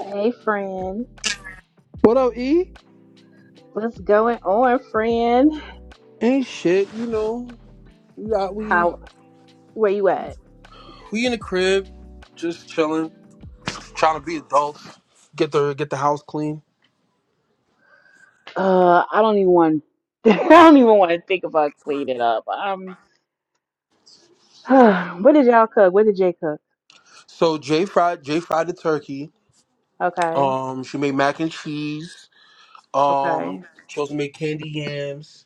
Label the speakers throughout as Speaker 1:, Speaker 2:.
Speaker 1: Hey, friend.
Speaker 2: What up, E?
Speaker 1: What's going on, friend?
Speaker 2: Ain't shit, you know. We got we
Speaker 1: How? Where you at?
Speaker 2: we in the crib, just chilling, trying to be adults, get the get the house clean.
Speaker 1: Uh, I don't even want. I don't even want to think about cleaning up. Um, what did y'all cook? What did Jay cook?
Speaker 2: So Jay fried Jay fried the turkey.
Speaker 1: Okay.
Speaker 2: Um, she made mac and cheese. Um,
Speaker 1: Okay.
Speaker 2: she also made candy yams.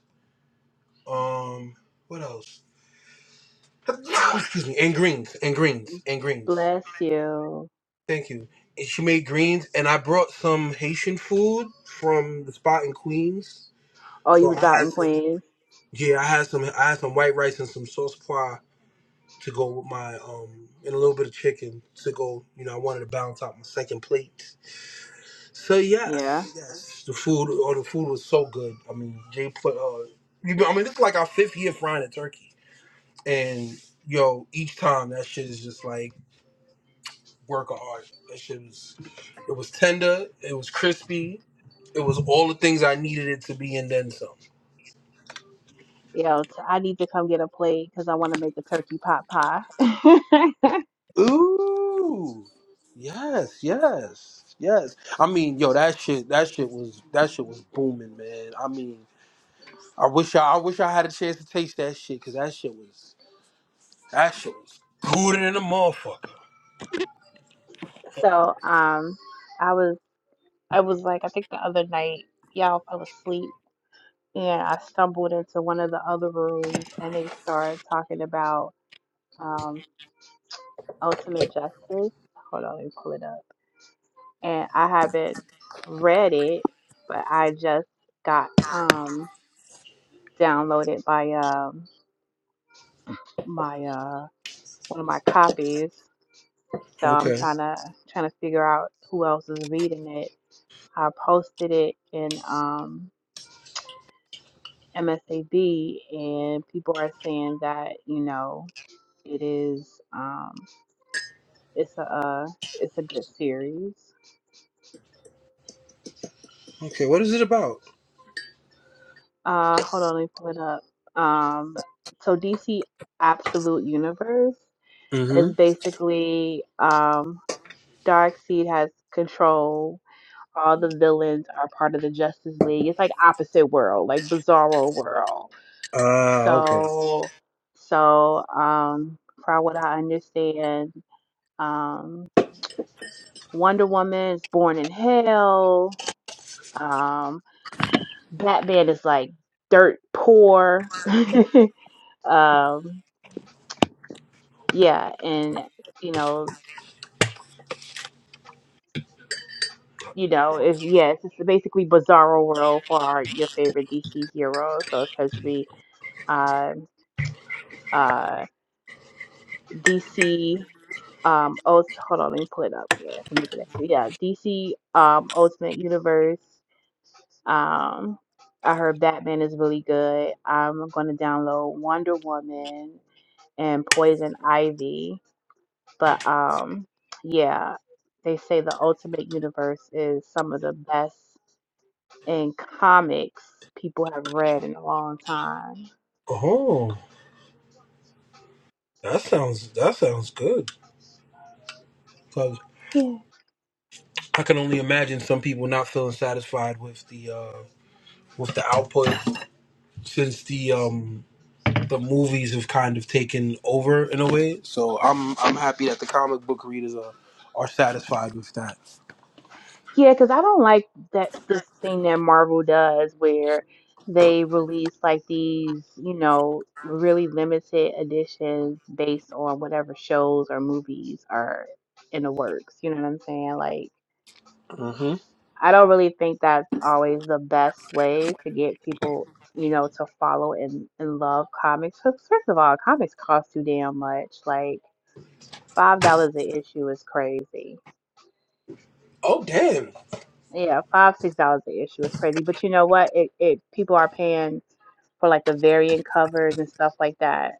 Speaker 2: Um, what else? Excuse me, and greens, and greens, and greens.
Speaker 1: Bless you.
Speaker 2: Thank you. And she made greens, and I brought some Haitian food from the spot in Queens.
Speaker 1: Oh, you
Speaker 2: So I
Speaker 1: was out
Speaker 2: had
Speaker 1: in
Speaker 2: some.
Speaker 1: Queens.
Speaker 2: Yeah, I had some I had some white rice and some sauce pois to go with my um and a little bit of chicken to go. You know, I wanted to balance out my second plate. So
Speaker 1: Yeah.
Speaker 2: yes, yes, the food or the food was so good. I mean, Jay put uh, you know, I mean, this is like our fifth year frying a turkey, and yo, each time that shit is just like work of art. That shit was it was tender, it was crispy, it was all the things I needed it to be, and then some.
Speaker 1: Yeah. t- I need to come get a plate because I want to make a turkey pot pie.
Speaker 2: Ooh. Yes, yes, yes. I mean, yo, that shit that shit was that shit was booming, man. I mean, I wish I, I wish I had a chance to taste that shit, cause that shit was that shit was good in a motherfucker.
Speaker 1: so, um, I was, I was like, I think the other night, y'all, I was asleep and I stumbled into one of the other rooms and they started talking about um, Ultimate Justice. Hold on, let me pull it up. And I haven't read it, but I just got um, downloaded by um, my uh, one of my copies. So I'm
Speaker 2: Okay.
Speaker 1: trying to trying to figure out who else is reading it. I posted it in um, MSAB, and people are saying that you know it is. um, It's a uh, it's a good series.
Speaker 2: Okay, what is it about?
Speaker 1: Uh, hold on, let me pull it up. Um, so DC Absolute Universe
Speaker 2: Mm-hmm.
Speaker 1: is basically um, Darkseid has control. All the villains are part of the Justice League. It's like opposite world, like Bizarro world.
Speaker 2: Ah, okay.
Speaker 1: So, so um, from what I understand, um, Wonder Woman is born in hell. Um, Batman is like dirt poor. um, yeah, and you know, you know, it's yeah, it's basically bizarro world for our, your favorite DC hero. So it's supposed to be uh, uh, DC. Um, oh, hold on, let me pull it up again. I'm looking at it. Yeah, DC um, Ultimate Universe. Um, I heard Batman is really good. I'm gonna download Wonder Woman and Poison Ivy. But um, yeah, they say the Ultimate Universe is some of the best in comics people have read in a long time.
Speaker 2: Oh. That sounds that sounds good. Cause
Speaker 1: Yeah,
Speaker 2: I can only imagine some people not feeling satisfied with the uh with the output since the um the movies have kind of taken over in a way. So I'm I'm happy that the comic book readers are are satisfied with that.
Speaker 1: yeah, because I don't like that this thing that Marvel does where they release like these, you know, really limited editions based on whatever shows or movies are in the works. You know what I'm saying? Like
Speaker 2: hmm
Speaker 1: I don't really think that's always the best way to get people, you know, to follow and, and love comics. 'Cause First of all, comics cost too damn much. Like five dollars an issue is crazy.
Speaker 2: Oh damn.
Speaker 1: Yeah, five six dollars an issue is crazy. But you know what? It it people are paying for like the variant covers and stuff like that.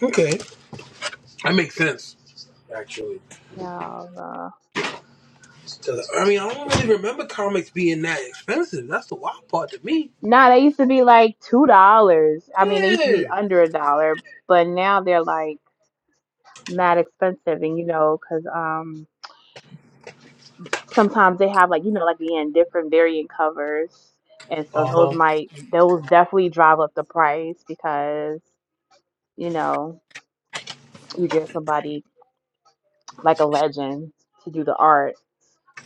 Speaker 2: Okay, that makes sense. Actually,
Speaker 1: No, no.
Speaker 2: 'Cause, I mean I don't really remember comics being that expensive. That's the wild part to me.
Speaker 1: Nah, they used to be like two dollars. I mean, they used to be
Speaker 2: Yeah.
Speaker 1: under a dollar, but now they're like mad expensive. And you know, cause um sometimes they have like you know like again different variant covers and so
Speaker 2: Uh
Speaker 1: those
Speaker 2: huh.
Speaker 1: might those definitely drive up the price because you know you get somebody like a legend to do the art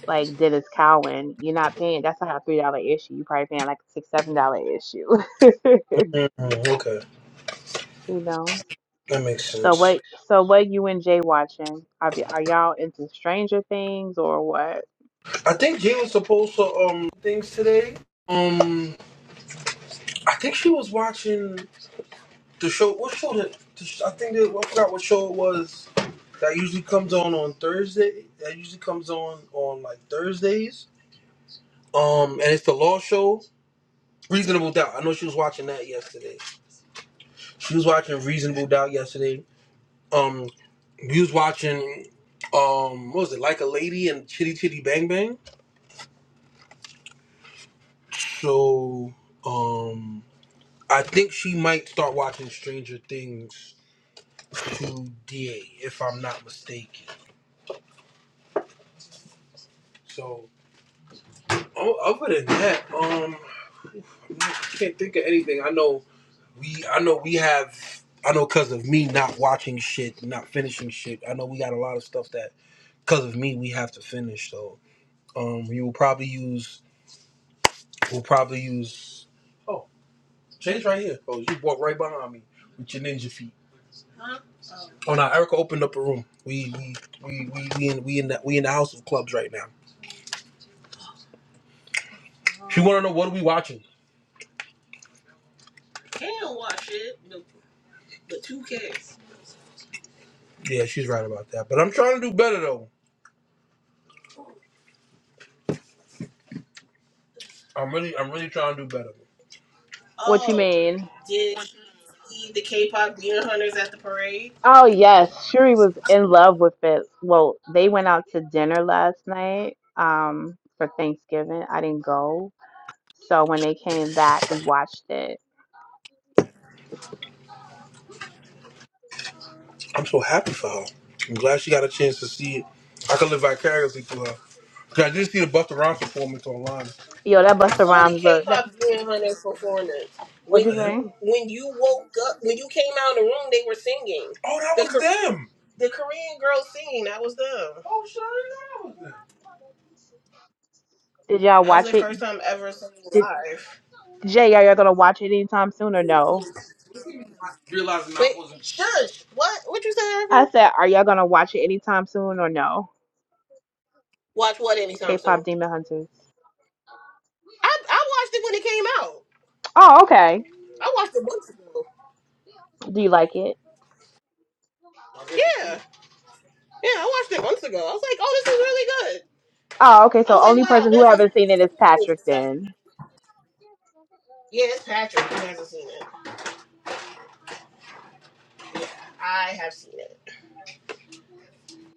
Speaker 1: like dennis cowan you're not paying that's not a three dollar issue you're probably paying like a six seven dollar issue
Speaker 2: Mhm, Okay,
Speaker 1: you know
Speaker 2: that makes
Speaker 1: so
Speaker 2: sense.
Speaker 1: what so what you and jay watching are, y- are y'all into stranger things or what
Speaker 2: I think Jay was supposed to um things today. Um, I think she was watching the show. What show did? the sh- I think that, I forgot what show it was That usually comes on on Thursday. That usually comes on on like Thursdays. Um, and it's the Law Show. Reasonable Doubt. I know she was watching that yesterday. She was watching Reasonable Doubt yesterday. Um, we was watching. Um, what was it? Like a Lady and Chitty Chitty Bang Bang. So, um, I think she might start watching Stranger Things today, if I'm not mistaken. So, o- other than that, um, I can't think of anything. I know. we I know we have I know because of me not watching shit, not finishing shit. I know we got a lot of stuff that because of me we have to finish. So um, you will probably use we'll probably use oh Jay's right here. Oh, you walk right behind me with your ninja feet. Huh? Oh Oh, no, Erica opened up a room. We we we we, we in we in the, we in the house of clubs right now. She want to know what are we watching. Can't watch it. The the two Ks. Yeah, she's right about that. But I'm trying to do better though. I'm really I'm really trying to do better.
Speaker 1: what you
Speaker 2: Oh,
Speaker 1: mean
Speaker 2: did you see the K-pop Demon Hunters at the parade?
Speaker 1: Oh yes, Shuri was in love with it. Well, they went out to dinner last night um for Thanksgiving. I didn't go. So when they came back, we watched it.
Speaker 2: I'm so happy for her. I'm glad she got a chance to see it. I could live vicariously through her. 'Cause I did see the Busta Rhymes performance online.
Speaker 1: Yo, that
Speaker 2: You
Speaker 1: Busta
Speaker 2: saw the
Speaker 1: Rhymes look. That
Speaker 2: K-pop Demon Hunters performance.
Speaker 1: what
Speaker 2: When
Speaker 1: you
Speaker 2: I did.
Speaker 1: say?
Speaker 2: you when you woke up, when you came out of the room, they were singing. Oh, that The was Kor- them. the Korean girl singing. That was them. Oh, sure, I didn't know that was them.
Speaker 1: Did y'all
Speaker 2: That was
Speaker 1: watch
Speaker 2: their
Speaker 1: it?
Speaker 2: first time ever singing
Speaker 1: Did
Speaker 2: live.
Speaker 1: Jay, are y'all gonna watch it anytime soon or no?
Speaker 2: Realizing I Wait, I wasn't shush. What? What you say, Erica?
Speaker 1: I said, are y'all gonna watch it anytime soon or no?
Speaker 2: Watch what anytime
Speaker 1: K-pop
Speaker 2: soon?
Speaker 1: Demon Hunters.
Speaker 2: I I watched it when it came out.
Speaker 1: Oh, okay.
Speaker 2: I watched it months ago.
Speaker 1: Do you like it?
Speaker 2: Yeah, yeah, I watched it months ago. I was like, oh, this is really good.
Speaker 1: Oh, okay.
Speaker 2: I
Speaker 1: So
Speaker 2: was like,
Speaker 1: only
Speaker 2: wow,
Speaker 1: person who
Speaker 2: Netflix.
Speaker 1: haven't seen it is
Speaker 2: is
Speaker 1: Patrick
Speaker 2: this time.
Speaker 1: then.
Speaker 2: Yeah, it's Patrick who hasn't seen it. I have seen it.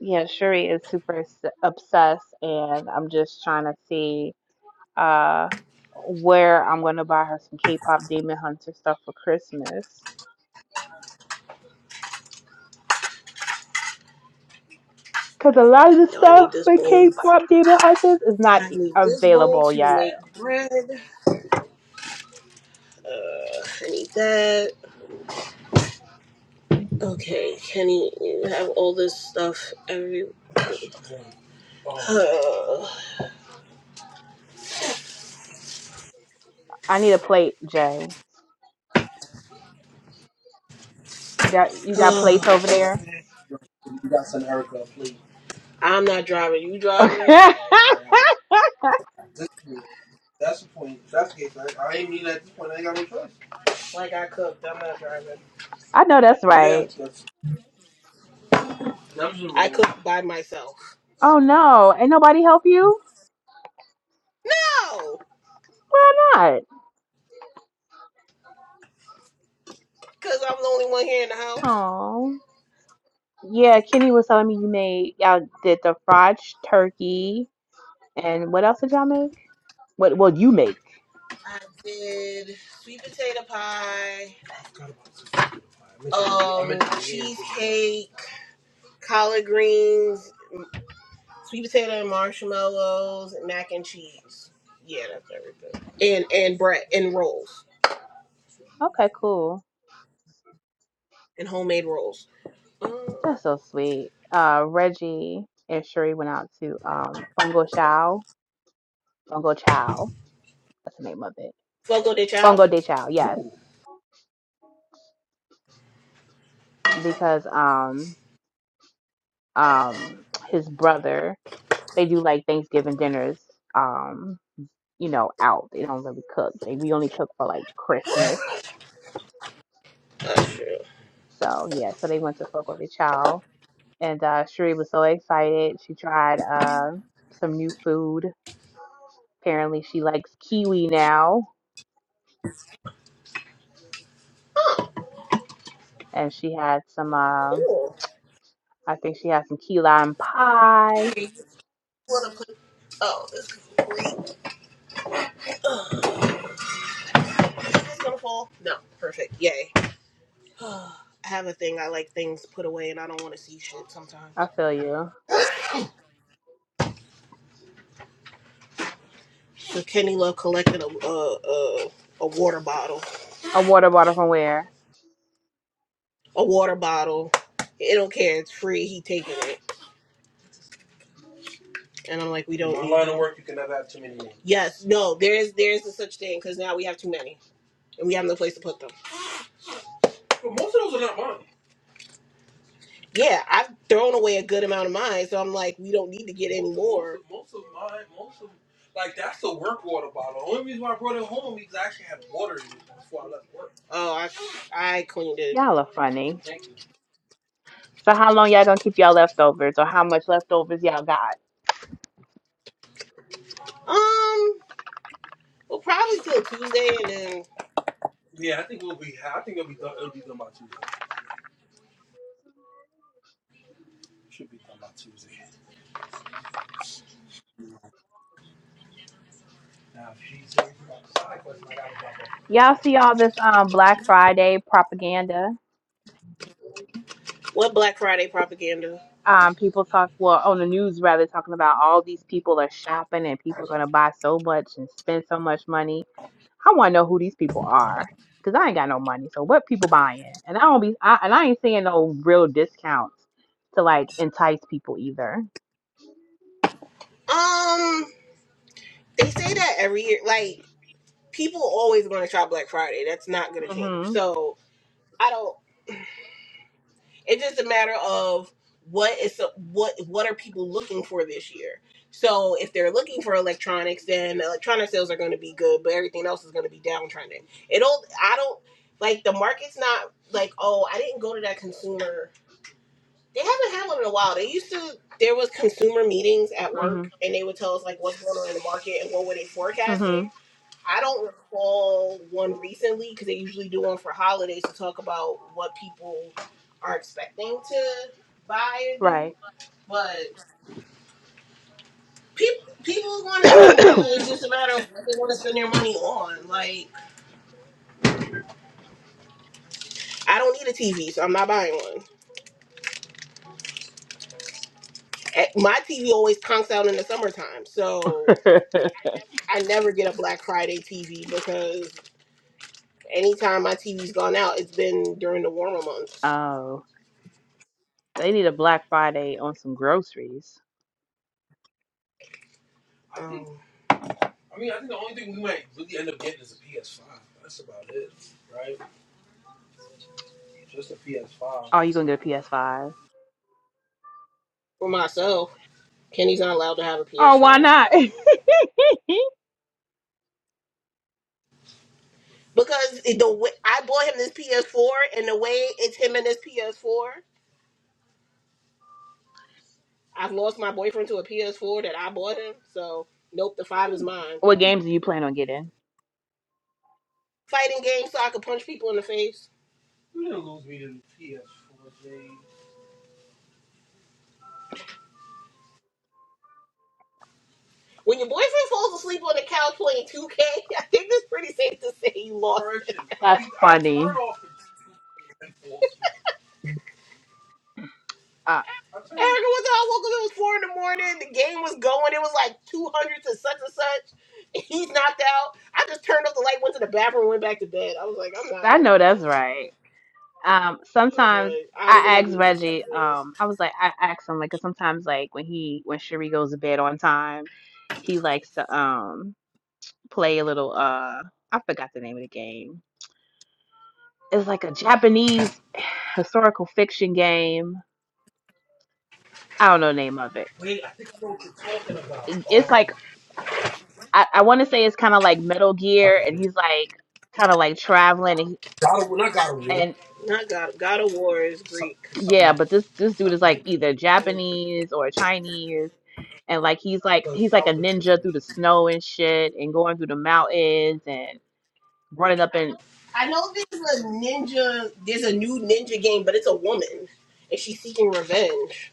Speaker 1: Yeah, Shuri is super s- obsessed, and I'm just trying to see uh where I'm gonna buy her some K-pop Demon Hunter stuff for Christmas. Cause a lot of the
Speaker 2: No, I
Speaker 1: stuff
Speaker 2: need this
Speaker 1: for
Speaker 2: bowl.
Speaker 1: K-pop Demon Hunters is not
Speaker 2: I
Speaker 1: e,
Speaker 2: need this bowl
Speaker 1: available
Speaker 2: to
Speaker 1: yet.
Speaker 2: make bread. Uh, I need that. Okay, Kenny, you have all this stuff every. Oh,
Speaker 1: I need a plate, Jay. You got you got plates
Speaker 2: oh,
Speaker 1: over there?
Speaker 2: okay. You got some Erica, please. I'm not driving. You driving?
Speaker 1: Okay.
Speaker 2: Why not? This- point- That's the point. That's the case. I, I ain't mean at this point. I ain't got no choice. Like I cooked. I'm not driving.
Speaker 1: I know that's
Speaker 2: Yeah,
Speaker 1: right.
Speaker 2: that's that's the I cooked by myself.
Speaker 1: Oh no, ain't nobody help you?
Speaker 2: No,
Speaker 1: Why not?
Speaker 2: because I'm the only one here in the house.
Speaker 1: Oh. Yeah, Kenny was telling me you made y'all did the fried ch- turkey And what else did y'all make? What well you make.
Speaker 2: I did sweet potato pie, I forgot about some potato pie. I meant to, I um, meant to get cheesecake. collard greens, sweet potato and marshmallows, mac and cheese. Yeah, that's everything. And and bread and rolls
Speaker 1: Okay, cool.
Speaker 2: and homemade rolls. Mm.
Speaker 1: That's so sweet. Uh Reggie and Sheree went out to um Fongo Chow. Fongo Chow. That's the name of it.
Speaker 2: Fogo de chao.
Speaker 1: Fongo de Chow, yes.
Speaker 2: Ooh.
Speaker 1: Because um um his brother, they do like Thanksgiving dinners, um, you know, out. They don't really cook. They we only cook for like Christmas.
Speaker 2: Oh shit.
Speaker 1: So yeah, so they went to Fongo de Chow and uh Sheree was so excited. She tried uh some new food Apparently, she likes kiwi now, and she had some. Um,
Speaker 2: Cool.
Speaker 1: I think she had some key lime pie.
Speaker 2: You wanna put? Oh, this is great. Is this gonna fall? No. Perfect. Yay. I have a thing. I like things put away, and I don't want to see shit
Speaker 1: I
Speaker 2: sometimes.
Speaker 1: feel you.
Speaker 2: So Kenny Love collected a a, a a water bottle.
Speaker 1: A water bottle from where?
Speaker 2: A water bottle. It don't care. It's free. He taking it. And I'm like, we don't In my line of work, you cannot have too many names. Yes, no, there is there is a such thing because now we have too many and we have no place to put them. But most of those are not mine. Yeah, I've thrown away a good amount of mine, so I'm like, we don't need to get any Most, most more. Most of, most of mine, most of, like that's the work water bottle. The only reason why I brought it home is because I actually had water in it before I left work. Oh, I I cleaned it.
Speaker 1: Y'all are funny.
Speaker 2: Thank you.
Speaker 1: So how long y'all gonna keep y'all leftovers, or how much leftovers y'all got?
Speaker 2: Um, well, probably till Tuesday, and then Yeah, I think we'll be. I think it'll be done. It'll be done by Tuesday. Should be done by Tuesday.
Speaker 1: Y'all see all this um Black Friday propaganda?
Speaker 2: What Black Friday propaganda?
Speaker 1: Um, people talk well on the news rather talking about all these people are shopping and people are gonna buy so much and spend so much money I want to know who these people are because I ain't got no money. So what people buying? And I don't be I, and I ain't seeing no real discounts to like entice people either.
Speaker 2: Um, they say that every year. Like people always going to shop Black Friday. That's not going to change.
Speaker 1: Mhm.
Speaker 2: So I don't. It's just a matter of what is what what are people looking for this year. So if they're looking for electronics, then electronic sales are going to be good, but everything else is going to be downtrending. It all. I don't like the market's not like oh I didn't go to that consumer They haven't had one in a while. They used to. There was consumer meetings at
Speaker 1: Mhm.
Speaker 2: work, and they would tell us like what's going on in the market and what were they forecasting.
Speaker 1: Mhm.
Speaker 2: I don't recall one recently because they usually do one for holidays to talk about what people are expecting to buy and do.
Speaker 1: Right.
Speaker 2: But people people want to spend money. It's just a matter of what they want to spend their money on. Like I don't need a TV, so I'm not buying one. Eh, My TV always conks out in the summertime, so I never get a Black Friday TV because Anytime my TV's gone out, it's been during the warmer months.
Speaker 1: oh, they need a Black Friday on some groceries.
Speaker 2: Um, I think. Um, I mean, I think the only thing we might really end up getting is a PS5. That's about it, right? Just a PS5.
Speaker 1: Oh, you gonna get a PS5?
Speaker 2: For myself, Kenny's not allowed to have a
Speaker 1: Oh, why
Speaker 2: PS5
Speaker 1: not?
Speaker 2: because the way I bought him this PS4, and the way it's him and this PS4, I've lost my boyfriend to a PS4 that I bought him. So nope, the five is mine.
Speaker 1: what games do you plan on getting?
Speaker 2: Fighting game so I could punch people in the face. You didn't lose me to the PS4, Jay. When your boyfriend falls asleep on the couch playing 2K, I think it's pretty safe to say he lost. I
Speaker 1: That's
Speaker 2: mean, I
Speaker 1: funny.
Speaker 2: turn off the two K and fall asleep.
Speaker 1: Uh,
Speaker 2: I Erica, what the hell? Woke up, it was 4 in the morning. The game was going. It was like 200 to such and such. He's knocked out. I just turned off the light, went to the bathroom, went back to bed. I was like, I'm not
Speaker 1: I
Speaker 2: dealing
Speaker 1: know
Speaker 2: with
Speaker 1: that's
Speaker 2: this.
Speaker 1: right. Um,
Speaker 2: I was
Speaker 1: sometimes
Speaker 2: like, I'm going
Speaker 1: I
Speaker 2: to
Speaker 1: asked
Speaker 2: leave this as
Speaker 1: Reggie,
Speaker 2: it is.
Speaker 1: um, I was like, I asked him, like, 'cause sometimes, like, when he, when Sheree goes to bed on time, he likes to, um, play a little, uh, I forgot the name of the game. It's like a Japanese historical fiction game. I don't know the name of it.
Speaker 2: Wait, I think I know what you're talking
Speaker 1: I- It's
Speaker 2: about.
Speaker 1: like, I, I want to say it's kind of like Metal Gear, and
Speaker 2: Um,
Speaker 1: he's like, kind of like traveling,
Speaker 2: God of, not God of War.
Speaker 1: and.
Speaker 2: Not God. God of War is Some- Greek. Something
Speaker 1: Yeah, but
Speaker 2: else.
Speaker 1: this this dude is
Speaker 2: Fuck
Speaker 1: like
Speaker 2: me.
Speaker 1: either
Speaker 2: I know
Speaker 1: Japanese or Chinese, and like he's like
Speaker 2: the
Speaker 1: he's like a
Speaker 2: Solomon
Speaker 1: ninja
Speaker 2: Children's.
Speaker 1: through the snow and shit, and going through the mountains and running up and uh
Speaker 2: I know there's a ninja. There's a new ninja game, but it's a woman, and she's seeking revenge.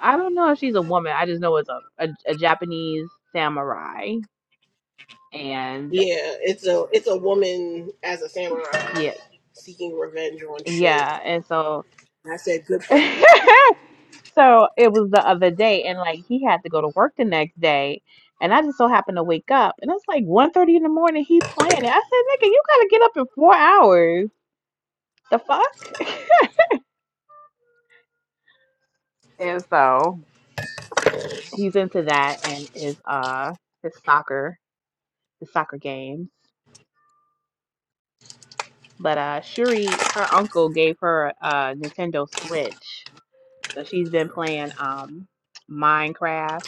Speaker 1: I don't know if she's a woman. I just know it's a a, a Japanese samurai, and
Speaker 2: Yeah, it's a it's a woman as a samurai
Speaker 1: yeah,
Speaker 2: seeking revenge on shit.
Speaker 1: yeah, and so.
Speaker 2: And I said, good for her.
Speaker 1: So it was the other day, and like he had to go to work the next day, and I just so happened to wake up, and it's like one thirty in the morning. He planned it. I said, "Nigga, you gotta get up in four hours." the fuck? And so he's into that and is uh his soccer, his soccer games. But uh Shuri, her uncle gave her a Nintendo Switch. So she's been playing um Minecraft.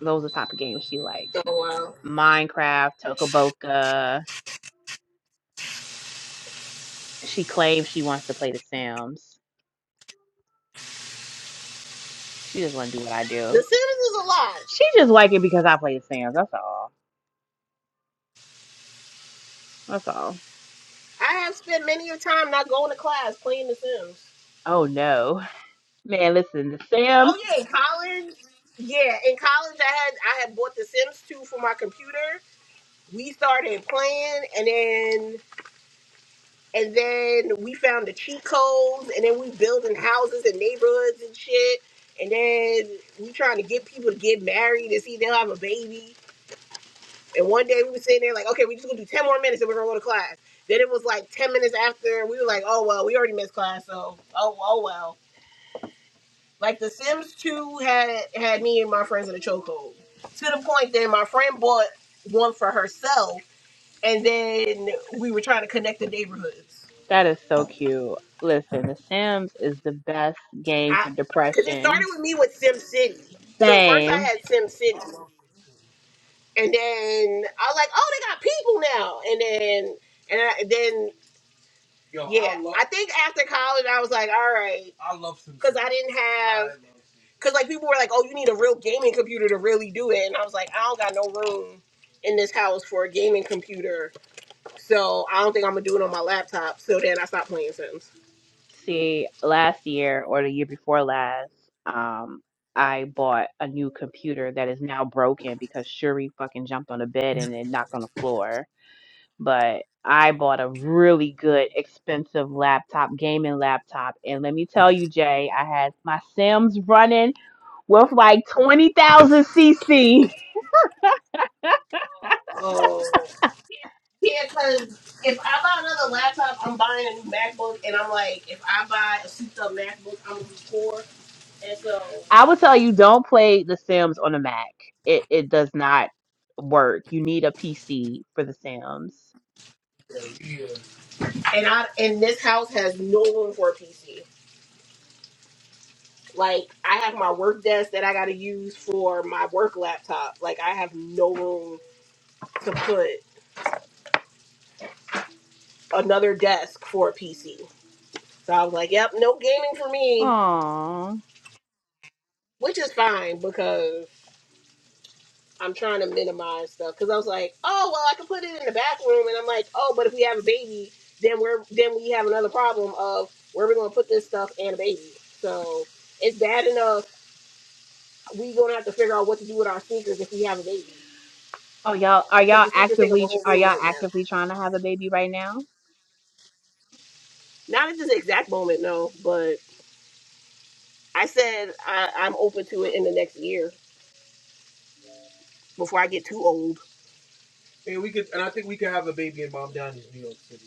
Speaker 1: Those are the type of games she likes.
Speaker 2: Oh wow,
Speaker 1: Minecraft, Tokaboka. She claims she wants to play The Sims. She just wanna do what I
Speaker 2: The
Speaker 1: do.
Speaker 2: Sims is a lot.
Speaker 1: She just like it because I play The Sims, that's all. That's all.
Speaker 2: I have spent many a time not going to class playing The Sims.
Speaker 1: Oh no. Man, listen, The Sims
Speaker 2: Oh yeah, in college. Yeah, in college I had I had bought The Sims 2 for my computer. We started playing and then and then we found the cheat codes and then we building houses and neighborhoods and shit. And then we trying to get people to get married and see if they'll have a baby. And one day we were sitting there like, okay, we just gonna do ten more minutes and we're gonna go to class. Then it was like ten minutes after we were like, oh well, we already missed class, so oh oh well. Like The Sims 2 had had me and my friends in a chokehold to the point that my friend bought one for herself, and then we were trying to connect the neighborhoods.
Speaker 1: That is so cute. Listen, The Sims is the best game
Speaker 2: I
Speaker 1: for
Speaker 2: because it started
Speaker 1: depression.
Speaker 2: with me with Sim City. So first I
Speaker 1: Same.
Speaker 2: had Sim City, and then I was like, oh, they got people now, and then and I, then Yo, I yeah, I, love- I think after college I was like, all right. I love some because I didn't have because like people were like, oh, you need a real gaming computer to really do it, and I was like, I don't got no room in this house for a gaming computer, so I don't think I'm gonna do it on my laptop. So then I stopped playing Sims.
Speaker 1: See, last year or the year before last, um, I bought a new computer that is now broken because Shuri fucking jumped on the bed and it knocked on the floor. But I bought a really good, expensive laptop, gaming laptop. And let me tell you, Jay, I had my Sims running with like 20,000 CC.
Speaker 2: Oh. Yeah, because if I buy another laptop, I'm buying a new MacBook, and I'm like, if I buy a souped up MacBook, I'm gonna be poor, and so.
Speaker 1: I would tell you don't play The Sims on a Mac. It it does not work. You need a PC for The Sims.
Speaker 2: Yeah. And I and this house has no room for a PC. Like I have my work desk that I got to use for my work laptop. Like I have no room to put another desk for a PC. So I was like, "Yep, no gaming for me,"
Speaker 1: Aww.
Speaker 2: which is fine because I'm trying to minimize stuff. Because I was like, "Oh well, I can put it in the back room," and I'm like, "Oh, but if we have a baby, then we're then we have another problem of where we're going to put this stuff and a baby." So it's bad enough we gonna have to figure out what to do with our sneakers if we have a baby
Speaker 1: Oh y'all, are
Speaker 2: because
Speaker 1: y'all
Speaker 2: the sneakers take up a
Speaker 1: actively tr-
Speaker 2: whole
Speaker 1: are
Speaker 2: room
Speaker 1: y'all
Speaker 2: right now.
Speaker 1: actively trying to have a baby right now?
Speaker 2: Not at this exact moment, no. But I said I, I'm open to it in the next year before I get too old. And we could, and I think we could have a baby and mom down in New York City.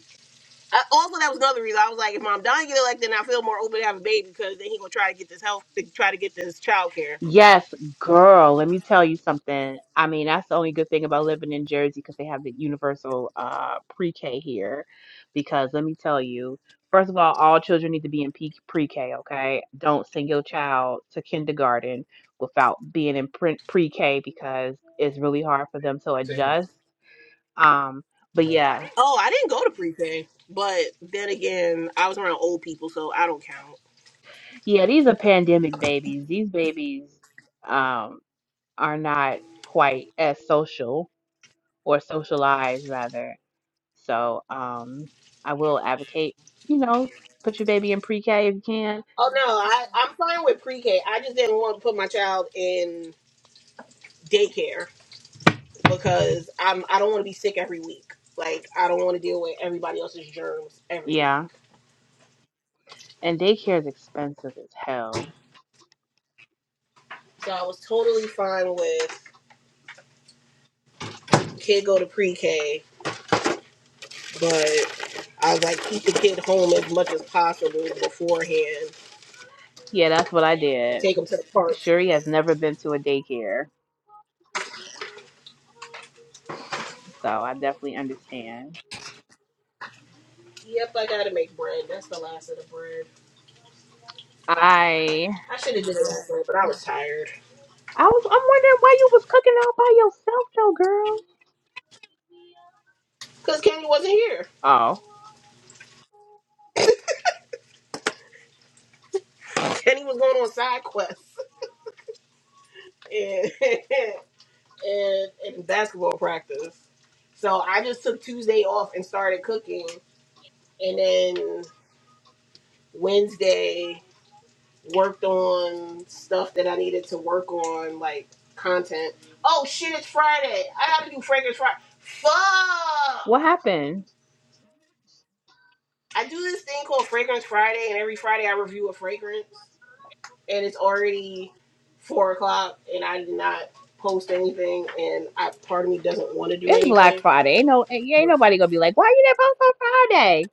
Speaker 2: I, also, that was another reason. I was like, if Mom Don get elected, I feel more open to have a baby because then he gonna try to get this health, to try to get this child care.
Speaker 1: Yes, girl, let me tell you something. I mean, that's the only good thing about living in Jersey because they have the universal uh pre-K here. Because let me tell you, first of all, all children need to be in P- pre-K, okay? Don't send your child to kindergarten without being in pre- pre-K because it's really hard for them to
Speaker 2: Same.
Speaker 1: adjust. Um, but
Speaker 2: Yeah.
Speaker 1: yeah,
Speaker 2: Oh, I didn't go to pre-K, but then again, I was around old people, so I don't count.
Speaker 1: yeah, these are pandemic babies. These babies um are not quite as social or socialized rather So um, I will advocate, you know, put your baby in pre-K if you can.
Speaker 2: Oh no, I, I'm fine with pre-K. I just didn't want to put my child in daycare. because I'm I don't want to be sick every week. Like I don't want to deal with everybody else's germs every week.
Speaker 1: Yeah, and daycare is expensive as hell.
Speaker 2: So I was totally fine with kid go to pre-K, but I was like keep the kid home as much as possible beforehand
Speaker 1: Yeah, that's what I
Speaker 2: and
Speaker 1: did.
Speaker 2: take him to the park.
Speaker 1: Shuri has never been to a daycare, so I definitely understand.
Speaker 2: Yep, I gotta make bread. That's the last of the bread.
Speaker 1: I
Speaker 2: I should have did it last night, but I was tired
Speaker 1: I was I'm wondering why you was cooking out by yourself though, girl.
Speaker 2: because Kenny wasn't here.
Speaker 1: Oh,
Speaker 2: Kenny was going on side quests, and and, and basketball practice. So I just took Tuesday off and started cooking, and then Wednesday worked on stuff that I needed to work on, like content. Oh shit! It's Friday. I gotta do fragrance Friday. Fuck!
Speaker 1: what happened?
Speaker 2: I do this thing called Fragrance Friday, and every Friday I review a fragrance, and it's already four o'clock, and I did not post anything, and I part of me doesn't want to do
Speaker 1: It's
Speaker 2: anything.
Speaker 1: Black Friday. Ain't no ain't ain't nobody gonna be like, why you didn't post on Friday?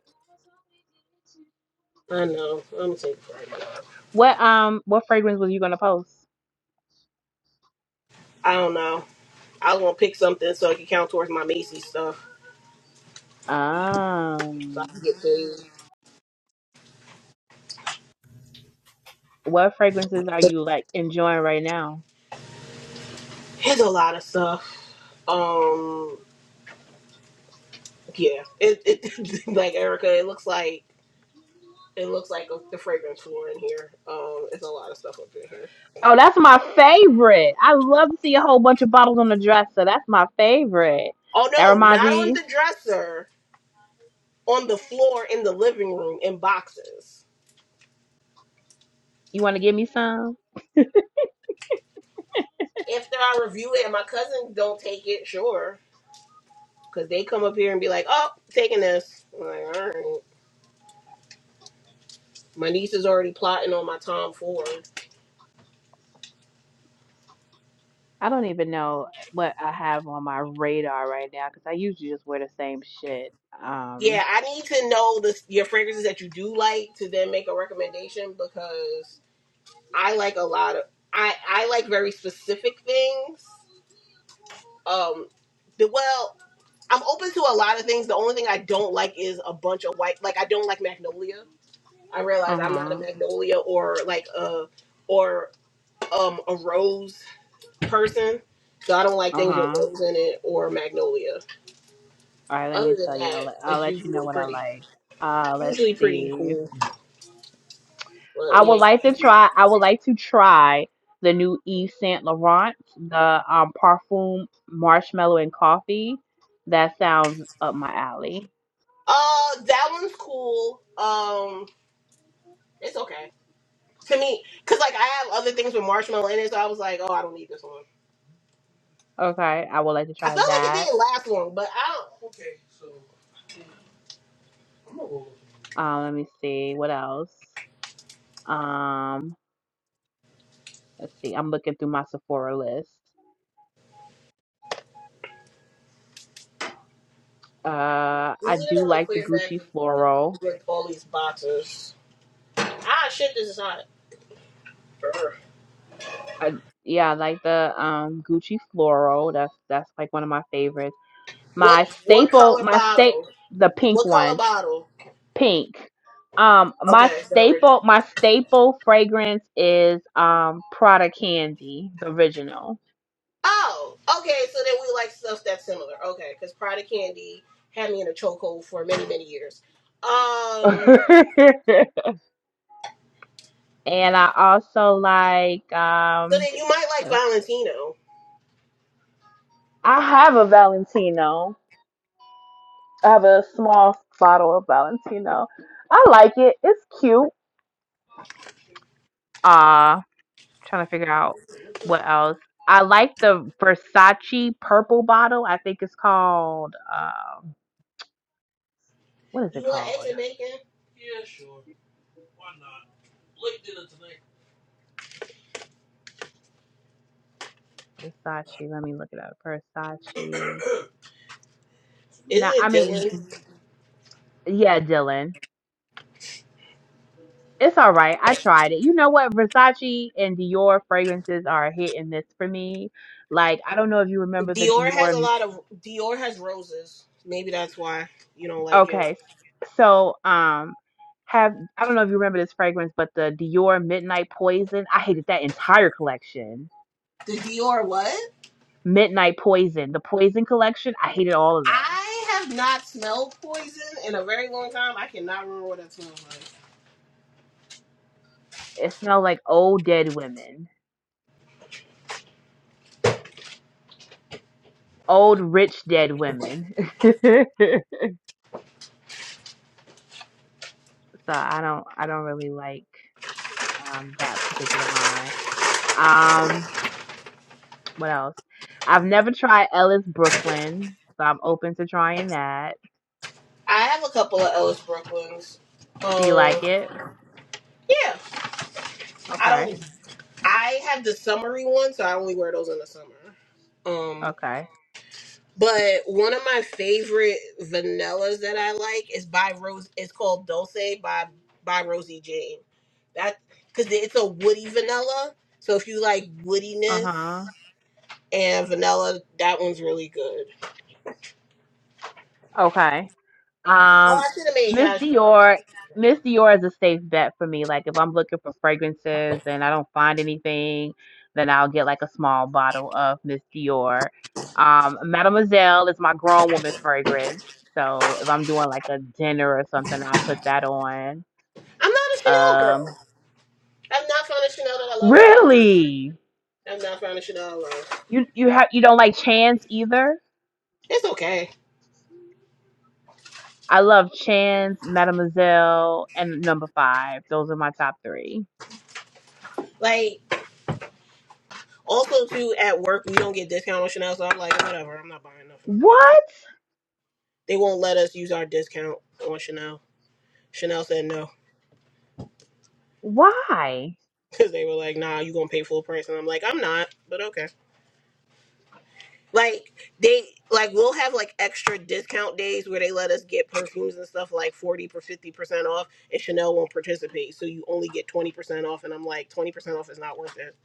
Speaker 2: I know. I'm gonna take Friday off.
Speaker 1: What um what fragrance was you gonna post?
Speaker 2: I don't know. I was gonna pick something so it could count towards my Macy's stuff, so I
Speaker 1: Um.
Speaker 2: can get paid.
Speaker 1: What fragrances are you like enjoying right now?
Speaker 2: There's a lot of stuff. Um, yeah. It, it like Erica. It looks like it looks like a, the fragrance floor in here. Um, it's a lot of stuff up in here.
Speaker 1: Oh, that's my favorite. I love to see a whole bunch of bottles on the dresser. That's my favorite.
Speaker 2: Oh
Speaker 1: That
Speaker 2: no,
Speaker 1: reminds
Speaker 2: not on
Speaker 1: me,
Speaker 2: the dresser. On the floor in the living room in boxes.
Speaker 1: You want to give me some?
Speaker 2: After I review it and my cousin don't take it, sure, because they come up here and be like, "Oh, taking this." I'm like, all right. My niece is already plotting on my Tom Ford.
Speaker 1: I don't even know what I have on my radar right now because I usually just wear the same shit. Um,
Speaker 2: Yeah, I need to know the your fragrances that you do like to then make a recommendation because I like a lot of I I like very specific things. Um, the, well, I'm open to a lot of things. The only thing I don't like is a bunch of white. Like I don't like magnolia. I realize I'm not a magnolia or like a or um a rose person. So I don't like
Speaker 1: uh
Speaker 2: things with
Speaker 1: huh.
Speaker 2: rose in it or magnolia.
Speaker 1: All right, let me
Speaker 2: Other than
Speaker 1: tell you. I'll
Speaker 2: that,
Speaker 1: let, I'll
Speaker 2: it's
Speaker 1: let you know
Speaker 2: usually
Speaker 1: what I
Speaker 2: pretty
Speaker 1: like. Uh, let's
Speaker 2: usually pretty
Speaker 1: see.
Speaker 2: cool.
Speaker 1: I
Speaker 2: But
Speaker 1: would
Speaker 2: yeah.
Speaker 1: like to try. I would like to try the new Yves Saint Laurent, the um parfum marshmallow and coffee. That sounds up my alley.
Speaker 2: Uh, that one's cool. Um, it's okay to me because like I have other things with marshmallow in it, so I was like, oh, I don't need this one.
Speaker 1: Okay, I would like to
Speaker 2: I felt
Speaker 1: try
Speaker 2: like it
Speaker 1: that.
Speaker 2: didn't last long, but I don't. Okay, so I'm gonna roll.
Speaker 1: Um, let me see what else. Um, let's see. I'm looking through my Sephora list. Uh,
Speaker 2: We
Speaker 1: I
Speaker 2: need
Speaker 1: do
Speaker 2: another
Speaker 1: like the
Speaker 2: clear bag
Speaker 1: Gucci floral.
Speaker 2: with all these boxes. Ah, shit, this is hot. Brr.
Speaker 1: I, yeah, I like the um Gucci floral. That's that's like one of my favorites.
Speaker 2: What
Speaker 1: My
Speaker 2: what
Speaker 1: staple,
Speaker 2: color
Speaker 1: my state,
Speaker 2: bottle?
Speaker 1: the pink
Speaker 2: What
Speaker 1: one
Speaker 2: color bottle?
Speaker 1: pink. Um,
Speaker 2: Okay,
Speaker 1: my
Speaker 2: it's not original.
Speaker 1: staple, my staple fragrance is um Prada Candy, the original.
Speaker 2: Oh, okay. So then we like stuff that's similar. Okay, because Prada Candy had me in a chokehold for many many years.
Speaker 1: and
Speaker 2: Um.
Speaker 1: I also like
Speaker 2: So
Speaker 1: um,
Speaker 2: then you might like Valentino.
Speaker 1: I have a Valentino. I have a small bottle of Valentino. I like it. It's cute. Uh, trying to figure out what else. I like the Versace purple bottle. I think it's called um, what is it
Speaker 2: You want eggs
Speaker 1: called?
Speaker 2: and bacon? Yeah, sure. Why not? Late dinner tonight.
Speaker 1: Versace. Let me look it up. Versace.
Speaker 2: Is
Speaker 1: Nah, I
Speaker 2: it a
Speaker 1: mean,
Speaker 2: Dylan?
Speaker 1: yeah, Dylan. It's all right. I tried it. You know what? Versace and Dior fragrances are a hit and miss for me. Like, I don't know if you remember the
Speaker 2: Dior has
Speaker 1: Dior.
Speaker 2: a lot of Dior has roses. Maybe that's why you don't like it.
Speaker 1: Okay. So, um, have I don't know if you remember this fragrance, but the Dior Midnight Poison. I hated that entire collection.
Speaker 2: The Dior what?
Speaker 1: Midnight Poison, the Poison collection. I hated all of them.
Speaker 2: I have not smelled poison in a very long time. I cannot remember what that smells like.
Speaker 1: It smelled like old dead women, old rich dead women. So I don't I don't really like um, that particular line. Um, what else? I've never tried Ellis Brooklyn, so I'm open to trying that.
Speaker 2: I have a couple of Ellis Brooklyns.
Speaker 1: Do you like
Speaker 2: Um,
Speaker 1: it?
Speaker 2: yeah, I
Speaker 1: Okay.
Speaker 2: don't. I have the summery one, so I only wear those in the summer. Um.
Speaker 1: Okay.
Speaker 2: But one of my favorite vanillas that I like is by Rose. It's called Dulce by by Rosie Jane. That because it's a woody vanilla. So if you like
Speaker 1: Uh
Speaker 2: woodiness
Speaker 1: huh.
Speaker 2: and vanilla, that one's really good.
Speaker 1: Okay.
Speaker 2: Oh,
Speaker 1: Um,
Speaker 2: I should have made
Speaker 1: Miss
Speaker 2: hash browns.
Speaker 1: Dior, Miss Dior is a safe bet for me. Like if I'm looking for fragrances and I don't find anything, then I'll get like a small bottle of Miss Dior. Um, Mademoiselle is my grown woman fragrance. So if I'm doing like a dinner or something, I'll put that on.
Speaker 2: I'm not a Chanel girl.
Speaker 1: Um,
Speaker 2: I've not found a Chanel that I love yet.
Speaker 1: really?
Speaker 2: I've not found a Chanel I love.
Speaker 1: You you have you don't like Chance either?
Speaker 2: It's okay.
Speaker 1: I love Chance, Mademoiselle, and number five. Those are my top three.
Speaker 2: Like also too at work we don't get discount on Chanel, so I'm like whatever. I'm not buying nothing from y'all.
Speaker 1: What?
Speaker 2: They won't let us use our discount on Chanel. Chanel said no
Speaker 1: Why?
Speaker 2: because they were like, "Nah, you gonna pay full price," and I'm like, "I'm not," but okay. Like they like we'll have like extra discount days where they let us get perfumes and stuff like forty or fifty percent off, and Chanel won't participate, so you only get twenty percent off. And I'm like, twenty percent off is not worth it.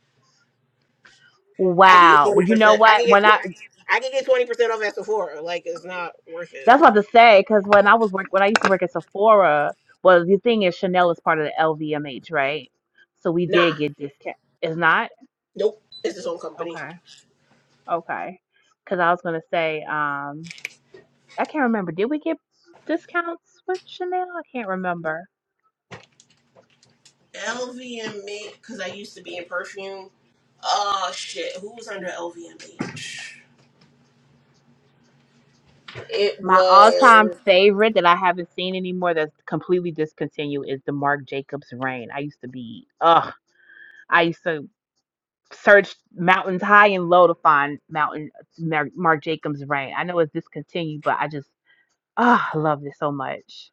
Speaker 2: I can get
Speaker 1: Wow.
Speaker 2: twenty
Speaker 1: Well, you know
Speaker 2: percent. I can
Speaker 1: what?
Speaker 2: get
Speaker 1: When I
Speaker 2: twenty. I can get twenty percent off at Sephora. Like it's not worth it.
Speaker 1: that's what I was about to say because when I was work when I used to work at Sephora, well, the thing is Chanel is part of the LVMH, right? So we did
Speaker 2: Nah,
Speaker 1: get discount. It's not
Speaker 2: nope. It's his own company.
Speaker 1: okay, okay. Because I was gonna say, um, I can't remember. Did we get discounts with Chanel? I can't remember.
Speaker 2: LVMH, because I used to be in perfume. Oh shit, who was under LVMH? It
Speaker 1: My all-time
Speaker 2: was
Speaker 1: favorite that I haven't seen anymore that's completely discontinued is the Marc Jacobs Rain. I used to be, ugh, I used to. searched mountains high and low to find mountain Mar- Mark Jacobs Rain. I know it's discontinued, but I just ah I love this so much.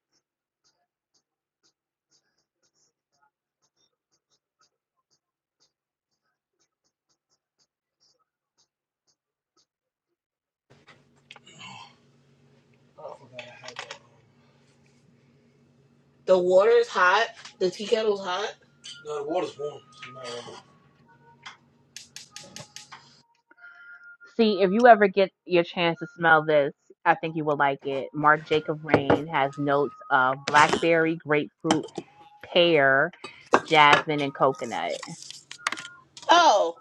Speaker 2: the water is hot. The tea kettle's hot. No, the water's warm. So you might want to-
Speaker 1: See, if you ever get your chance to smell this, I think you will like it. Mark Jacob Rain has notes of blackberry, grapefruit, pear, jasmine, and coconut.
Speaker 2: Oh,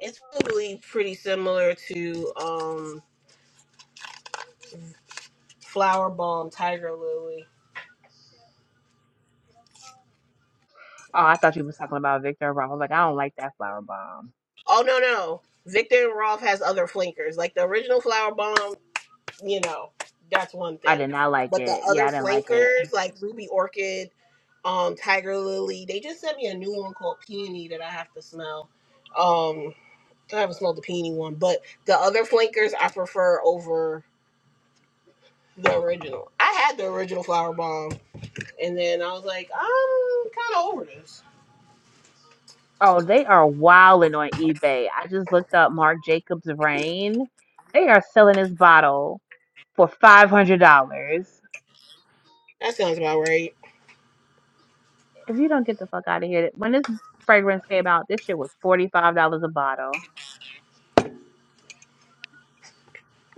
Speaker 2: it's probably pretty similar to um Flower Bomb Tiger Lily.
Speaker 1: Oh, I thought you was talking about Victor Roth. I was like, I don't like that flower bomb.
Speaker 2: Oh no no. Victor and Rolf has other flankers. Like the original Flower Bomb, you know, that's one
Speaker 1: I
Speaker 2: thing.
Speaker 1: did not like
Speaker 2: But the
Speaker 1: it. Yeah,
Speaker 2: other
Speaker 1: I didn't like it.
Speaker 2: flankers, like Ruby Orchid, um, Tiger Lily, they just sent me a new one called Peony that I have to smell. Um I haven't smelled the peony one, but the other flankers I prefer over the original. I had the original flower bomb, and then I was like, I'm kind of over this.
Speaker 1: Oh, they are wilding on eBay. I just looked up Marc Jacobs Rain. They are selling this bottle for five hundred dollars.
Speaker 2: That sounds about right.
Speaker 1: If you don't get the fuck out of here, when this fragrance came out, this shit was forty five dollars a bottle.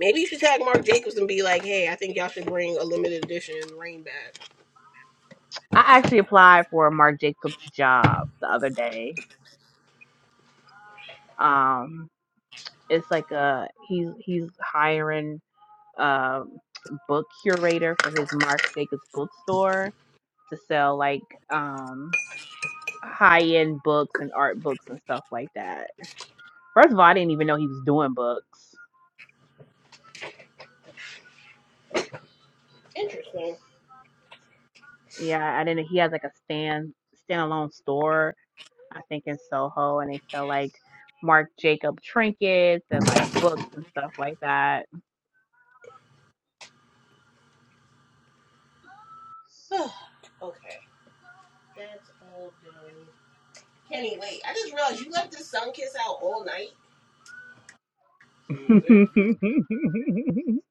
Speaker 2: Maybe you should tag Mark Jacobs and be like, hey, I think y'all should bring a limited edition rain bag.
Speaker 1: I actually applied for a Marc Jacobs job the other day. Um, it's like a he's he's hiring a book curator for his Marc Jacobs bookstore to sell like um high end books and art books and stuff like that. First of all, I didn't even know he was doing books.
Speaker 2: Interesting.
Speaker 1: Yeah, I didn't. He has like a stand standalone store, I think in Soho, and they sell like Marc Jacob trinkets and like books and stuff like that.
Speaker 2: okay, that's all done. Kenny, wait, I just realized you left this sun kiss out all night.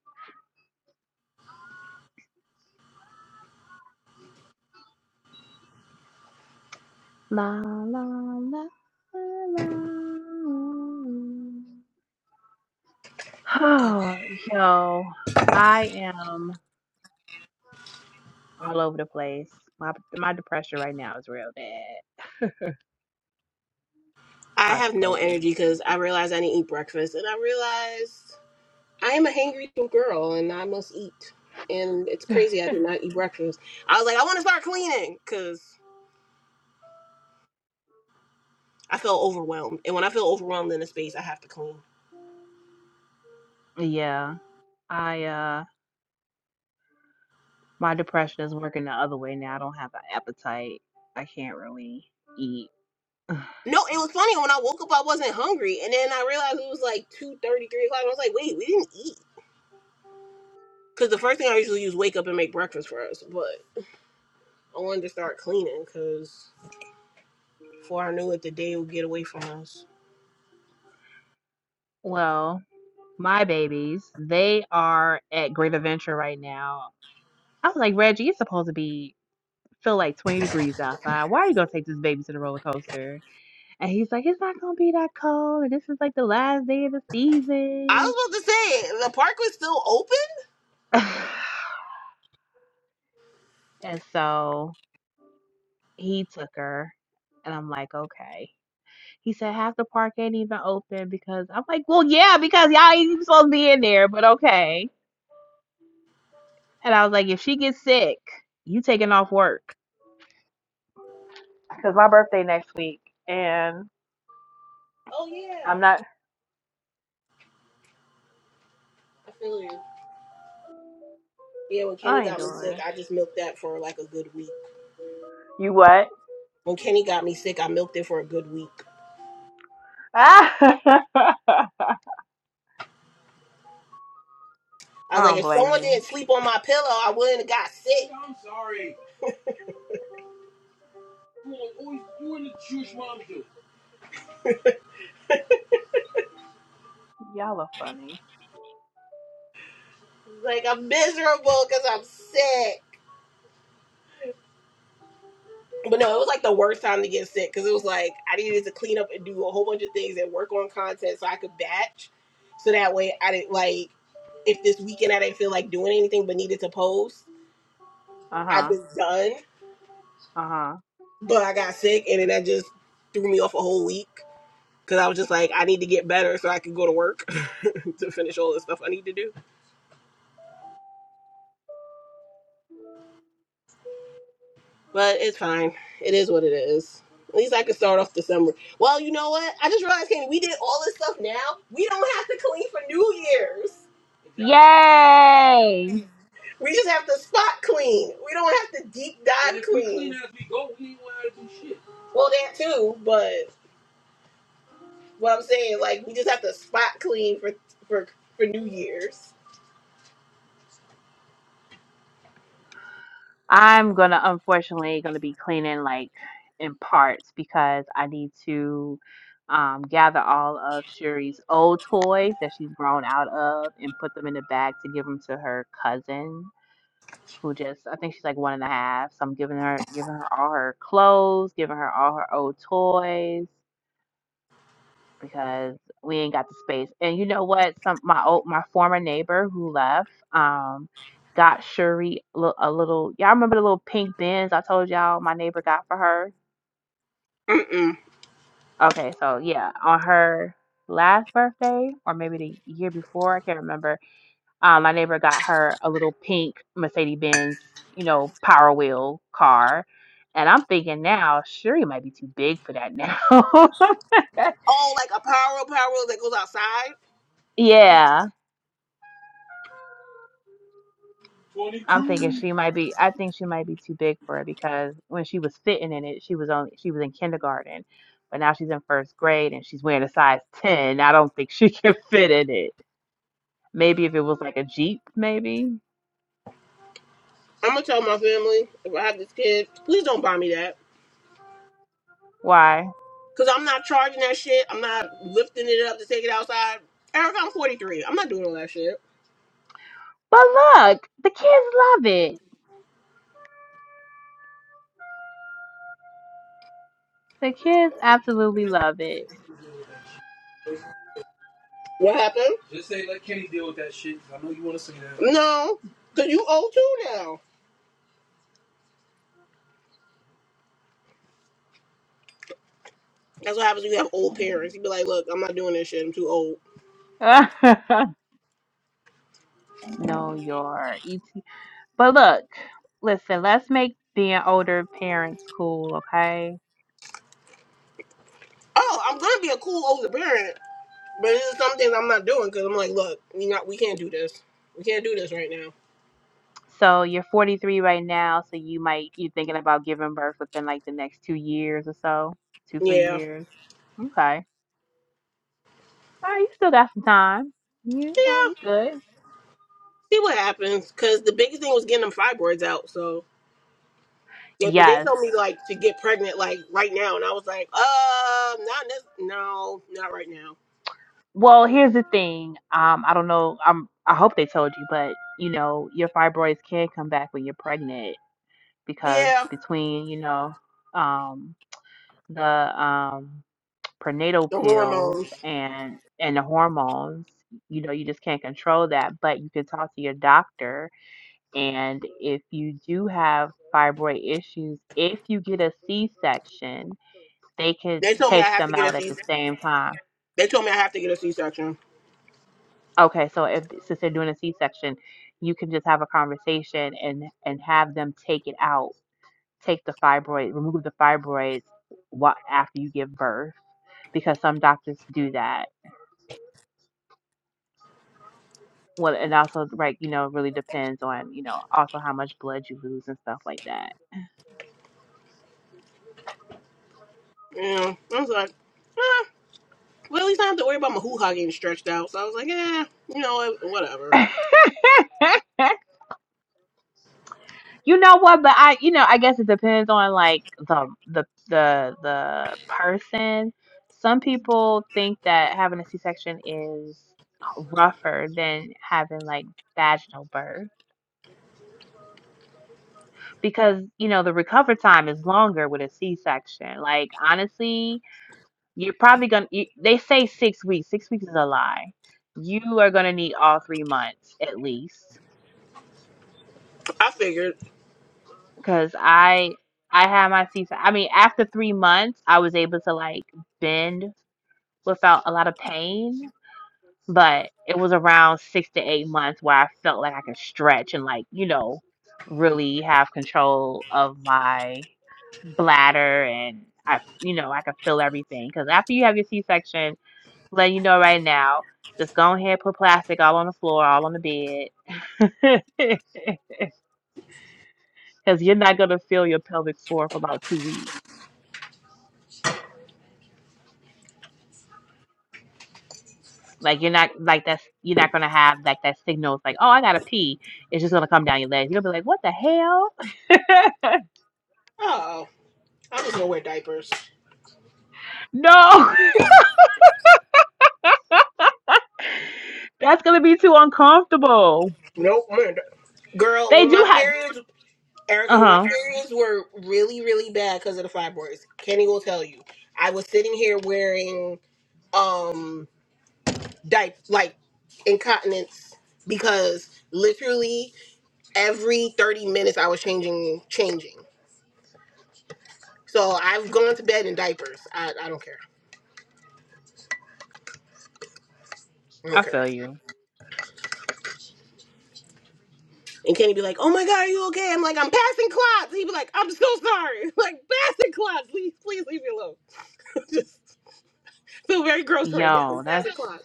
Speaker 1: la la la. la. la. Oh, yo, I am all over the place. My my depression right now is real bad.
Speaker 2: I
Speaker 1: hard to
Speaker 2: have no
Speaker 1: focus.
Speaker 2: energy because I realized I didn't eat breakfast, and I realized. I'm a hangry little girl and I must eat. And it's crazy I did not eat breakfast. I was like, I want to start cleaning because I felt overwhelmed. And when I feel overwhelmed in a space, I have to clean.
Speaker 1: Yeah, I uh my depression is working the other way now. I don't have an appetite. I can't really eat.
Speaker 2: No, it was funny. When I woke up, I wasn't hungry. And then I realized it was like 2 30, 3 o'clock. I was like, wait, we didn't eat. Because the first thing I usually do is wake up and make breakfast for us. But I wanted to start cleaning because before I knew it, the day would get away from us.
Speaker 1: Well, my babies, they are at Great Adventure right now. I was like, Reggie, it's supposed to be feel like 20 degrees outside. Why are you gonna take this baby to the roller coaster? And he's like, it's not gonna be that cold, and this is like the last day of the
Speaker 2: I
Speaker 1: season.
Speaker 2: was about to say, the park was still open?
Speaker 1: and so he took her, and I'm like, okay. He said half the park ain't even open because I'm like, well, yeah, because y'all ain't even supposed to be in there, but okay. And I was like, if she gets sick, you taking off work. Because my birthday next week and
Speaker 2: Oh, yeah.
Speaker 1: I'm not,
Speaker 2: I feel you. Yeah, when Kenny
Speaker 1: I ain't
Speaker 2: got me
Speaker 1: doing
Speaker 2: sick,
Speaker 1: it.
Speaker 2: I just milked that for like a good week.
Speaker 1: You what?
Speaker 2: When Kenny got me sick, I milked it for a good week.
Speaker 1: I
Speaker 2: I was like,
Speaker 1: don't
Speaker 2: if
Speaker 1: blame
Speaker 2: someone
Speaker 1: you.
Speaker 2: didn't sleep on my pillow, I wouldn't have got sick. I'm sorry. You always do the Jewish mom do.
Speaker 1: Y'all are funny.
Speaker 2: Like I'm miserable because I'm sick. But no, it was like the worst time to get sick because it was like I needed to clean up and do a whole bunch of things and work on content so I could batch, so that way I didn't like if this weekend I didn't feel like doing anything but needed to post,
Speaker 1: Uh
Speaker 2: I
Speaker 1: huh.
Speaker 2: was done.
Speaker 1: Uh huh.
Speaker 2: but I got sick, and then that just threw me off a whole week because I was just like, I need to get better so I can go to work to finish all the stuff I need to do. But it's fine. It is what it is. At least I can start off December. Well, you know what? I just realized, Kenny, we did all this stuff now. We don't have to clean for New Year's. Exactly.
Speaker 1: Yay!
Speaker 2: We just have to spot clean. We don't have to deep dive and if we clean. clean As we go. we go, don't wanna shit. Well, that too, but what I'm saying, like, we just have to spot clean for for for New Year's.
Speaker 1: I'm gonna unfortunately gonna be cleaning like in parts because I need to um, gather all of Shuri's old toys that she's grown out of and put them in a bag to give them to her cousin who just I think she's like one and a half. So I'm giving her giving her all her clothes, giving her all her old toys because we ain't got the space. And you know what? Some my old my former neighbor who left um got Shuri li- a little. Y'all remember the little pink bins I told y'all my neighbor got for her?
Speaker 2: Mm-mm.
Speaker 1: Okay, so yeah, on her last birthday or maybe the year before, I can't remember. Um, my neighbor got her a little pink Mercedes Benz, you know, Power Wheel car. And I'm thinking now, Shuri might be too big for that now.
Speaker 2: Oh, like a pyro pyro that goes outside?
Speaker 1: yeah. I'm thinking
Speaker 2: 22
Speaker 1: she might be. I think she might be too big for it because when she was fitting in it, she was only she was in kindergarten, but now she's in first grade and she's wearing a size ten. I don't think she can fit in it. Maybe if it was like a jeep, maybe.
Speaker 2: I'm gonna tell my family if I have this kid, please don't buy me that.
Speaker 1: Why?
Speaker 2: Cause I'm not charging that shit. I'm not lifting it up to take it outside. Eric, I'm 43. I'm not doing all that shit.
Speaker 1: But look, the kids love it. The kids absolutely love it.
Speaker 2: What happened? Just say say let Kenny deal with that that. I know you want to say that. No, cause you old too now. That's what happens when you have old parents. You be like, look, I'm not doing this shit. I'm too old.
Speaker 1: know your ET. But look, listen. Let's make being older parents cool, okay?
Speaker 2: Oh, I'm gonna be a cool older parent. But this is something I'm not doing because I'm like, look, we not we can't do this. We can't do this right now.
Speaker 1: So you're 43 right now, so you might you're thinking about giving birth within like the next two years or so, two three
Speaker 2: Yeah,
Speaker 1: years. Okay, all right, you still got some time. You know,
Speaker 2: yeah.
Speaker 1: you good.
Speaker 2: See what happens. Because the biggest thing was getting them fibroids out. So yeah, but they
Speaker 1: Yes.
Speaker 2: told me like to get pregnant like right now, and I was like, uh, not this. No, not right now.
Speaker 1: Well, here's the thing. Um, I don't know. I'm. I hope they told you, but you know, your fibroids can come back when you're pregnant because
Speaker 2: Yeah,
Speaker 1: between you know, um, the um prenatal
Speaker 2: the
Speaker 1: pills
Speaker 2: hormones.
Speaker 1: and and the hormones you know you just can't control that but you can talk to your doctor and if you do have fibroid issues if you get a c-section they can
Speaker 2: They told me I
Speaker 1: take
Speaker 2: have to
Speaker 1: them
Speaker 2: get
Speaker 1: out
Speaker 2: a
Speaker 1: at
Speaker 2: C.
Speaker 1: the same time
Speaker 2: They told me I have to get a C-section.
Speaker 1: okay so if since they're doing a c-section you can just have a conversation and and have them take it out take the fibroid remove the fibroids wha- after you give birth because some doctors do that Well, it also like you know really depends on you know also how much blood you lose and stuff like that.
Speaker 2: Yeah, I was like, ah. Well, at least I don't have to worry about my hoo-ha getting stretched out. So I was like, yeah, you know, what, whatever.
Speaker 1: you know what? But I you know I guess it depends on like the the the the person. Some people think that having a C section is rougher than having like vaginal birth because you know the recovery time is longer with a C section. Like honestly, You're probably gonna. You, they say six weeks. Six weeks is a lie. You are gonna need all three months at least,
Speaker 2: I figured,
Speaker 1: because I I had my C-section. I mean, after three months, I was able to like bend without a lot of pain, but it was around six to eight months where I felt like I could stretch and like you know really have control of my bladder and I you know I could feel everything because after you have your C section letting you know right now. Just go ahead, put plastic all on the floor, all on the bed, because you're not gonna feel your pelvic floor for about two weeks. Like you're not like that's you're not gonna have like that signal. It's like, oh, I gotta pee. It's just gonna come down your legs. you gonna be like, what the hell?
Speaker 2: oh, I'm just gonna wear diapers.
Speaker 1: no, that's gonna be too uncomfortable.
Speaker 2: Nope. man, Girl,
Speaker 1: They
Speaker 2: when
Speaker 1: do
Speaker 2: my
Speaker 1: have.
Speaker 2: periods,
Speaker 1: Uh
Speaker 2: Erica, when my
Speaker 1: huh.
Speaker 2: periods were really, really bad because of the fibroids, Kenny will tell you. I was sitting here wearing um diap like incontinence because literally every thirty minutes I was changing, changing. So I've gone to bed in diapers. I, I don't care. I don't
Speaker 1: I
Speaker 2: care.
Speaker 1: feel you.
Speaker 2: And Kenny be like, "Oh my god, are you okay?" I'm like, "I'm passing clots." He be like, "I'm so sorry." Like passing clots. Please, please leave me alone. feel very gross right now.
Speaker 1: Yo,
Speaker 2: It's
Speaker 1: that's.
Speaker 2: nine o'clock.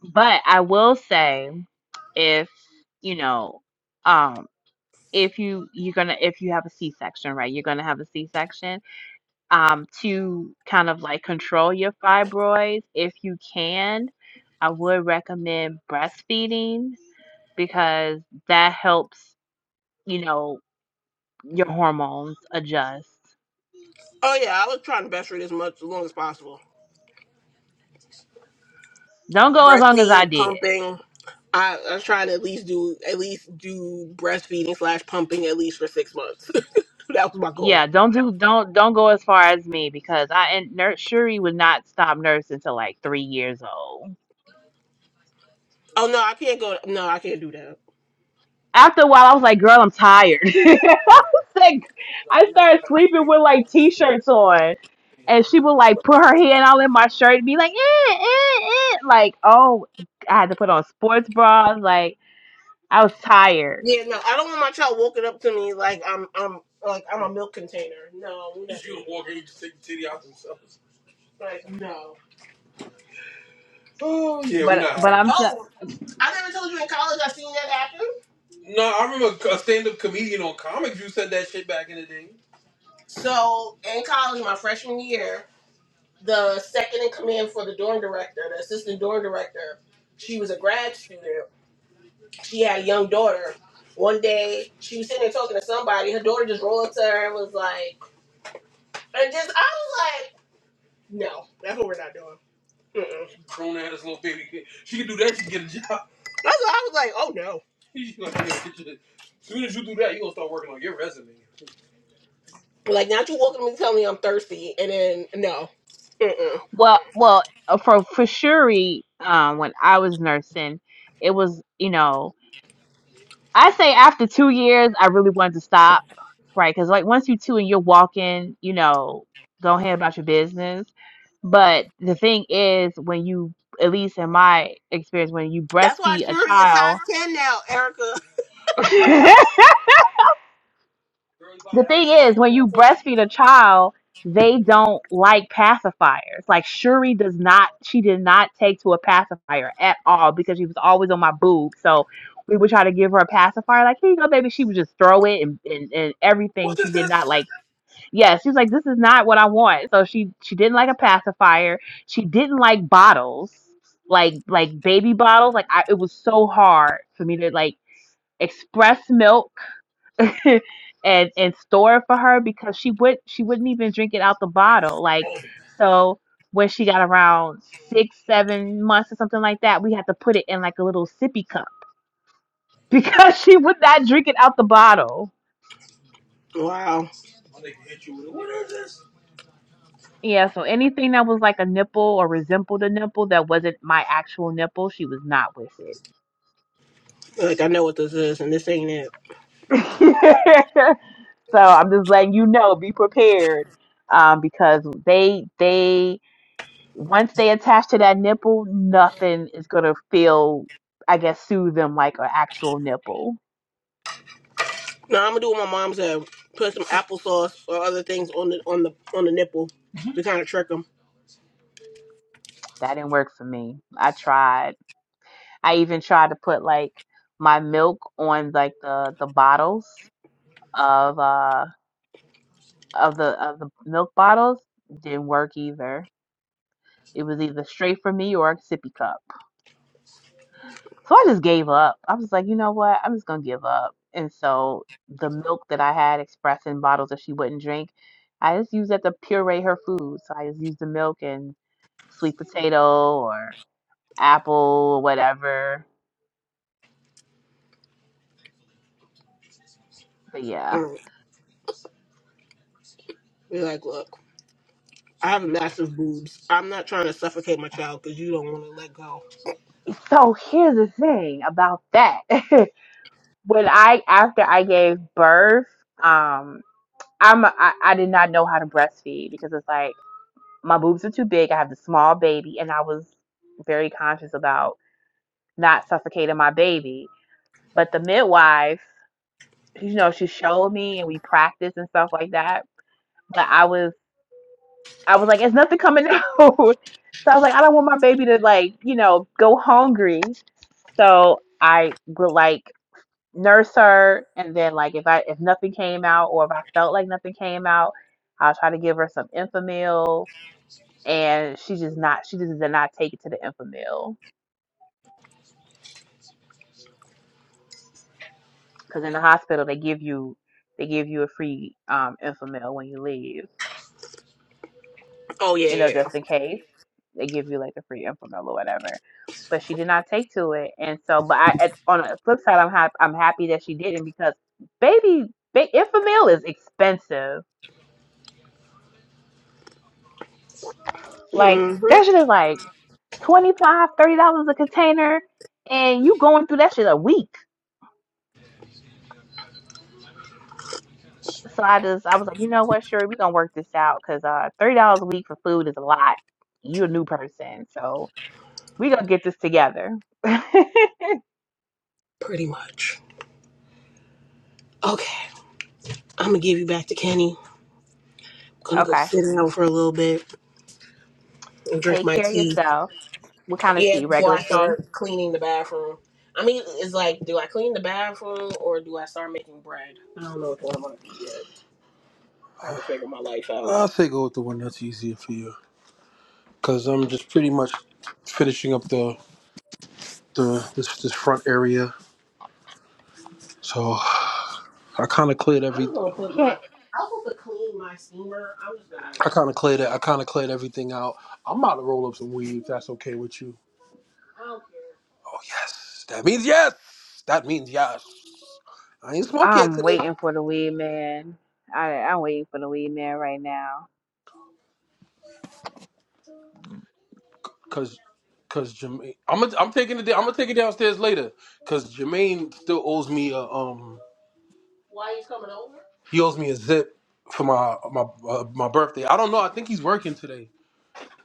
Speaker 1: But I will say, if you know, um. if you you're gonna if you have a c-section right you're gonna have a c-section um to kind of like control your fibroids if you can i would recommend breastfeeding because that helps you know your hormones adjust
Speaker 2: Oh yeah, I was trying to breastfeed as much as long as possible.
Speaker 1: don't go as long as i
Speaker 2: Breastfeed,
Speaker 1: did
Speaker 2: pumping. I, I was trying to at least do at least do breastfeeding slash pumping at least for six months. that was my goal.
Speaker 1: yeah don't do don't don't go as far as me because i and nurse shuri would not stop nursing until like three years old
Speaker 2: Oh no, I can't go. No, I can't do that.
Speaker 1: after a while, I was like, girl, I'm tired. I was like, I started sleeping with like t-shirts on, and she would like put her hand all in my shirt and be like, eh, eh, eh. like, oh, I had to put on sports bras. Like, I was tired,
Speaker 2: Yeah, no, I don't want my child walking up to me like I'm I'm like I'm a milk container. No, we're not. She was walking, just take the titty out themselves. Like no. Oh yeah, we're
Speaker 1: but
Speaker 2: not
Speaker 1: but
Speaker 2: having
Speaker 1: I'm t-
Speaker 2: that. I never told you in college I seen that happen. No, I remember a stand-up comedian on comics. You said that shit back in the day. So in college, my freshman year, the second in command for the dorm director, the assistant dorm director, she was a grad student. She had a young daughter. One day, she was sitting there talking to somebody. Her daughter just rolled up to her and was like, and just I was like, no, that's what we're not doing. Uh-uh. Grown ass little baby. kid. She can do that, she can get a job. That's why I was like, oh no. She gonna As soon as you do that, you gonna start working on your resume. Like now you walking me and telling me I'm thirsty and then no. Mm-mm.
Speaker 1: well, well, uh, for for Shuri, um, when I was nursing, it was you know. I say after two years, I really wanted to stop, right? Because like once you two and you're walking, you know, go ahead about your business. But the thing is, when you, at least in my experience, when you
Speaker 2: That's why
Speaker 1: breastfeed a
Speaker 2: Shuri is size
Speaker 1: child,
Speaker 2: ten now, Erica. Girl, you about
Speaker 1: the
Speaker 2: to have a
Speaker 1: thing is
Speaker 2: stomach.
Speaker 1: when you breastfeed a child they don't like pacifiers like shuri does not she did not take to a pacifier at all because she was always on my boob so we would try to give her a pacifier like here you go baby she would just throw it and, and, and everything
Speaker 2: What
Speaker 1: she
Speaker 2: is
Speaker 1: did not
Speaker 2: this?
Speaker 1: like yeah she's like this is not what i want so she she didn't like a pacifier she didn't like bottles like like baby bottles like I, it was so hard for me to like express milk and and store it for her because she would she wouldn't even drink it out the bottle. Like
Speaker 2: Oh,
Speaker 1: so when she got around six, seven months or something like that, we had to put it in like a little sippy cup because she would not drink it out the bottle.
Speaker 2: wow. My nigga hit you with it. What is this?
Speaker 1: Yeah, so anything that was like a nipple or resembled a nipple that wasn't my actual nipple, she was not with it.
Speaker 2: Like I know what this is, and this ain't it.
Speaker 1: so I'm just letting you know, be prepared. Um, because they they once they attach to that nipple, nothing is gonna feel, I guess, soothe them like an actual nipple.
Speaker 2: No, I'm gonna do what my mom said. Put some applesauce or other things on the on the on the nipple mm-hmm. to kind of trick them.
Speaker 1: That didn't work for me. I tried. I even tried to put like my milk on like the the bottles of uh of the of the milk bottles. Didn't work either. It was either straight for me or a sippy cup. So I just gave up. I was like, you know what? I'm just gonna give up. And so the milk that I had expressed in bottles that she wouldn't drink, I just used that to puree her food. So I just used the milk and sweet potato or apple or whatever. But yeah.
Speaker 2: Mm. Be like, look, I have massive boobs. I'm not trying to suffocate my child because you don't want to let go.
Speaker 1: So here's the thing about that. when I after I gave birth, um, I'm I, I did not know how to breastfeed because it's like my boobs are too big. I have the small baby, and I was very conscious about. not suffocating my baby. But the midwife, you know, she showed me and we practiced and stuff like that. But I was I was like, it's nothing coming out. so I was like, I don't want my baby to like, you know, go hungry. So I would like nurse her and then like if I if nothing came out or if I felt like nothing came out, I'll try to give her some infamil and she just not she just did not take it to the infamil. because in the hospital they give you they give you a free um infamil when you leave
Speaker 2: Oh yeah,
Speaker 1: you know
Speaker 2: yeah.
Speaker 1: just in case they give you like a free infamil or whatever but she did not take to it and so but i at, on the flip side i'm happy i'm happy that she didn't because baby ba- infamil is expensive like
Speaker 2: Mm-hmm.
Speaker 1: that shit is like 25 30 dollars a container and you going through that shit a week so i just i was like you know what sure we gonna work this out because uh 30 dollars a week for food is a lot you're a new person so We gonna get this together.
Speaker 2: Pretty much. Okay, I'm gonna give you back to Kenny. gonna go
Speaker 1: okay.
Speaker 2: sit down for a little bit and drink
Speaker 1: Take
Speaker 2: my
Speaker 1: care of
Speaker 2: tea.
Speaker 1: yourself. What kind of
Speaker 2: Yeah,
Speaker 1: tea? Regular
Speaker 2: before I
Speaker 1: tea?
Speaker 2: start cleaning the bathroom. I mean, it's like, do I clean the bathroom or do I start making bread? I don't know which one I'm gonna do yet. I haven't figured my life out. I'll take go with the one that's easier for you, because I'm just pretty much finishing up the the this, this front area So I kind of cleared every. I'm gonna put my.
Speaker 1: Can't.
Speaker 2: I want to clean my steamer. I'm just gonna. I kind of cleared it. I kind of cleared everything out. I'm about to roll up some weed if that's okay with you. I don't care. Oh yes, that means yes. That means yes. I ain't smoke yet
Speaker 1: I'm
Speaker 2: today,
Speaker 1: waiting for the weed man. I I'm waiting for the weed man right now.
Speaker 2: cause, cause Jermaine. I'm i I'm taking it. I'm gonna take it downstairs later, cause Jermaine still owes me a um. Why he's coming over? He owes me a zip for my my uh, my birthday. I don't know. I think he's working today.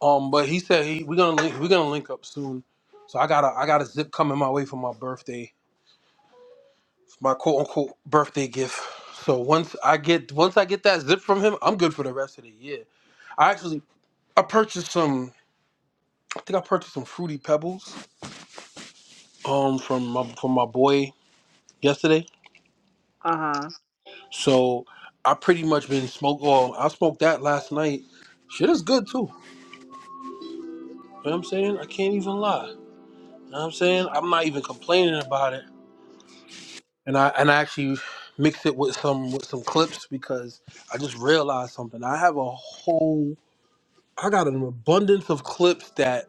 Speaker 2: Um, but he said he we're gonna link, we're gonna link up soon. So I got a I got a zip coming my way for my birthday, my quote unquote birthday gift. So once I get once I get that zip from him, I'm good for the rest of the year. I actually I purchased some I think I purchased some fruity pebbles um from my from my boy yesterday.
Speaker 1: Uh huh.
Speaker 2: So I pretty much been smoke well, I smoked that last night. Shit is good too. You know what I'm saying? I can't even lie. You know what I'm saying? I'm not even complaining about it. and I and I actually mixed it with some with some clips because I just realized something. I have a whole I got an abundance of clips that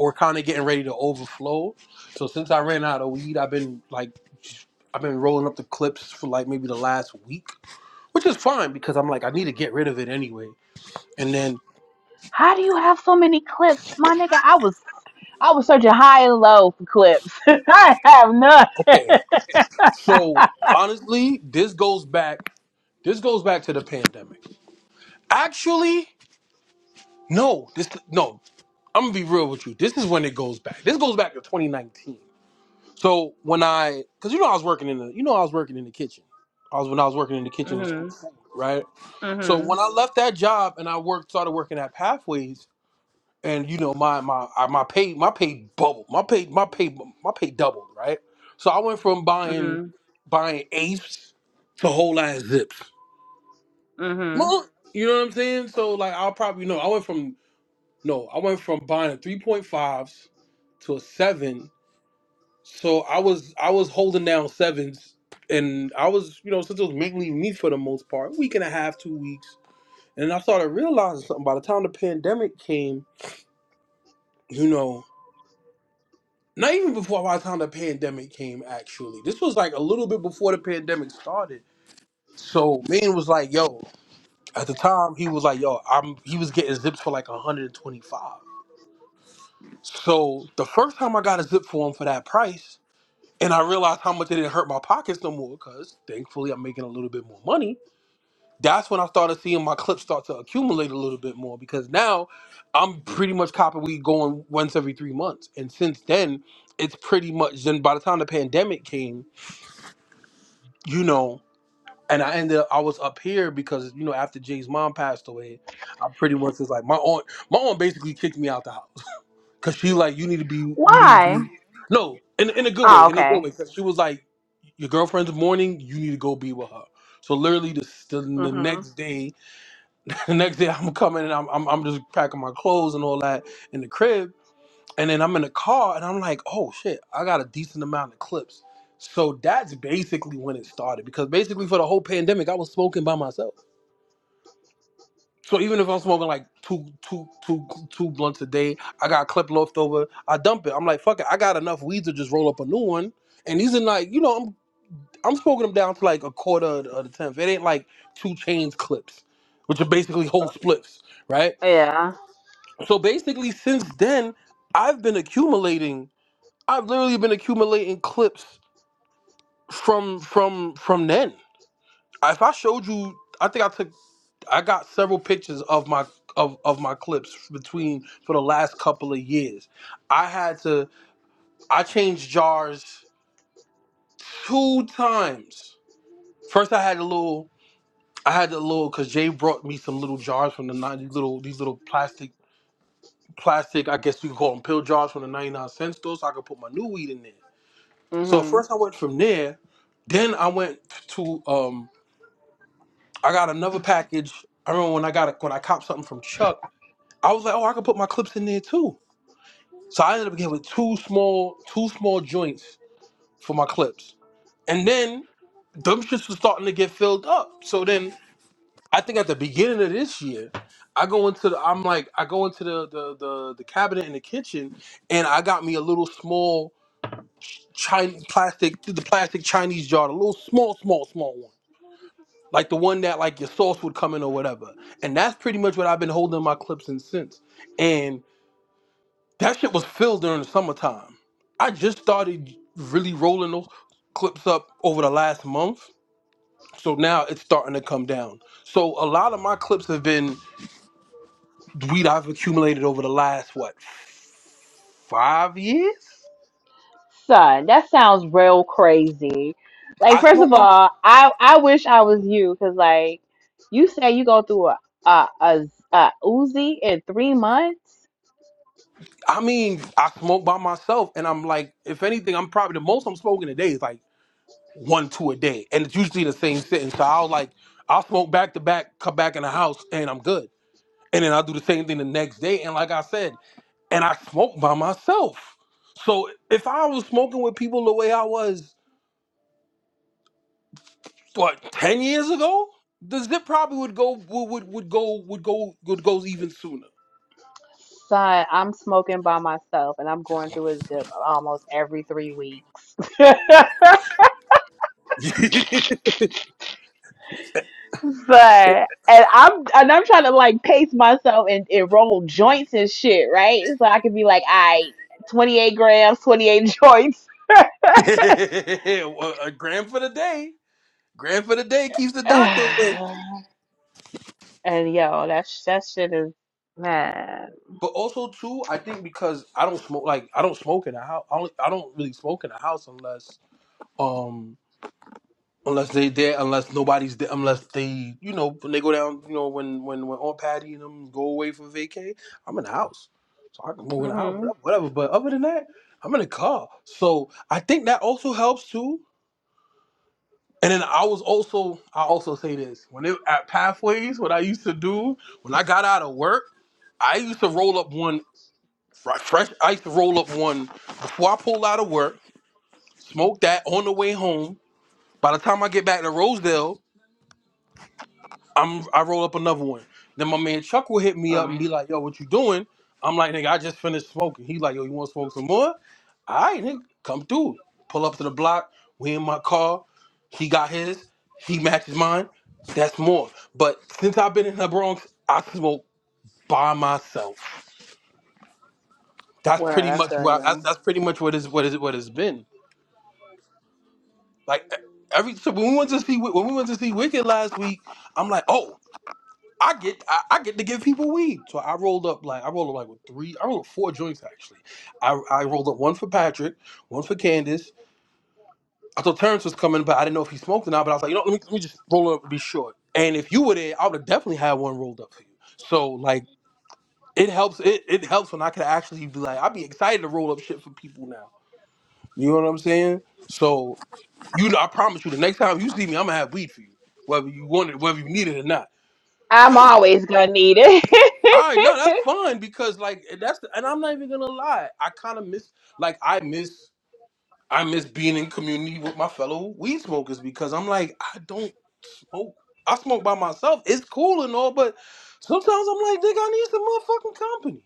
Speaker 2: are kind of getting ready to overflow. So since I ran out of weed, I've been like just- I've been rolling up the clips for like maybe the last week, which is fine because I'm like I need to get rid of it anyway. And then
Speaker 1: How do you have so many clips, my nigga? I was I was searching high and low for clips. I have none.
Speaker 2: okay, so honestly, this goes back this goes back to the pandemic. Actually, no, this no. I'm gonna be real with you. This is when it goes back. This goes back to 2019. So when I, cause you know I was working in the, you know I was working in the kitchen. I was when I was working in the kitchen in school,
Speaker 1: mhm.
Speaker 2: food, right? So
Speaker 1: Mhm.
Speaker 2: when I left that job and I worked, started working at Pathways, and you know my my I- my pay my pay bubbled, my pay my pay my pay doubled, right? So I went from buying
Speaker 1: Mhm.
Speaker 2: buying apes to whole ass zips.
Speaker 1: Mhm.
Speaker 2: Well, You know what I'm saying? So like I'll probably know I went from No, I went from buying a three point fives to a seven. So I was I was holding down sevens, and I was you know since it was mainly me for the most part, week and a half, two weeks, and I started realizing something. By the time the pandemic came, you know, not even before by the time the pandemic came, actually, this was like a little bit before the pandemic started. So man was like, yo, at the time he was like, yo, I'm he was getting zips for like 125. So the first time I got a zip for him for that price. and I realized how much it didn't hurt my pockets no more because thankfully I'm making a little bit more money. That's when I started seeing my clips start to accumulate a little bit more because now I'm pretty much copying we going once every three months. And since then, it's pretty much then by the time the pandemic came, you know, and I ended up I was up here because, you know, after Jay's mom passed away, I pretty much was like my aunt my aunt basically kicked me out the house. Cause she like, you need to be, you need to
Speaker 1: Why?
Speaker 2: be, no, in in a good
Speaker 1: Oh,
Speaker 2: way, in a good
Speaker 1: okay.
Speaker 2: way. Cause she was like, your girlfriend's mourning, you need to go be with her. So literally, the the, the
Speaker 1: Mhm.
Speaker 2: next day, the next day I'm coming and I'm, I'm I'm just packing my clothes and all that in the crib, and then I'm in the car and I'm like, oh shit, I got a decent amount of clips. So that's basically when it started because basically for the whole pandemic, I was smoking by myself. So even if I'm smoking like two, two, two, two blunts a day, I got a clip left over. I dump it. I'm like, fuck it. I got enough weed to just roll up a new one. And these are like, you know, I'm I'm smoking them down to like a quarter of the, of the tenth. It ain't like two chains clips, which are basically whole spliffs, right?
Speaker 1: Yeah.
Speaker 2: So basically, since then, I've been accumulating. I've literally been accumulating clips from from from then. If I showed you, I think I took, I got several pictures of my of of my clips between for the last couple of years. I had to, I changed jars two times. First, I had a little, I had a little, cause Jay brought me some little jars from the ninety little these little plastic plastic. I guess you could call them pill jars from the ninety nine cent store, so I could put my new weed in there. So at
Speaker 1: Mhm.
Speaker 2: first, I went from there. Then I went to um, I got another package. I remember when I got a, when I copped something from Chuck. I was like, oh, I could put my clips in there too. So I ended up getting with two small, two small joints for my clips, and then them shits was starting to get filled up. So then I think at the beginning of this year, I go into the, I'm like, I go into the the the, the cabinet in the kitchen, and I got me a little small Chinese plastic, the plastic Chinese jar, a little small, small, small one. Like the one that like your sauce would come in or whatever, and that's pretty much what I've been holding my clips in since. That shit was filled during the summertime. I just started really rolling those clips up over the last month. So now it's starting to come down. So a lot of my clips have been weed I've accumulated over the last what five years.
Speaker 1: Son, that sounds real crazy. Like,
Speaker 2: I
Speaker 1: first
Speaker 2: smoke
Speaker 1: of
Speaker 2: my
Speaker 1: all, I I wish I was you because like you say you go through a a a, a Uzi in three months.
Speaker 2: I mean, I smoke by myself and I'm like, if anything, I'm probably the most I'm smoking a day is like one, two a day. And it's usually the same sitting. So I'll like I'll smoke back to back, come back in the house and I'm good. And then I'll do the same thing the next day. And like I said, and I smoked by myself. So if I was smoking with people the way I was, what ten years ago, the zip probably would go would would, would go would go would go even sooner.
Speaker 1: Son, I'm smoking by myself and I'm going through a zip almost every three weeks. Son, and I'm and I'm trying to like pace myself and, and roll joints and shit, right? So I could be like, I 28 grams, 28 joints.
Speaker 2: a grand for the day, grand for the day keeps the doctor away.
Speaker 1: And yo, that sh- that shit is mad.
Speaker 2: But also too, I think because I don't smoke like I don't smoke in a house. I don't, I don't really smoke in a house unless um, unless they there, unless nobody's there, unless they, you know, when they go down, you know, when when when Aunt Patty and them go away for vacay, I'm in the house, so I can move in the house,
Speaker 1: hmm
Speaker 2: whatever. whatever. But other than that, I'm in the car, so I think that also helps too. And then I was also, I also say this when it at pathways, what I used to do when I got out of work, I used to roll up one fr- fresh. I used to roll up one before I pulled out of work, smoke that on the way home. By the time I get back to Rosedale. I'm I roll up another one. Then my man Chuck will hit me up and be like, "Yo, what you doing?" I'm like, "Nigga, I just finished smoking." He like, "Yo, you want to smoke some more?" All right, nigga, come through. Pull up to the block. We in my car. He got his. He matches mine. That's more. But since I've been in the Bronx, I smoke by myself. That's
Speaker 1: Word,
Speaker 2: pretty
Speaker 1: I
Speaker 2: much
Speaker 1: feel
Speaker 2: what I- that's,
Speaker 1: you.
Speaker 2: that's pretty much what is what is what it's been. Like e, every so when we went to see when we went to see Wicked last week, I'm like, "Oh, I get I, I get to give people weed. So I rolled up like I rolled up like with three I rolled up four joints actually. I, I rolled up one for Patrick, one for Candace. I thought Terrence was coming, but I didn't know if he smoked or not. But I was like, you know, let me, let me just roll it up and be short. And if you were there, I would have definitely had one rolled up for you. So like it helps it, it helps when I could actually be like, I'd be excited to roll up shit for people now. You know what I'm saying? So you know, I promise you the next time you see me, I'm gonna have weed for you. Whether you want it, whether you need it or not.
Speaker 1: I need
Speaker 2: All right, no, that's
Speaker 1: it.
Speaker 2: fun because like eh, that's the, and I'm not even gonna lie, I kind of miss like I miss I miss being in community with my fellow weed smokers because I'm like I don't smoke. I smoke by myself. It's cool and all, but sometimes I'm like, nigga, I need some motherfucking company.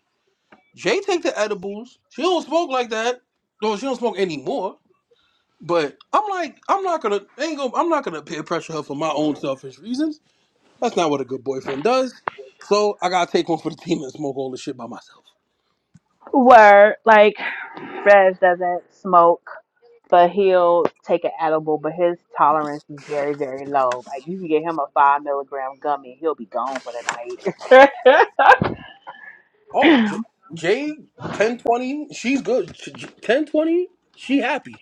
Speaker 2: Jay take the edibles. She don't smoke like that. No, she don't smoke anymore. But I'm like, I'm not gonna ain't gonna I'm not gonna peer pressure her for my own selfish reasons. That's not what a good boyfriend does. So I gotta take one for the team and smoke all this shit by myself.
Speaker 1: Word, like Fred doesn't smoke, but he'll take an edible, but his tolerance is very, very low. Like you can get him a five milligram gummy, he'll be gone for the night.
Speaker 2: Oh, J, J ten twenty. She's good. J- J- Ten twenty. She happy.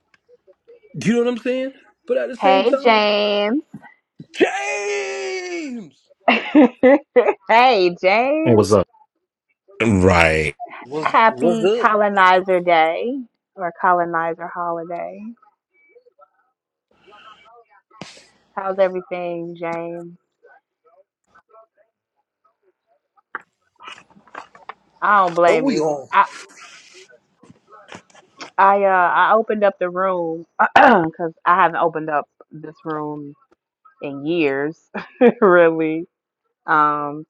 Speaker 2: You know what I'm saying? But at the same
Speaker 1: hey
Speaker 2: time,
Speaker 1: James.
Speaker 2: James.
Speaker 1: hey,
Speaker 3: Hey,
Speaker 1: James.
Speaker 3: what's up? Right.
Speaker 2: What's what's
Speaker 1: Happy
Speaker 2: up?
Speaker 1: colonizer day or colonizer holiday. How's everything, James? I don't
Speaker 2: Don't
Speaker 1: blame
Speaker 2: we
Speaker 1: you.
Speaker 2: all?
Speaker 1: I I uh I opened up the room because I haven't opened up this room in years, really. Um,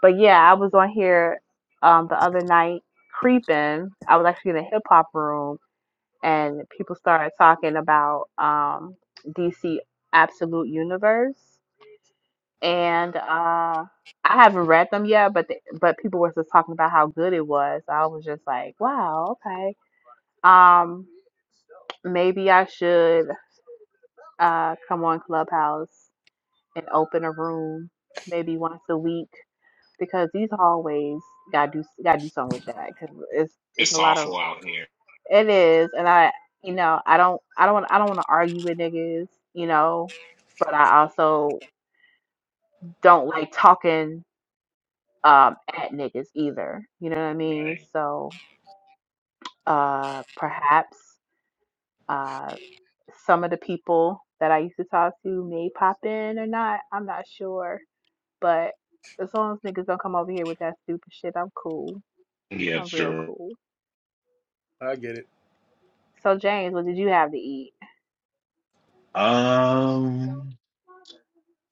Speaker 1: but yeah, I was on here um the other night creeping. I was actually in a hip hop room, and people started talking about um DC Absolute Universe, and uh. I haven't read them yet, but the, but people were just talking about how good it was. I was just like, wow, okay. Um, Maybe I should uh, come on Clubhouse and open a room maybe once a week because these hallways gotta do gotta do something with that because it's it's
Speaker 3: It's
Speaker 1: a lot of
Speaker 3: awful out here.
Speaker 1: it is and I you know I don't I don't wanna, I don't want to argue with niggas you know but I also don't like talking um at niggas either you know what I mean
Speaker 3: Right.
Speaker 1: so uh perhaps Uh, some of the people that I used to talk to may pop in or not. I'm not sure. But as long as niggas don't come over here with that stupid shit, I'm cool.
Speaker 3: Yeah,
Speaker 1: I'm real
Speaker 3: sure.
Speaker 1: cool.
Speaker 2: I get it.
Speaker 1: So, James, what did you have to eat?
Speaker 3: Um,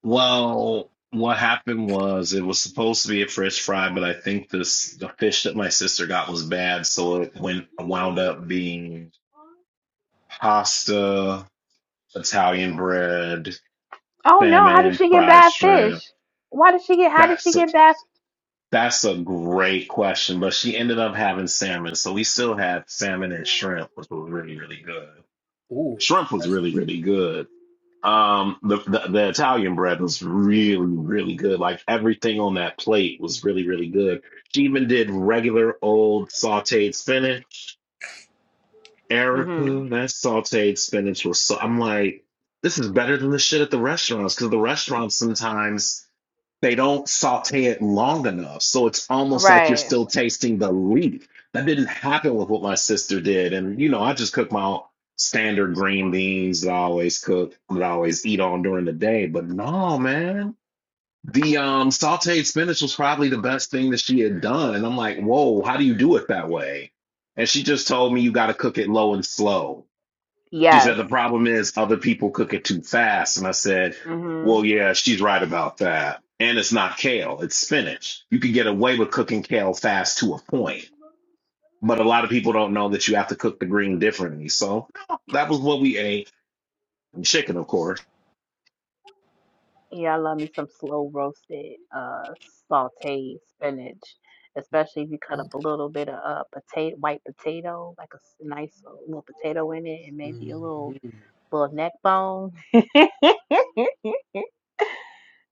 Speaker 3: well, what happened was it was supposed to be a fresh fry, but I think this the fish that my sister got was bad, so it went wound up being pasta, Italian bread,
Speaker 1: Oh, no. How did
Speaker 3: salmon,
Speaker 1: she get
Speaker 3: fried
Speaker 1: bad fish?
Speaker 3: shrimp.
Speaker 1: Why did she get, how did she
Speaker 3: That's a,
Speaker 1: get bad?
Speaker 3: that's a great question, but she ended up having salmon, so we still had salmon and shrimp, which was really, really good.
Speaker 2: Ooh,
Speaker 3: shrimp was
Speaker 2: that's.
Speaker 3: really really good. Um, the, the the Italian bread was really really good. Like everything on that plate was really really good. She even did regular old sautéed spinach. Erica,
Speaker 1: Mm-hmm.
Speaker 3: that sautéed spinach was so. I'm like, this is better than the shit at the restaurants because the restaurants sometimes. They don't saute it long enough. So it's almost like you're
Speaker 1: Right.
Speaker 3: still tasting the leaf. That didn't happen with what my sister did. And, you know, I just cook my own standard green beans that I always cook, that I always eat on during the day. But no, man. The um, sauteed spinach was probably the best thing that she had done. And I'm like, whoa, how do you do it that way? And she just told me you got to cook it low and slow. She
Speaker 1: Yes.
Speaker 3: said, the problem is other people cook it too fast. And I said,
Speaker 1: Mm-hmm.
Speaker 3: well, yeah, she's right about that. And it's not kale, it's spinach. You can get away with cooking kale fast to a point. But a lot of people don't know that you have to cook the green differently. So that was what we ate. And chicken, of course.
Speaker 1: Yeah, I love me some slow roasted, uh, sauteed spinach, especially if you cut up a little bit of uh, potato, white potato, like a s- nice little potato in it, and maybe a little
Speaker 2: Mhm.
Speaker 1: little neck bone.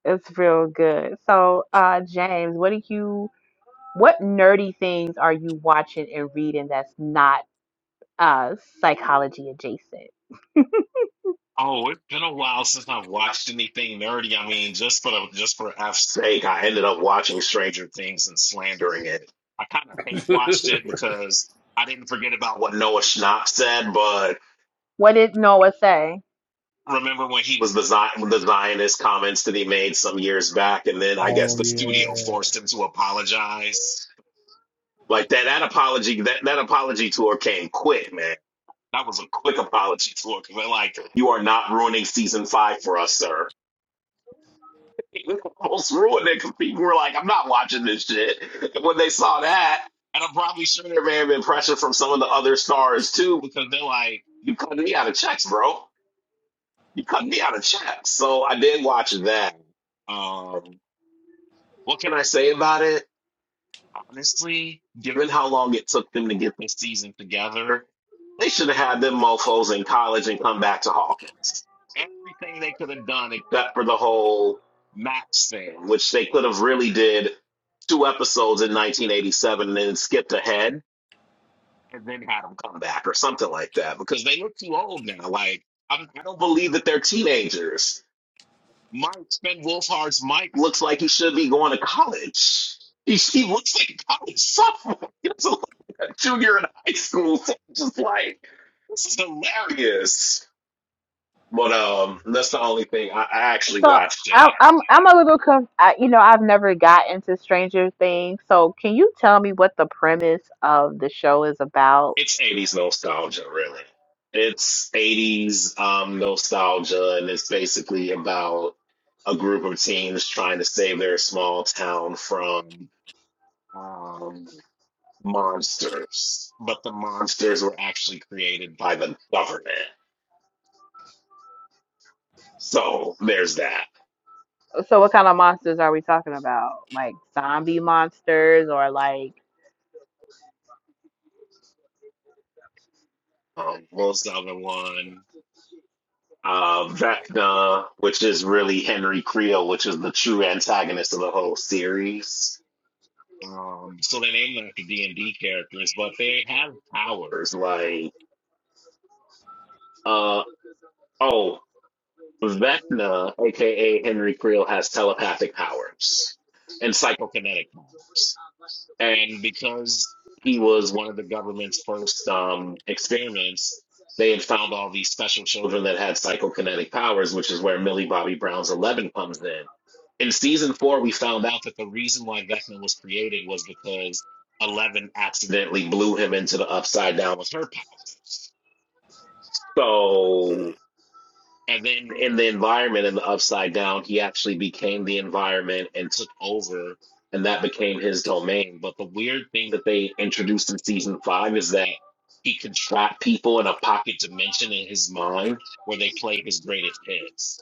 Speaker 1: It's real good. So, uh, James, what do you, what nerdy things are you watching and reading that's not uh psychology adjacent?
Speaker 3: Oh, it's been a while since I've watched anything nerdy. I mean, just for the, just for F's sake, I ended up watching Stranger Things and slandering it. I kind of hate watched it because I didn't forget about what Noah Schnapp said, but
Speaker 1: What did Noah say?
Speaker 3: remember when he was the, Zion, the Zionist comments that he made some years back, and then I guess
Speaker 2: oh
Speaker 3: the studio
Speaker 2: yeah.
Speaker 3: forced him to apologize. Like that, that apology, that that apology tour came quick, man. That was a quick apology tour because they're like, "You are not ruining season five for us, sir." They Almost ruined it because people were like, "I'm not watching this shit." And when they saw that, and I'm probably sure there may have been pressure from some of the other stars too, because they're like, "You cut me out of checks, bro." you cut me out of check. So I did watch that. Um, what can I say about it? Honestly, given how long it took them to get this season together, they should have had them mofos in college and come back to Hawkins. Everything they could have done except for the whole Max thing, which they could have really did two episodes in 1987 and then skipped ahead and then had them come back or something like that because they look too old now. Like, I I don't believe that they're teenagers Mike Ben Wolfhard's Mike looks like he should be going to college. He, he looks like a college sophomore. He doesn't look like a junior in high school. So I'm just like, this is hilarious. But um, that's the only thing I, I actually
Speaker 1: So
Speaker 3: watched it.
Speaker 1: I'm I'm I'm a little conf- I, you know I've never got into Stranger Things. So can you tell me what the premise of the show is about?
Speaker 3: It's 80s nostalgia, really. It's 80s um, nostalgia, and it's basically about a group of teens trying to save their small town from um. monsters, but the monsters were actually created by the government. So there's that.
Speaker 1: So what kind of monsters are we talking about? Like zombie monsters or like
Speaker 3: Um, most the other one, uh, Vecna, which is really Henry Creel, which is the true antagonist of the whole series. Um, so they named them after D and D characters, but they have powers. Like, uh, oh, Vecna, aka Henry Creel, has telepathic powers and psychokinetic powers. And because he was one of the government's first um, experiments, they had found all these special children that had psychokinetic powers, which is where Millie Bobby Brown's Eleven comes in. In season four, we found out that the reason why Vecna was created was because Eleven accidentally blew him into the upside down with her power. So and then in the environment in the upside down, he actually became the environment and took over, and that became his domain. But the weird thing that they introduced in season five is that he could trap people in a pocket dimension in his mind where they play his greatest hits.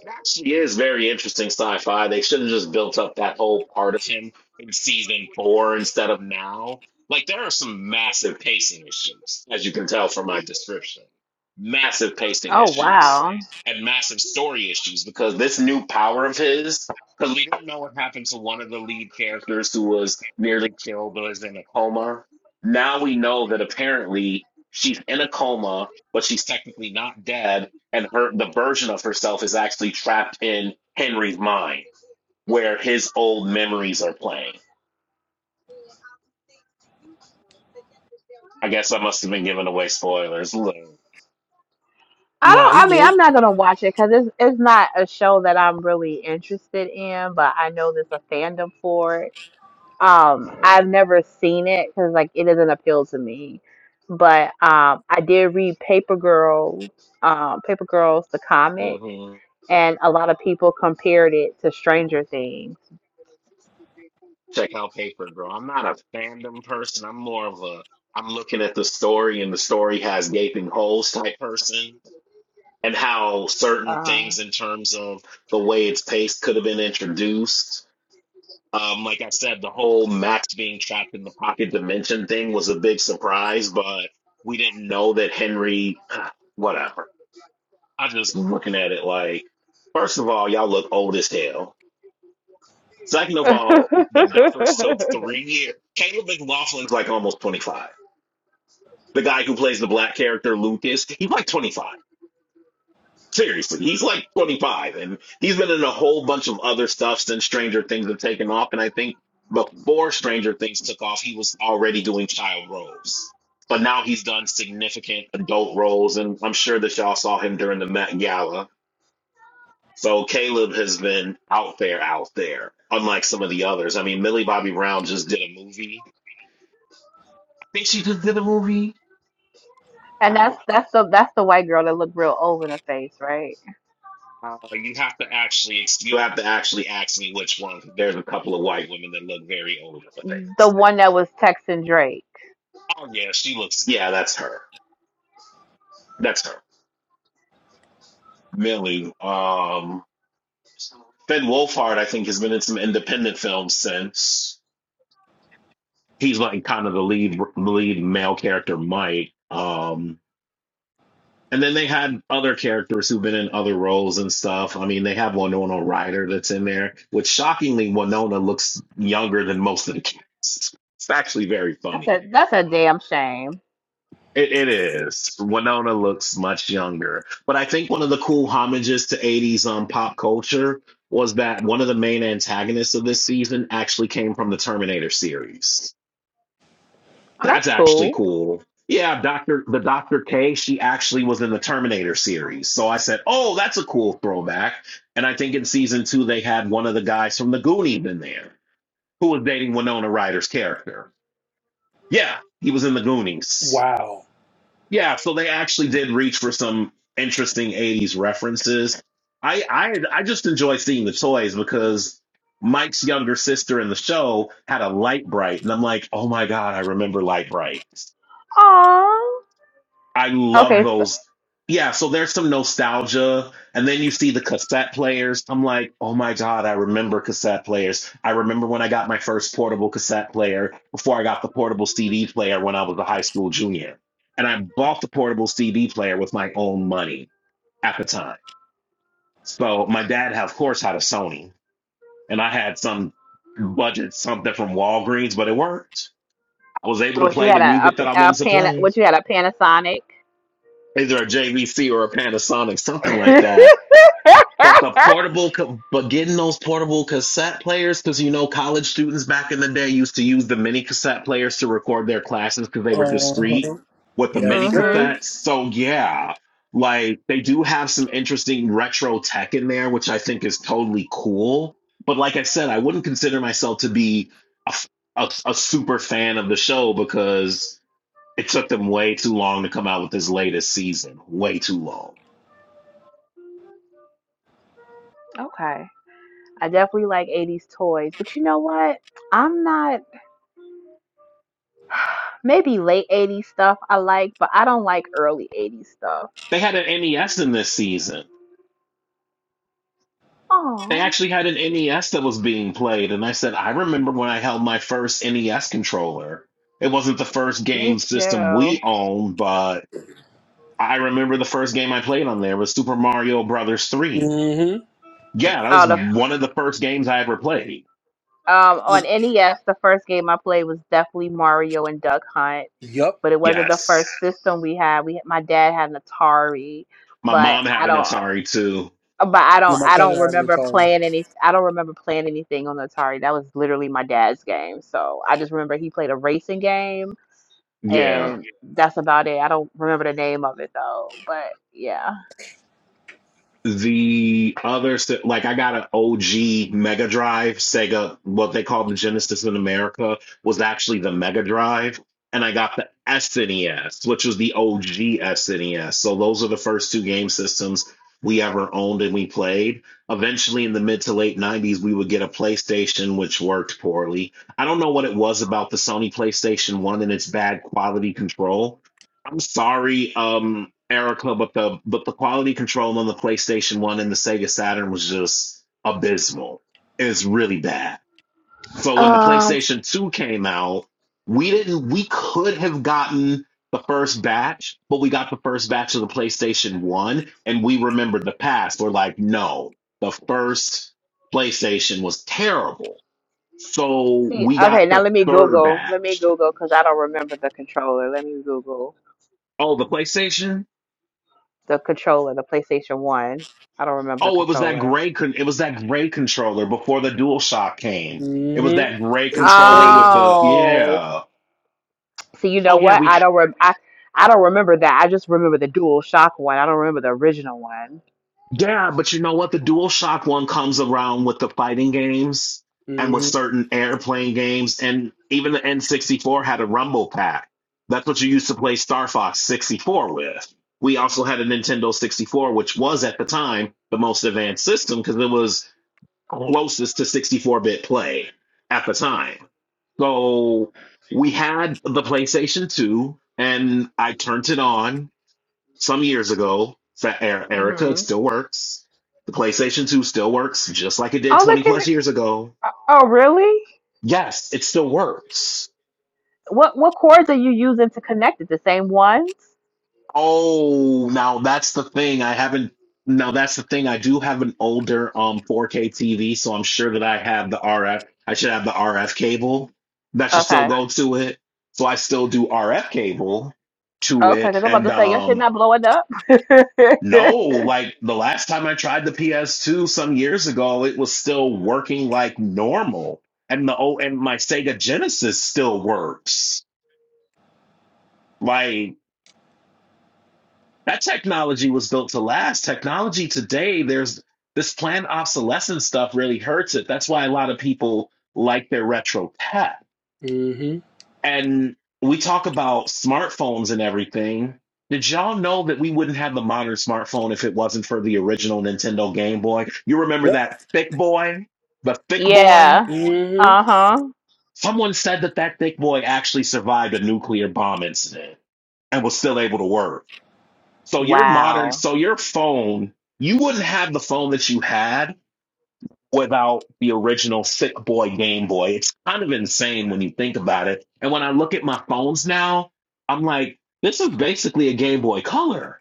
Speaker 3: It actually is very interesting sci-fi. They should have just built up that whole part of him in season four instead of now. Like there are some massive pacing issues, as you can tell from my description. Massive pacing
Speaker 1: oh
Speaker 3: issues and massive story issues because this new power of his, because we didn't know what happened to one of the lead characters who was nearly killed or is in a coma. Now we know that apparently she's in a coma, but she's technically not dead and her the version of herself is actually trapped in Henry's mind, where his old memories are playing. I guess I must have been giving away spoilers. Look,
Speaker 1: I
Speaker 2: Nah, he
Speaker 1: don't I mean
Speaker 2: good.
Speaker 1: I'm not gonna watch it because it's it's not a show that I'm really interested in. But I know there's a fandom for it. Um, I've never seen it because like it doesn't appeal to me. But um, I did read Paper Girls, um, Paper Girls the comic,
Speaker 3: hmm
Speaker 1: and a lot of people compared it to Stranger Things.
Speaker 3: check out Paper Girl. I'm not a fandom person. I'm more of a I'm looking at the story, and the story has gaping holes type person, and how certain things in terms of the way it's paced could have been introduced Um, like I said, the whole Max being trapped in the pocket dimension thing was a big surprise, but we didn't know that Henry, whatever. I am just looking at it like, first of all, y'all look old as hell. Second of
Speaker 1: and
Speaker 3: all, the Duffers took three years. Caleb McLaughlin's like almost 25. The guy who plays the black character, Lucas, he's like 25. Seriously, he's like 25, and he's been in a whole bunch of other stuff since Stranger Things have taken off. And I think before Stranger Things took off, he was already doing child roles. But now he's done significant adult roles, and I'm sure that y'all saw him during the Met Gala. So Caleb has been out there, out there, unlike some of the others. I mean, Millie Bobby Brown just did a movie. I think she just did a movie.
Speaker 1: that's that's the that's the white girl that looked real old in the face, right?
Speaker 3: Uh, you have to actually you have to actually ask me which one. There's a couple of white women that look very older but
Speaker 1: The
Speaker 3: famous.
Speaker 1: one that was texting Drake.
Speaker 3: Oh yeah, she looks. Yeah, that's her. That's her. Millie. Um, Finn Wolfhard, I think, has been in some independent films since. He's like kind of the lead the lead male character, Mike. Um, And then they had other characters who've been in other roles and stuff. I mean, they have Winona Ryder that's in there, which shockingly, Winona looks younger than most of the cast. It's actually very
Speaker 1: That's
Speaker 3: funny.
Speaker 1: a that's a damn shame.
Speaker 3: It, it is. Winona looks much younger. But I think one of the cool homages to 80s um, pop culture was that one of the main antagonists of this season actually came from the Terminator series.
Speaker 1: Oh,
Speaker 3: That's
Speaker 1: that's
Speaker 3: actually
Speaker 1: cool.
Speaker 3: cool. Yeah, Doctor the Doctor K, she actually was in the Terminator series. So I said, Oh, that's a cool throwback. And I think in season two they had one of the guys from the Goonies in there who was dating Winona Ryder's character. Yeah, he was in the Goonies.
Speaker 2: Wow.
Speaker 3: Yeah, so they actually did reach for some interesting 80s references. I I I just enjoy seeing the toys because Mike's younger sister in the show had a light bright, and I'm like, oh my god, I remember light bright.
Speaker 1: Aww.
Speaker 3: I love
Speaker 1: Okay, so
Speaker 3: those. Yeah, so there's some nostalgia. And then you see the cassette players. I'm like, oh my God, I remember cassette players. I remember when I got my first portable cassette player before I got the portable CD player when I was a high school junior. And I bought the portable CD player with my own money at the time. So my dad, of course, had a Sony, and I had some budget something from Walgreens, but it worked. I was able to
Speaker 1: what you
Speaker 3: play the
Speaker 1: had a,
Speaker 3: music that I
Speaker 1: a, a
Speaker 3: wanted to
Speaker 1: pan?
Speaker 3: play
Speaker 1: What you had a Panasonic?
Speaker 3: either a JVC or a Panasonic, something like that But the portable, co- but getting those portable cassette players, because you know college students back in the day used to use the mini cassette players to record their classes because they were
Speaker 2: Uh,
Speaker 3: discreet with the mini
Speaker 2: yes,
Speaker 1: mhm.
Speaker 2: sir.
Speaker 3: cassettes. So yeah, like they do have some interesting retro tech in there, which I think is totally cool. But like I said, I wouldn't consider myself to be a, f- a a super fan of the show because it took them way too long to come out with this latest season. Way too long.
Speaker 1: Okay. I definitely like 80s toys, but you know what? I'm not maybe late 80s stuff I like, but I don't like early 80s stuff.
Speaker 3: They had an NES in this season. They
Speaker 1: Oh,
Speaker 3: actually had an NES that was being played, and I said, I remember when I held my first NES controller. It wasn't the first game
Speaker 1: me too.
Speaker 3: system
Speaker 1: Oh,
Speaker 3: we owned, but I remember the first game I played on there was Super Mario Brothers 3.
Speaker 2: hmm
Speaker 3: Yeah, that was
Speaker 1: the
Speaker 3: one of the first games I ever played.
Speaker 1: um on NES, the first game I played was definitely Mario and Duck Hunt,
Speaker 2: Yup.
Speaker 1: but it wasn't the first
Speaker 3: Yes.
Speaker 1: system we had. We my dad had an Atari,
Speaker 3: My
Speaker 1: but
Speaker 3: mom
Speaker 1: I
Speaker 3: had an
Speaker 1: don't.
Speaker 3: Atari too.
Speaker 1: but I
Speaker 2: Yeah,
Speaker 1: don't
Speaker 2: my
Speaker 1: I
Speaker 2: cousin
Speaker 1: don't
Speaker 2: had an
Speaker 1: remember
Speaker 2: Atari.
Speaker 1: playing any I don't remember playing anything on the Atari. That was literally my dad's game. So I just remember he played a racing game
Speaker 3: Yeah.
Speaker 1: and that's about it. I don't remember the name of it though. But yeah.
Speaker 3: The other, si, like I got an OG Mega Drive Sega, what they call the Genesis in America was actually the Mega Drive, and I got the SNES, which was the OG SNES. So those are the first two game systems we ever owned and we played. Eventually, in the mid to late '90s, we would get a PlayStation, which worked poorly. I don't know what it was about the Sony PlayStation One and its bad quality control I'm sorry, um, Erica, but the but the quality control on the PlayStation One and the Sega Saturn was just abysmal. It's really bad. So when the
Speaker 1: Um
Speaker 3: PlayStation Two came out, we didn't we could have gotten the first batch, but we got the first batch of the PlayStation One, and we remembered the past. We're like, no, the first PlayStation was terrible. So
Speaker 1: see
Speaker 3: we
Speaker 1: okay,
Speaker 3: got
Speaker 1: now
Speaker 3: the
Speaker 1: let me
Speaker 3: third
Speaker 1: Google. Let me
Speaker 3: batch.
Speaker 1: Google cuz I don't remember the controller. Let me Google
Speaker 3: Oh, the PlayStation?
Speaker 1: the controller, the PlayStation 1. I don't remember the
Speaker 3: Oh, it was that
Speaker 1: controller.
Speaker 3: gray. Con- it was that gray controller before the DualShock came. It was
Speaker 2: Mm-hmm. It
Speaker 3: that gray
Speaker 2: was
Speaker 3: controller
Speaker 2: plain.
Speaker 3: with the
Speaker 1: Oh.
Speaker 3: yeah.
Speaker 1: See, you know
Speaker 3: Oh yeah,
Speaker 1: what?
Speaker 3: we
Speaker 1: I don't rem- I I don't remember that. I just remember the Dual Shock one. I don't remember the original one.
Speaker 3: yeah. But you know what? The DualShock one comes around with the fighting games and with
Speaker 2: Mm-hmm.
Speaker 3: certain airplane games, and even the N64 had a Rumble Pack. That's what you used to play Star Fox 64 with. We also had a Nintendo 64, which was at the time the most advanced system because it was closest to 64 bit play at the time So we had the PlayStation 2, and I turned it on some years ago. So, E- Erica, it
Speaker 1: hmm
Speaker 3: still works. The PlayStation 2 still works just like it did
Speaker 1: Oh,
Speaker 3: 20
Speaker 1: look at her.
Speaker 3: plus years ago.
Speaker 1: Oh, really?
Speaker 3: Yes, it still works.
Speaker 1: What what cords are you using to connect it? The same ones?
Speaker 3: Oh, now that's the thing. I haven't. Now that's the thing. I do have an older um 4K TV, so I'm sure that I have the RF. I should have the RF cable that should still
Speaker 1: Okay.
Speaker 3: go to it. So I still do RF cable to
Speaker 1: Okay,
Speaker 3: it,
Speaker 1: because I'm about
Speaker 3: and
Speaker 1: to say your shit
Speaker 3: um
Speaker 1: not blowing up.
Speaker 3: No, like the last time I tried the PS2 some years ago, it was still working like normal. And the oh, and my Sega Genesis still works. Like that technology was built to last. Technology today, there's this planned obsolescence stuff really hurts it. That's why a lot of people like their retro tech
Speaker 2: Mm-hmm.
Speaker 3: And we talk about smartphones and everything. Did y'all know that we wouldn't have the modern smartphone if it wasn't for the original Nintendo Game Boy? You remember that thick boy? The thick boy?
Speaker 1: yeah.
Speaker 2: Yep.
Speaker 1: Uh huh.
Speaker 3: Someone said that that thick boy actually survived a nuclear bomb incident and was still able to work. So your modern,
Speaker 1: Wow.
Speaker 3: so your phone, you wouldn't have the phone that you had without the original Sick Boy Game Boy. It's kind of insane when you think about it. And when I look at my phones now, I'm like, this is basically a Game Boy Color.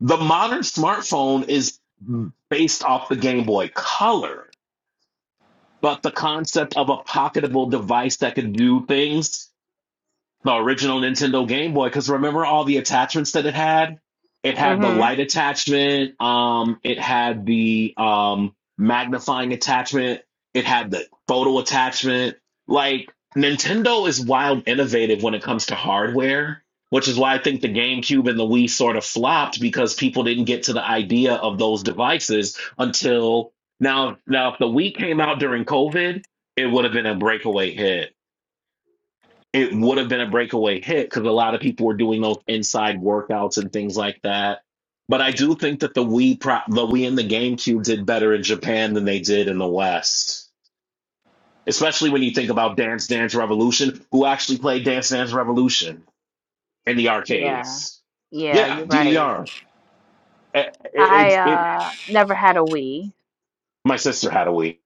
Speaker 3: The modern smartphone is based off the Game Boy Color, but the concept of a pocketable device that could do things the original Nintendo Game Boy because remember all the attachments that it had? It had the
Speaker 1: Mhm.
Speaker 3: light attachment, um, it had the um magnifying attachment, it had the photo attachment. Like Nintendo is wild innovative when it comes to hardware, which is why I think the GameCube and the Wii sort of flopped because people didn't get to the idea of those devices until now now if the Wii came out during COVID, it would have been a breakaway hit it would have been a breakaway hit because a lot of people were doing those inside workouts and things like that. But I do think that the Wii pro- the Wii and the GameCube did better in Japan than they did in the West, especially when you think about Dance Dance Revolution, who actually played Dance Dance Revolution in the
Speaker 1: Yeah.
Speaker 3: arcades.
Speaker 1: Yeah,
Speaker 3: Yeah,
Speaker 1: you're right.
Speaker 3: DDR. It, it,
Speaker 1: I
Speaker 3: it,
Speaker 1: uh never had a Wii.
Speaker 3: my sister had a Wii.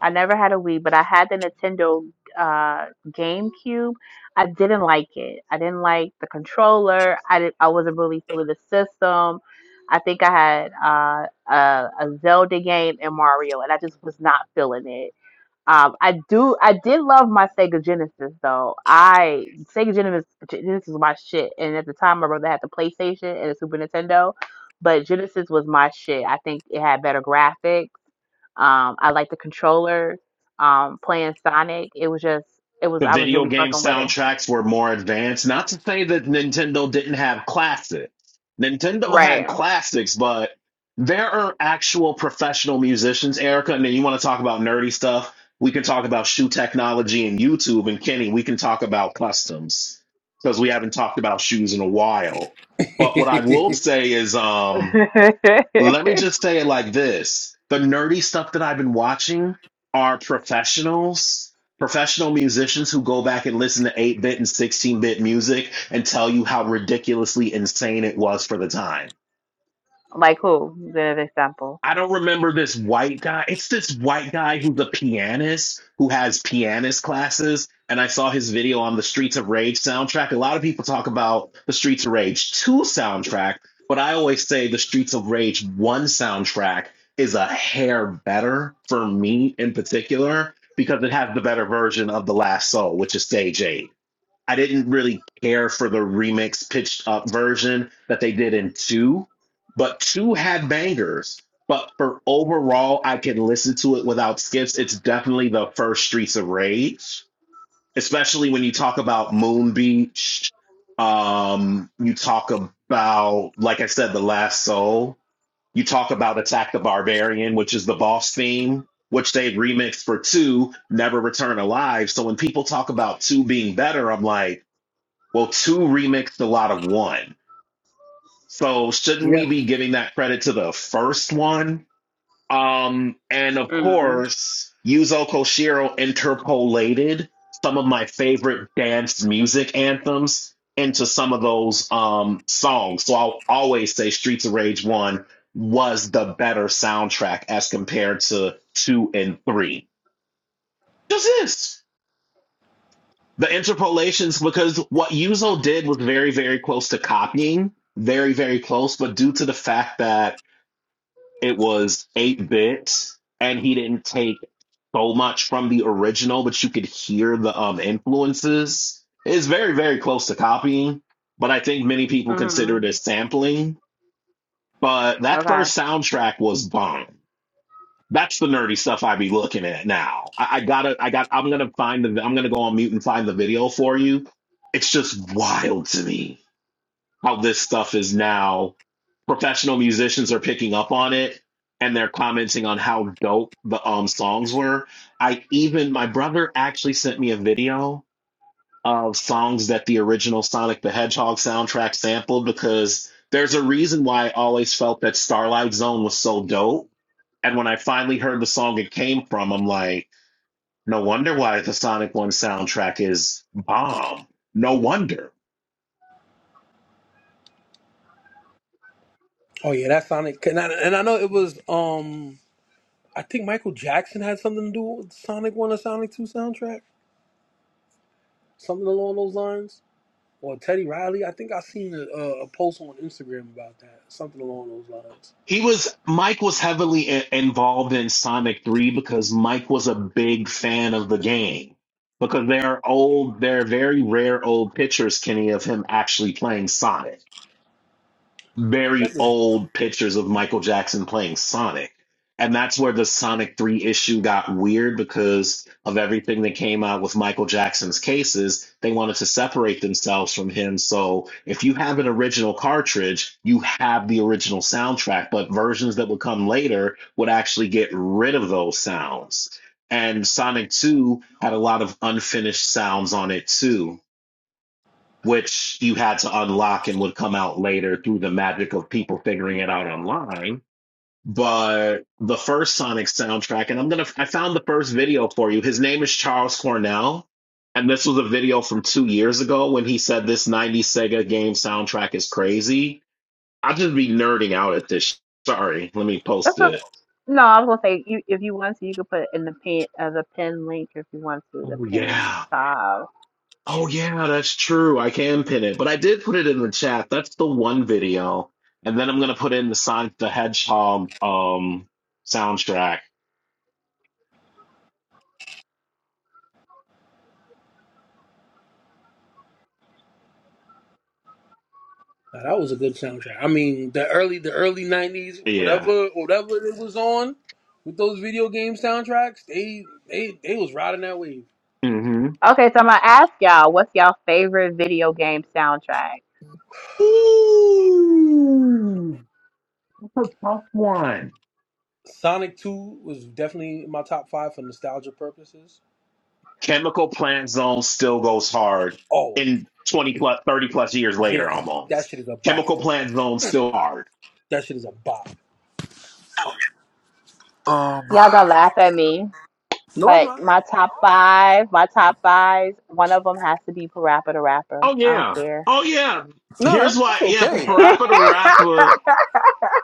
Speaker 1: I never had a Wii, but I had the Nintendo uh, GameCube. I didn't like it. I didn't like the controller. I did, I wasn't really feeling the system. I think I had uh, a, a Zelda game and Mario, and I just was not feeling it. Um, I do. I did love my Sega Genesis though. I Sega Genesis Genesis was my shit, and at the time, my brother had the PlayStation and the Super Nintendo, but Genesis was my shit. I think it had better graphics um, I like the controller. Um, playing Sonic, it was just, it was,
Speaker 3: the
Speaker 1: I was
Speaker 3: video
Speaker 1: really
Speaker 3: game
Speaker 1: fucking with
Speaker 3: soundtracks were more advanced. Not to say that Nintendo didn't have classics. Nintendo had
Speaker 1: Right.
Speaker 3: classics, but there are actual professional musicians, Erica. And then you want to talk about nerdy stuff. We can talk about shoe technology and YouTube. And Kenny, we can talk about customs because we haven't talked about shoes in a while.
Speaker 2: yeah.
Speaker 3: But what I will say is,
Speaker 1: her. Right.
Speaker 3: um, let me just say it like this. The nerdy stuff that I've been watching are professionals, professional musicians who go back and listen to 8 bit and 16 bit music and tell you how ridiculously insane it was for the time.
Speaker 1: like who? Is an example.
Speaker 3: I don't remember this white guy. It's this white guy who's a pianist who has pianist classes. And I saw his video on the Streets of Rage soundtrack. A lot of people talk about the Streets of Rage 2 soundtrack, but I always say the Streets of Rage 1 soundtrack is a hair better for me in particular because it has the better version of The Last Soul, which is Stage 8. I didn't really care for the remix pitched up version that they did in two, but two had bangers. But for overall, I can listen to it without skips. It's definitely the first Streets of Rage, especially when you talk about Moon Beach. Um, you talk about, like I said, The Last Soul. You talk about Attack the Barbarian, which is the boss theme, which they remixed for two, Never Return Alive. So when people talk about two being better, I'm like, well, two remixed a lot of one. So shouldn't we be giving that credit to the first one? Um, and of
Speaker 1: Mm.
Speaker 3: course, Yuzo Koshiro interpolated some of my favorite dance music anthems into some of those um songs. So I'll always say Streets of Rage 1 was the better soundtrack as compared to 2 and 3. Just this. The interpolations, because what Yuzo did was very, very close to copying, very, very close, but due to the fact that it was 8 bit and he didn't take so much from the original, but you could hear the um, influences, it's very, very close to copying. But I think many people consider it as
Speaker 1: Mm-hmm.
Speaker 3: sampling. But that
Speaker 1: Okay.
Speaker 3: first soundtrack was bomb. That's the nerdy stuff I be looking at now. I, I gotta, I got, I'm gonna find the, I'm gonna go on mute and find the video for you. It's just wild to me how this stuff is now. Professional musicians are picking up on it and they're commenting on how dope the um songs were. I even, my brother actually sent me a video of songs that the original Sonic the Hedgehog soundtrack sampled because there's a reason why I always felt that Starlight Zone was so dope and when I finally heard the song it came from, I'm like, no wonder why the Sonic 1 soundtrack is bomb. No wonder.
Speaker 2: Oh yeah, that Sonic. And I, and I know it was. Um, I think Michael Jackson had something to do with the Sonic One or Sonic Two soundtrack, something along those lines. Or Teddy Riley. I think I seen a, a, a post on Instagram about that, something along those lines.
Speaker 3: He was, Mike was heavily i- involved in Sonic 3 because Mike was a big fan of the game. Because there are old, there are very rare old pictures, Kenny, of him actually playing Sonic
Speaker 2: That
Speaker 3: very
Speaker 2: was
Speaker 3: old pictures of Michael Jackson playing Sonic. And that's where the Sonic 3 issue got weird because of everything that came out with Michael Jackson's cases. They wanted to separate themselves from him. So if you have an original cartridge, you have the original soundtrack, but versions that would come later would actually get rid of those sounds. And Sonic 2 had a lot of unfinished sounds on it too which you had to unlock and would come out later through the magic of people figuring it out online. But the first Sonic soundtrack, and I'm gonna, I found the first video for you. His name is Charles Cornell. And this was a video from two years ago when he said this 90s Sega game soundtrack is crazy. I'll just be nerding out at this. Sorry, let me post
Speaker 1: That's okay.
Speaker 3: it.
Speaker 1: No, I was gonna say you, if you want to, you could put in the pin, uh, the pin link if you want to, the
Speaker 3: Oh,
Speaker 1: pin and
Speaker 3: yeah.
Speaker 1: top.
Speaker 3: Oh yeah, that's true. I can pin it, but I did put it in the chat. That's the one video, and then I'm gonna put in the Sonic the Hedgehog um soundtrack.
Speaker 2: nah, that was a good soundtrack. I mean, the early the early nineties,
Speaker 3: Yeah.
Speaker 2: whatever whatever it was on with those video game soundtracks, they they they was riding that wave.
Speaker 3: hmm
Speaker 1: Okay, so I'm gonna ask y'all, what's y'all favorite video game soundtrack?
Speaker 3: Ooh, that's a tough one.
Speaker 2: Sonic Two was definitely in my top five for nostalgia purposes.
Speaker 3: Chemical Plant Zone still goes hard
Speaker 2: Oh,
Speaker 3: in 20 plus 30 plus years later,
Speaker 2: Yeah, that
Speaker 3: almost.
Speaker 2: shit is a bop.
Speaker 3: Chemical Plant Zone still hard.
Speaker 2: That shit is a bop. Um,
Speaker 1: Y'all gonna laugh at me.
Speaker 2: no, I'm
Speaker 1: But
Speaker 2: not.
Speaker 1: my top five, my top fives, one of them has to be Parappa the Rapper.
Speaker 3: Oh
Speaker 1: I don't
Speaker 3: yeah.
Speaker 1: care.
Speaker 3: Oh yeah.
Speaker 2: No,
Speaker 3: Here's
Speaker 2: that's
Speaker 3: why. Yeah,
Speaker 2: okay.
Speaker 3: Parappa the Rapper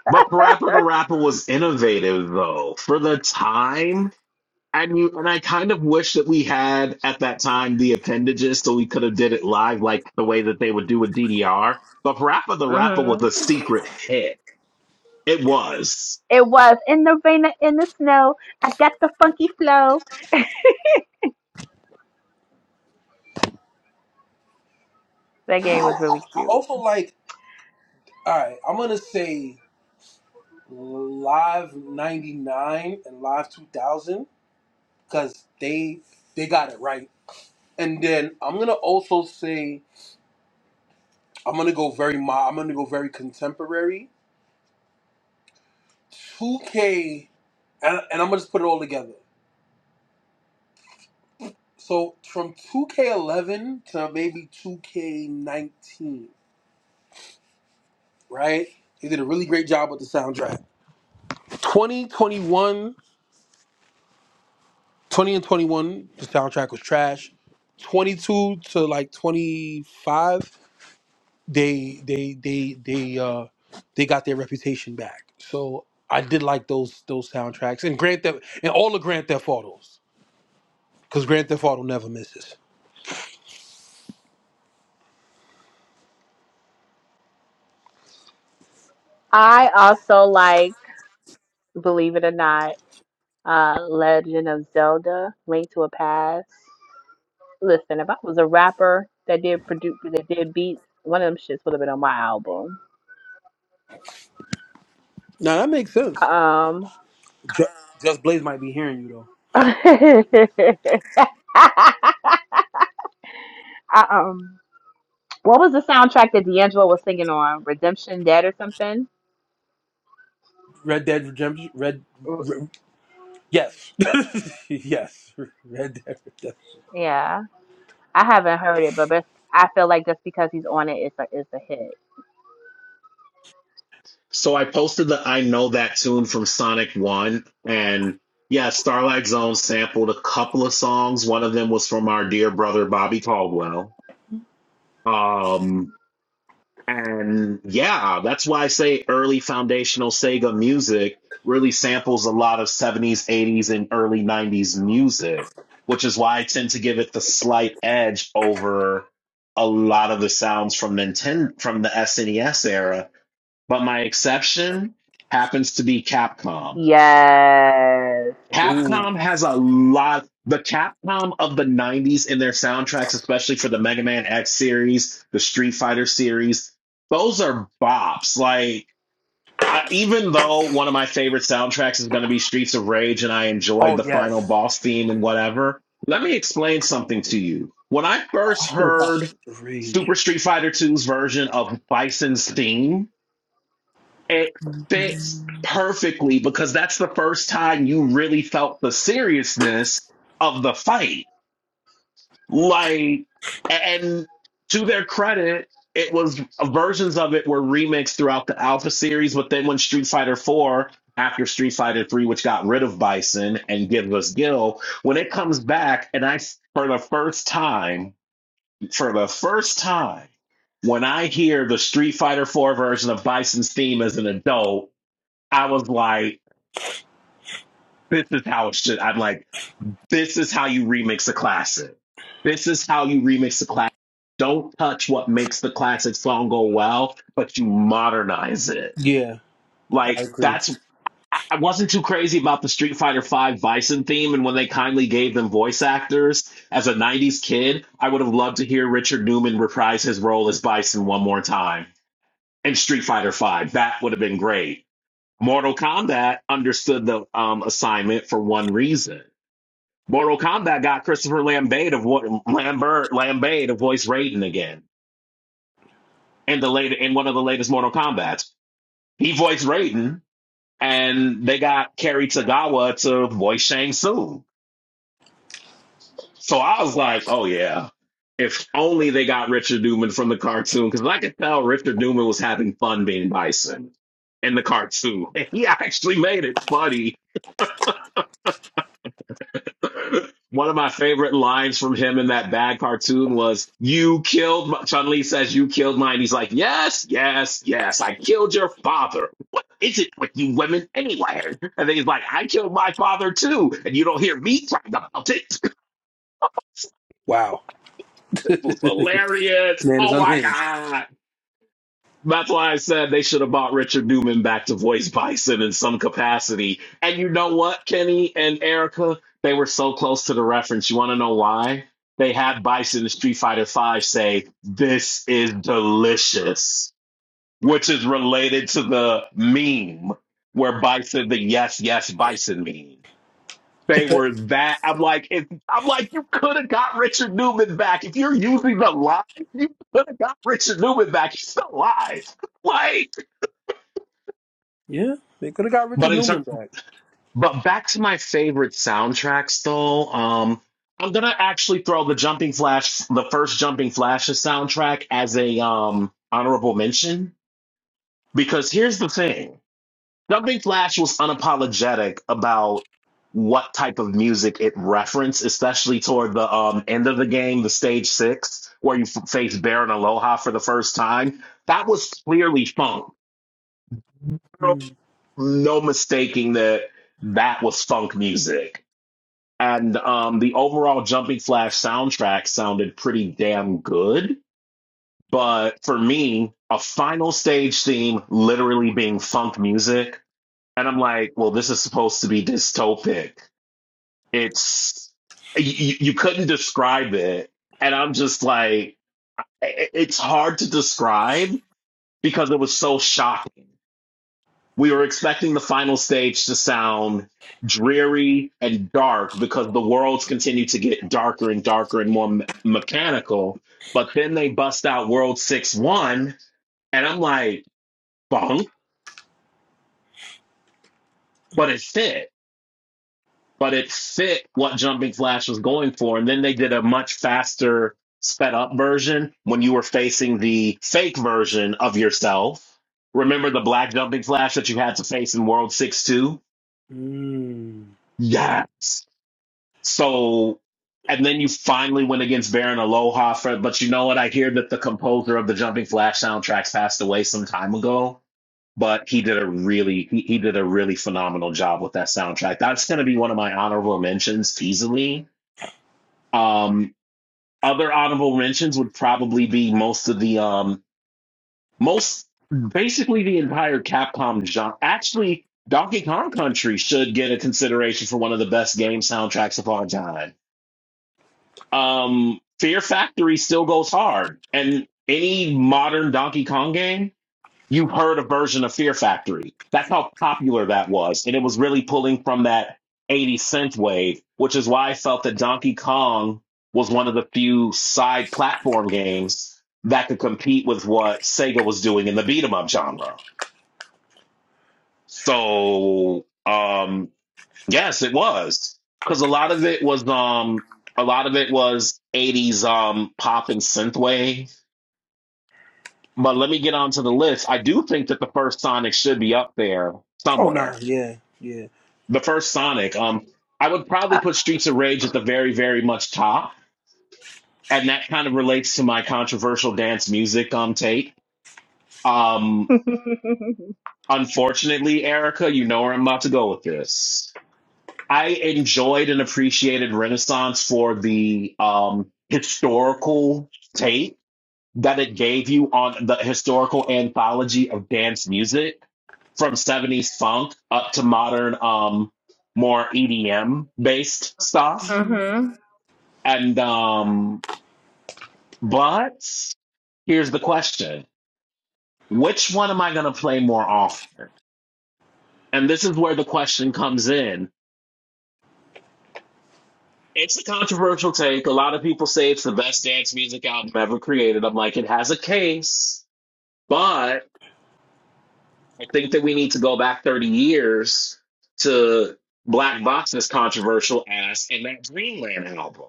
Speaker 3: But Parappa the Rapper was innovative though for the time. And you and I kind of wish that we had at that time the appendages so we could have did it live like the way that they would do with DDR. But Parappa the Rapper was
Speaker 1: hmm
Speaker 3: a secret hit. It was.
Speaker 1: It was in the rain or in the snow. I got the funky flow. That game
Speaker 2: I
Speaker 1: was really cute.
Speaker 2: also like. All right, I'm gonna say Live '99 and Live 2000 because they they got it right. And then I'm gonna also say I'm gonna go very mo- I'm gonna go very contemporary. 2K, and, and I'm gonna just put it all together. So from 2K11 to maybe 2K19, right? They did a really great job with the soundtrack. Twenty, twenty-one, twenty and 21, the soundtrack was trash. 22 to like 25, they they they they uh they got their reputation back. So I did like those those soundtracks and Grand Theft and all the Grand Theft Autos because Grand Theft Auto never misses.
Speaker 1: I also like, believe it or not, uh, Legend of Zelda: Link to a Past. Listen, if I was a rapper that did produce that did beats, one of them shits would have been on my album.
Speaker 2: Now that makes sense. Ju- Just Blaze might be hearing you though.
Speaker 1: Um. I, um, what was the soundtrack that D'Angelo was singing on? Redemption Dead or something?
Speaker 2: Red Dead Redemption. Red,
Speaker 1: R-
Speaker 2: Red yes, yes. Red Dead Redemption.
Speaker 1: Yeah, I haven't heard it, but that's- I feel like just because he's on it, it's a it's a hit.
Speaker 3: So I posted the I Know That tune from Sonic One and yeah, Starlight Zone sampled a couple of songs. One of them was from our dear brother Bobby Caldwell. Um And yeah, that's why I say early foundational Sega music really samples a lot of 70s, 80s, and early 90s music, which is why I tend to give it the slight edge over a lot of the sounds from Nintendo, from the SNES era. But my exception happens to be Capcom.
Speaker 1: Yes.
Speaker 2: Ooh.
Speaker 3: Capcom has a lot. The Capcom of the 90s in their soundtracks, especially for the Mega Man X series, the Street Fighter series, those are bops. Like, I, even though one of my favorite soundtracks is going to be Streets of Rage and I enjoyed
Speaker 2: Oh
Speaker 3: the final
Speaker 2: yes,
Speaker 3: boss theme and whatever, let me explain something to you. When I
Speaker 2: I
Speaker 3: first
Speaker 2: could have got
Speaker 3: heard
Speaker 2: the Rage.
Speaker 3: Super Street Fighter Two's version of Bison's theme, it fits perfectly because that's the first time you really felt the seriousness of the fight. Like, and to their credit, it was versions of it were remixed throughout the Alpha series, but then when Street Fighter 4 after Street Fighter 3, which got rid of Bison and gives us Gil, when it comes back, and I, for the first time, for the first time, when I hear the Street Fighter 4 version of Bison's theme as an adult, I was like, this is how it should. I'm like, this is how you remix a classic. This is how you remix a classic. Don't touch what makes the classic song go well, but you modernize it.
Speaker 2: Yeah, I
Speaker 3: Like
Speaker 2: agree.
Speaker 3: that's. I I wasn't too crazy about the Street Fighter V Bison theme, and when they kindly gave them voice actors, as a '90s kid, I would have loved to hear Richard Newman reprise his role as Bison one more time in Street Fighter V. That would have been great Mortal Kombat understood the um, assignment for one reason. Mortal Kombat got Christopher Lambert of what Lambert Lambert to voice Raiden again in the later in one of the latest Mortal Kombat's. He voiced Raiden, and they got Kerry Tagawa to voice Shang Tsung. So I was like, oh yeah. If only they got Richard Newman from the cartoon, because I could tell Richard Newman was having fun being Bison in the cartoon. and He actually made it funny One of my favorite lines from him in that bad cartoon was, "You killed." My-. Chun-Li says, "You killed mine." He's like, "Yes, yes, yes. I killed your father. What is it with you women anyway?" And then he's like, "I killed my father too, and you don't hear me talking about it."
Speaker 2: Wow,
Speaker 3: It was hilarious.
Speaker 2: man is
Speaker 3: Oh my
Speaker 2: unhinged.
Speaker 3: god. That's why I said they should have bought Richard Newman back to voice Bison in some capacity. And you know what, Kenny and Erica, they were so close to the reference. You want to know why? They had Bison in Street Fighter Five say, "This is delicious," which is related to the meme where Bison, the yes, yes, Bison meme. They were that. I'm like, if, I'm like, you could have got Richard Newman back if you're using the line. You could have got Richard Newman back. He's still alive. Like.
Speaker 2: yeah, they could have got
Speaker 3: But
Speaker 2: Richard
Speaker 3: in ter-
Speaker 2: Newman back.
Speaker 3: but back to my favorite soundtracks though. Um, I'm gonna actually throw the Jumping Flash, the first Jumping Flashes soundtrack, as a um honorable mention because here's the thing: Jumping Flash was unapologetic about what type of music it referenced, especially toward the um end of the game, the stage six, where you f- face Baron Aloha for the first time. That was clearly funk.
Speaker 2: Mm.
Speaker 3: No mistaking that that was funk music and um, the overall Jumping Flash soundtrack sounded pretty damn good. But for me, a final stage theme literally being funk music, and I'm like, well, this is supposed to be dystopic. It's you, you couldn't describe it, and I'm just like, it's hard to describe because it was so shocking. we were expecting the final stage to sound dreary and dark because the worlds continue to get darker and darker and more me- mechanical. But then they bust out World 6 1, and I'm like, bunk, but it fit. But it fit what Jumping Flash was going for. And then they did a much faster, sped up version when you were facing the fake version of yourself. Remember the black Jumping Flash that you had to face in World 6 2?
Speaker 2: Mm.
Speaker 3: Yes. So, and then you finally went against Baron Aloha for, but you know what? I hear that the composer of the Jumping Flash soundtracks passed away some time ago, but he did a really, he, he did a really phenomenal job with that soundtrack. That's going to be one of my honorable mentions easily. Um, other honorable mentions would probably be most of the, um, most, basically the entire Capcom genre. Actually, Donkey Kong Country should get a consideration for one of the best game soundtracks of all time um, Fear Factory still goes hard. And any modern Donkey Kong game, you've heard a version of Fear Factory. That's how popular that was. And it was really pulling from that 80 cent wave, which is why I felt that Donkey Kong was one of the few side platform games that could compete with what Sega was doing in the beat 'em up genre. So, um, Yes, it was. Because a lot of it was um a lot of it was 80s um pop and synthwave. But let me get onto the list. I do think that the first Sonic should be up there
Speaker 2: Oh nah,
Speaker 3: somewhere.
Speaker 2: yeah, yeah.
Speaker 3: The first Sonic. Um I would probably put Streets of Rage at the very, very much top. And that kind of relates to my controversial dance music um take. Um unfortunately, Erica, you know where I'm about to go with this. I enjoyed and appreciated Renaissance for the um, historical take that it gave you on the historical anthology of dance music from 70s funk up to modern, um, more EDM based stuff.
Speaker 1: mhm.
Speaker 3: And, um, but here's the question which one am I going to play more often? And this is where the question comes in It's a controversial take. A lot of people say it's the best dance music album ever created. I'm like, it has a case, but I think that we need to go back 30 years to Black Box's controversial ass and that Dreamland album.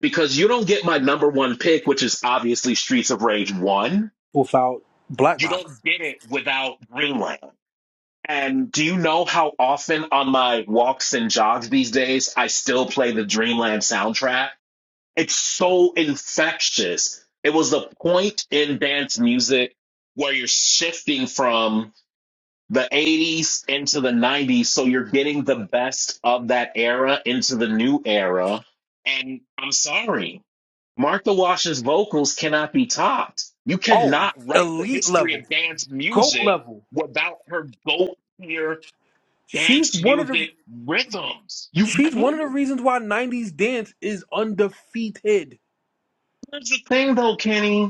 Speaker 3: Because you don't get my number one pick, which is obviously Streets of Rage 1.
Speaker 2: Without Black
Speaker 3: You
Speaker 2: Box.
Speaker 3: don't get it without Dreamland. And do you know how often on my walks and jogs these days I still play the Dreamland soundtrack? It's so infectious. It was the point in dance music where you're shifting from the 80s into the 90s. So you're getting the best of that era into the new era. And I'm sorry, Martha Wash's vocals cannot be topped. You
Speaker 2: Oh,
Speaker 3: cannot write the
Speaker 2: elite
Speaker 3: history of
Speaker 2: level,
Speaker 3: dance
Speaker 2: goat
Speaker 3: music
Speaker 2: level.
Speaker 3: without her goat tier
Speaker 2: She's
Speaker 3: dance
Speaker 2: one of the.
Speaker 3: music rhythms. You
Speaker 2: She's one
Speaker 3: can't.
Speaker 2: of the reasons why '90s dance is undefeated.
Speaker 3: Here's the thing though, Kenny.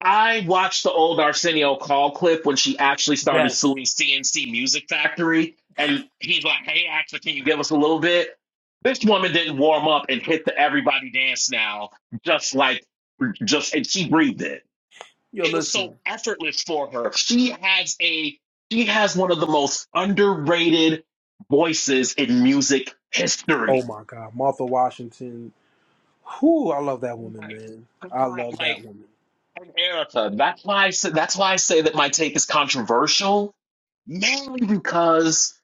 Speaker 3: I watched the old Arsenio Call clip when she actually started
Speaker 2: Yes.
Speaker 3: suing CNC Music Factory, and he's like, "Hey, actually, can you give us a little bit?" This woman didn't warm up and hit the "Everybody Dance Now" just like just, and she breathed it.
Speaker 2: Yo,
Speaker 3: It was so
Speaker 2: listen.
Speaker 3: effortless for her. She has a she has one of the most underrated voices in music
Speaker 2: Oh
Speaker 3: history.
Speaker 2: my God, Martha Washington. Whoo, I love that woman, man. I love that
Speaker 3: Like
Speaker 2: woman.
Speaker 3: Erica, that's why I say, that's why I say that my take is controversial Mainly because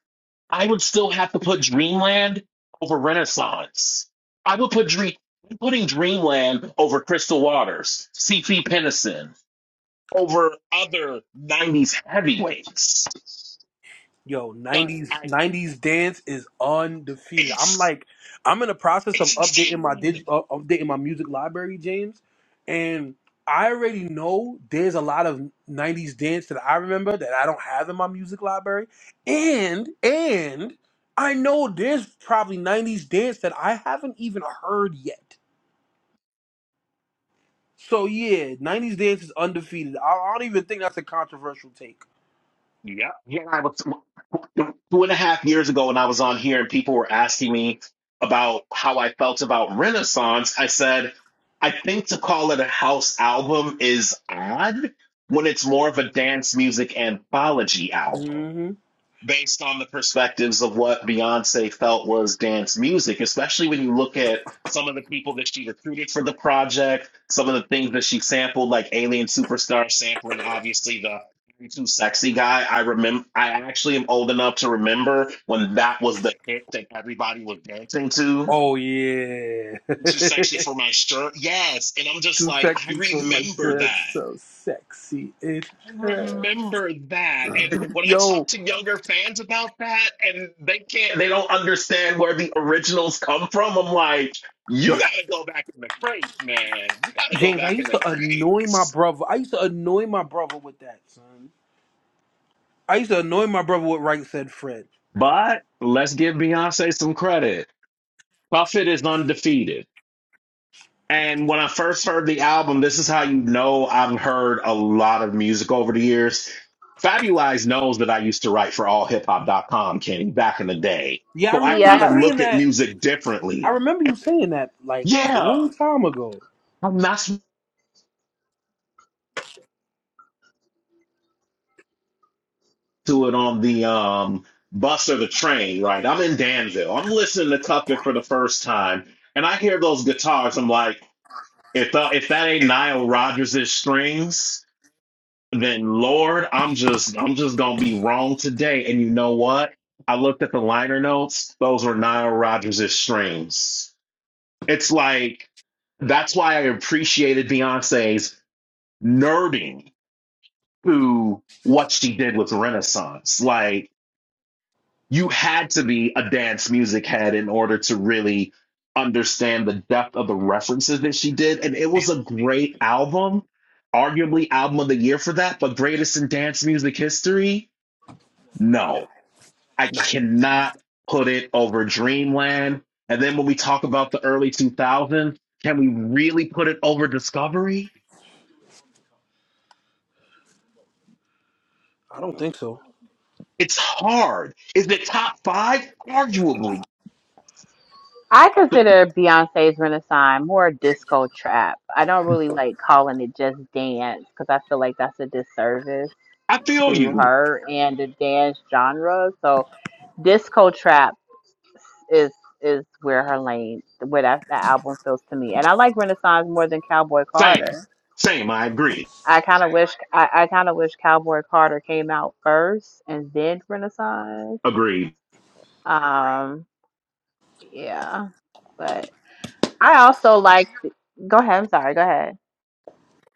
Speaker 3: I would still have to put Dreamland over Renaissance. I would put Dream I'm putting Dreamland over Crystal Waters, C.P. Pennison, over other '90s heavyweights.
Speaker 2: Yo,
Speaker 3: But
Speaker 2: 90s
Speaker 3: I,
Speaker 2: 90s dance is undefeated. I'm
Speaker 3: it's
Speaker 2: like I'm in the process of
Speaker 3: it's
Speaker 2: updating my
Speaker 3: insane.
Speaker 2: dig, uh, updating my music library, James, and I already know there's a lot of 90s dance that I remember that I don't have in my music library. And and I know there's probably 90s dance that I haven't even heard yet. So yeah, 90s dance is undefeated. I, I don't even think that's a controversial take.
Speaker 3: Yeah, yeah. I was. about two and a half years ago when I was on here and people were asking me about how I felt about Renaissance, I said, I think to call it a house album is odd when it's more of a dance music anthology album
Speaker 2: Mhm.
Speaker 3: based on the perspectives of what Beyonce felt was dance music, especially when you look at some of the people that she recruited for the project, some of the things that she sampled, like Alien Superstar sampling, obviously the I'm too sexy guy. I remember I actually am old enough to remember when that was the hit that everybody was dancing to.
Speaker 2: Oh yeah.
Speaker 3: Too sexy for my shirt. Yes. And I'm just
Speaker 2: Too
Speaker 3: like, I
Speaker 2: sexy for my
Speaker 3: remember
Speaker 2: shirt,
Speaker 3: that.
Speaker 2: so sexy it
Speaker 3: I
Speaker 2: hurts.
Speaker 3: remember that. And when I talk
Speaker 2: Yo,
Speaker 3: to younger fans about that, and they can't, they don't understand where the originals come from, I'm like, you
Speaker 2: yo,
Speaker 3: gotta go back in the crates, man. You gotta go
Speaker 2: James, I
Speaker 3: back in
Speaker 2: used
Speaker 3: the
Speaker 2: to annoy my
Speaker 3: crates.
Speaker 2: brother. I used to annoy my brother with that, son. I used to annoy my brother with right said Fred.
Speaker 3: But let's give Beyonce some credit. Puffit is undefeated. And when I first heard the album, this is how you know I've heard a lot of music over the years. Fabulize knows that I used to write for allhiphop.com, Kenny, back in the day.
Speaker 2: Yeah, I
Speaker 3: So I
Speaker 2: remember you
Speaker 3: kind of
Speaker 1: Yeah.
Speaker 2: saying
Speaker 3: look at
Speaker 2: that.
Speaker 3: music
Speaker 2: I
Speaker 3: differently.
Speaker 2: remember you saying that like a
Speaker 3: Yeah,
Speaker 2: long time ago.
Speaker 3: I'm not listening to it on the um, bus or the train, right? I'm in Danville. I'm listening to Cuffit for the first time, and I hear those guitars. I'm like, if, tha- if that ain't Nile Rodgers' strings, then Lord, I'm just I'm just gonna be wrong today. And you know what? I looked at the liner notes, those were Nile Rodgers' strings. It's like that's why I appreciated Beyonce's nerding to what she did with Renaissance. Like you had to be a dance music head in order to really understand the depth of the references that she did. And it was a great album, arguably album of the year for that, but greatest in dance music history No, I
Speaker 2: No,
Speaker 3: cannot put it over Dreamland. And then when we talk about the early 2000s, can we really put it over Discovery?
Speaker 2: I don't think so.
Speaker 3: It's hard. Is it top five? Arguably.
Speaker 1: I consider Beyonce's Renaissance more disco trap. I don't really like calling it just dance because I feel like that's a disservice
Speaker 3: I feel
Speaker 1: to
Speaker 3: you.
Speaker 1: her and the dance genre. So disco trap is is where her lane where that, that album feels to me. And I like Renaissance more than Cowboy
Speaker 3: Same.
Speaker 1: Carter.
Speaker 3: Same. I agree.
Speaker 1: I kinda wish I, I kinda wish Cowboy Carter came out first and then Renaissance.
Speaker 3: Agreed.
Speaker 1: Um yeah. But I also like go ahead, I'm sorry, go ahead.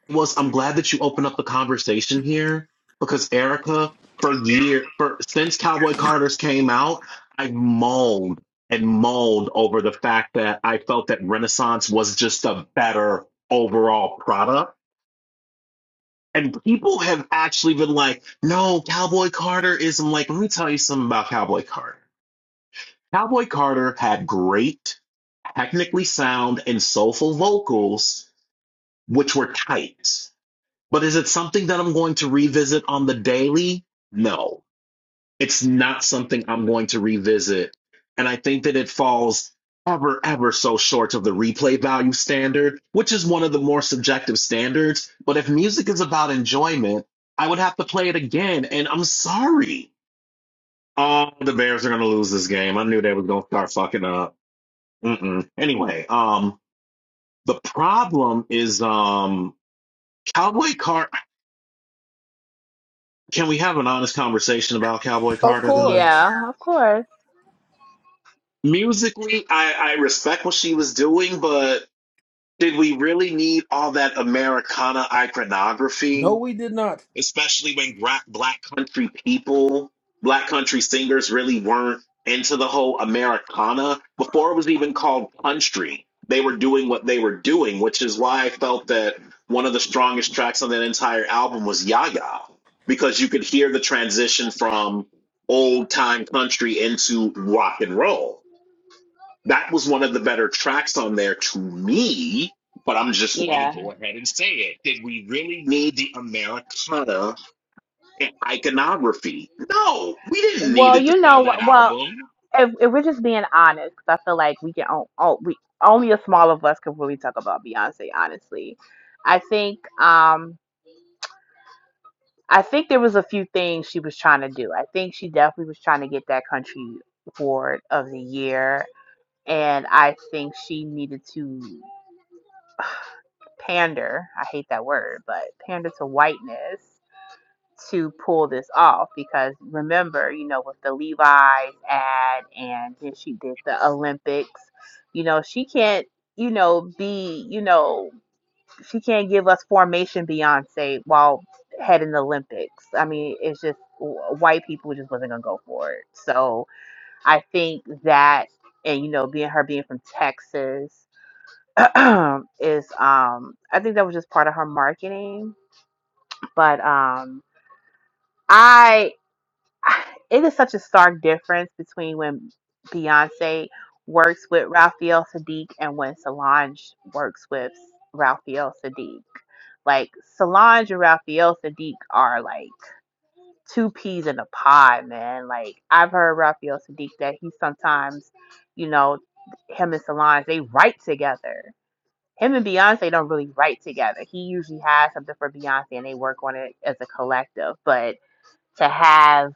Speaker 3: was I'm glad that you opened up the conversation here because Erica, for year for since Cowboy Carter's came out, I mauled and mauled over the fact that I felt that Renaissance was just a better overall product. And people have actually been like, no, Cowboy Carter is I'm like, let me tell you something about Cowboy Carter. Cowboy Carter had great, technically sound and soulful vocals, which were tight But is it something that I'm going to revisit on the daily? No, it's not something I'm going to revisit. And I think that it falls ever, ever so short of the replay value standard, which is one of the more subjective standards. But if music is about enjoyment, I would have to play it again. And I'm sorry. Oh, the Bears are going to lose this game. I knew they were going to start fucking up. Mm-mm. Anyway, um, the problem is um, Cowboy Car Can we have an honest conversation about Cowboy
Speaker 2: Of
Speaker 3: Carter though?
Speaker 2: course.
Speaker 1: Yeah, of course.
Speaker 3: Musically, I, I respect what she was doing, but did we really need all that Americana
Speaker 2: No,
Speaker 3: iconography?
Speaker 2: we did not.
Speaker 3: especially when gra- black country people, black country singers really weren't into the whole Americana before it was even called country. They were doing what they were doing, which is why I felt that one of the strongest tracks on that entire album was Yaya, because you could hear the transition from old time country into rock and roll. That was one of the better tracks on there to me, but I'm just going to
Speaker 1: Yeah.
Speaker 3: go ahead and say it. Did we really need the Americana and iconography. No, we didn't need
Speaker 1: Well,
Speaker 3: it to
Speaker 1: you know
Speaker 3: sell that
Speaker 1: what well
Speaker 3: album.
Speaker 1: if, if we're just being honest, 'cause I feel like we can on, on, we only a small of us can really talk about Beyonce. Honestly, I think. Um, I think there was a few things she was trying to do. I think she definitely was trying to get that country award of the year, and I think she needed to pander. I hate that word, but pander to whiteness to pull this off because remember, you know, with the Levi's ad and then she did the Olympics, you know, she can't, you know, be, you know she can't give us formation Beyonce while heading the Olympics. I mean, it's just white people just wasn't gonna go for it. So I think that, and you know, being her being from Texas is, um, I think that was just part of her marketing. But um, I it is such a stark difference between when Beyonce works with Raphael Sadiq and when Solange works with Raphael Sadiq. Like Solange and Raphael Sadiq are like two peas in a pod, man. Like I've heard Raphael Sadiq that he sometimes, you know, him and Solange they write together. Him and Beyonce don't really write together. He usually has something for Beyonce and they work on it as a collective. But to have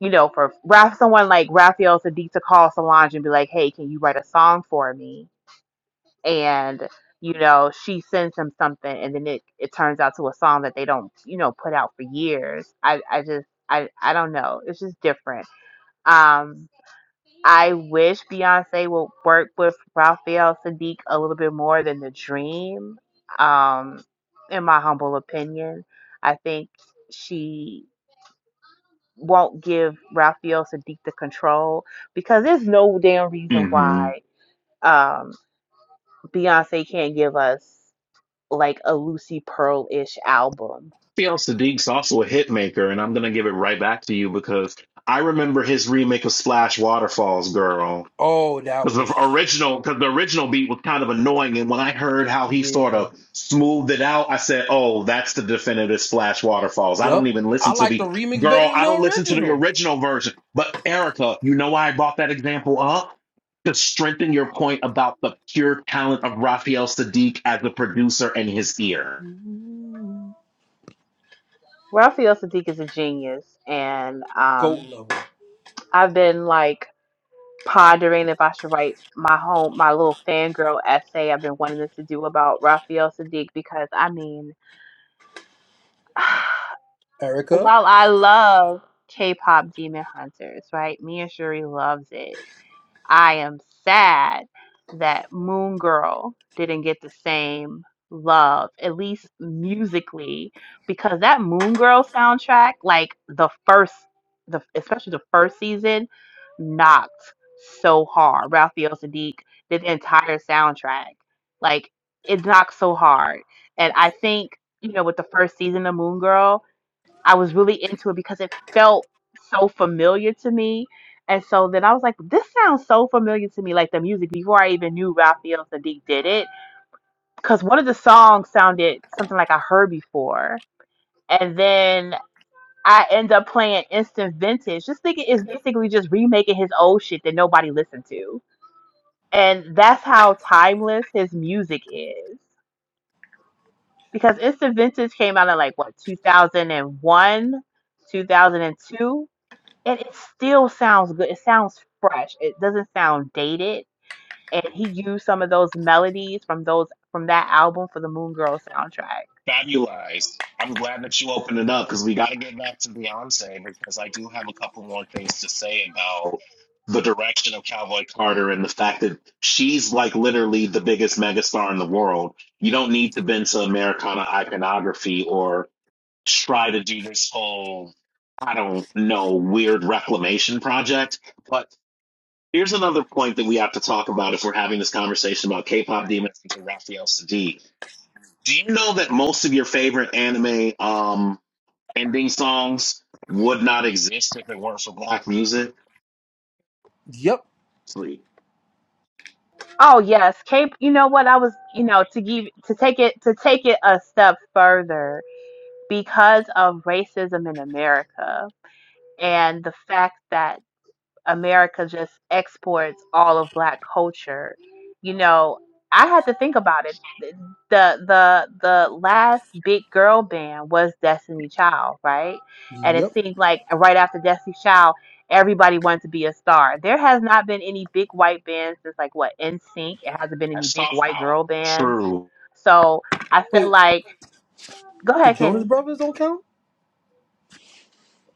Speaker 1: you know, for Raf, someone like Raphael Sadiq to call Solange and be like, hey, can you write a song for me? And, you know, she sends him something and then it, it turns out to a song that they don't, you know, put out for years. I, I just, I, I don't know. It's just different. Um, I wish Beyonce would work with Raphael Sadiq a little bit more than The Dream, um, in my humble opinion. I think she won't give Raphael Sadiq the control because there's no damn reason
Speaker 3: Mm-hmm.
Speaker 1: why um, Beyonce can't give us like a Lucy Pearl ish album.
Speaker 3: Fiel Sadiq's also a hit maker, and I'm gonna give it right back to you because I remember his remake of Splash Waterfalls, girl.
Speaker 2: Oh, that
Speaker 3: Because
Speaker 2: was.
Speaker 3: the original, because the original beat was kind of annoying, and when I heard how he sort
Speaker 2: Yeah.
Speaker 3: of smoothed it out, I said, "Oh, that's the definitive Splash Waterfalls." I don't
Speaker 2: Yep.
Speaker 3: even
Speaker 2: I
Speaker 3: listen to
Speaker 2: like the
Speaker 3: the
Speaker 2: remix
Speaker 3: girl.
Speaker 2: better than
Speaker 3: I
Speaker 2: the
Speaker 3: don't listen to the
Speaker 2: original.
Speaker 3: original version. But Erica, you know why I brought that example up to strengthen your point about the pure talent of Raphael Sadiq as a producer and his ear.
Speaker 1: Raphael Sadiq is a genius, and
Speaker 2: Goat
Speaker 1: um,
Speaker 2: level.
Speaker 1: I've been like pondering if I should write my home my little fangirl essay I've been wanting to do about Raphael Sadiq because I mean
Speaker 2: Erica.
Speaker 1: while I love K-pop Demon Hunters, right? Me and Shuri loves it I am sad that Moon Girl didn't get the same love, at least musically, because that Moon Girl soundtrack, like the first, the especially the first season, knocked so hard. Raphael Sadiq did the entire soundtrack. Like it knocked so hard, and I think you know with the first season of Moon Girl. I was really into it because it felt so familiar to me. And so then I was like, this sounds so familiar to me, like the music before I even knew Raphael Sadiq did it. Because one of the songs sounded something like I heard before. And then I end up playing Instant Vintage, just thinking it's basically just remaking his old shit that nobody listened to. And that's how timeless his music is. Because Instant Vintage came out in like, what, 2001, 2002? and it still sounds good. It sounds fresh. It doesn't sound dated. And he used some of those melodies from those from that album for the Moon Girl soundtrack.
Speaker 3: Fabulous. I'm glad that you opened it up because we got to get back to Beyonce because I do have a couple more things to say about the direction of Cowboy Carter and the fact that she's like literally the biggest megastar in the world. You don't need to bend to Americana iconography or try to do this whole, I don't know, weird reclamation project. But here's another point that we have to talk about if we're having this conversation about K pop demons and Raphael Sadiq do you know that most of your favorite anime um ending songs would not exist if it weren't for black music?
Speaker 2: Yep.
Speaker 3: Sweet.
Speaker 1: Oh yes, Cape. You know what? I was you know to give to take it to take it a step further because of racism in America and the fact that America just exports all of black culture. You know, I had to think about it. The the the last big girl band was Destiny Child, right? And it
Speaker 2: Yep.
Speaker 1: seemed like right after Destiny Child, everybody wanted to be a star. There has not been any big white bands since like what NSYNC. It hasn't been any
Speaker 3: That's
Speaker 1: big
Speaker 3: soft
Speaker 1: white
Speaker 3: power.
Speaker 1: girl bands.
Speaker 3: True.
Speaker 1: So I feel
Speaker 2: Wait.
Speaker 1: like, go
Speaker 2: The
Speaker 1: ahead,
Speaker 2: Jonas
Speaker 1: Kenny.
Speaker 2: Brothers don't count?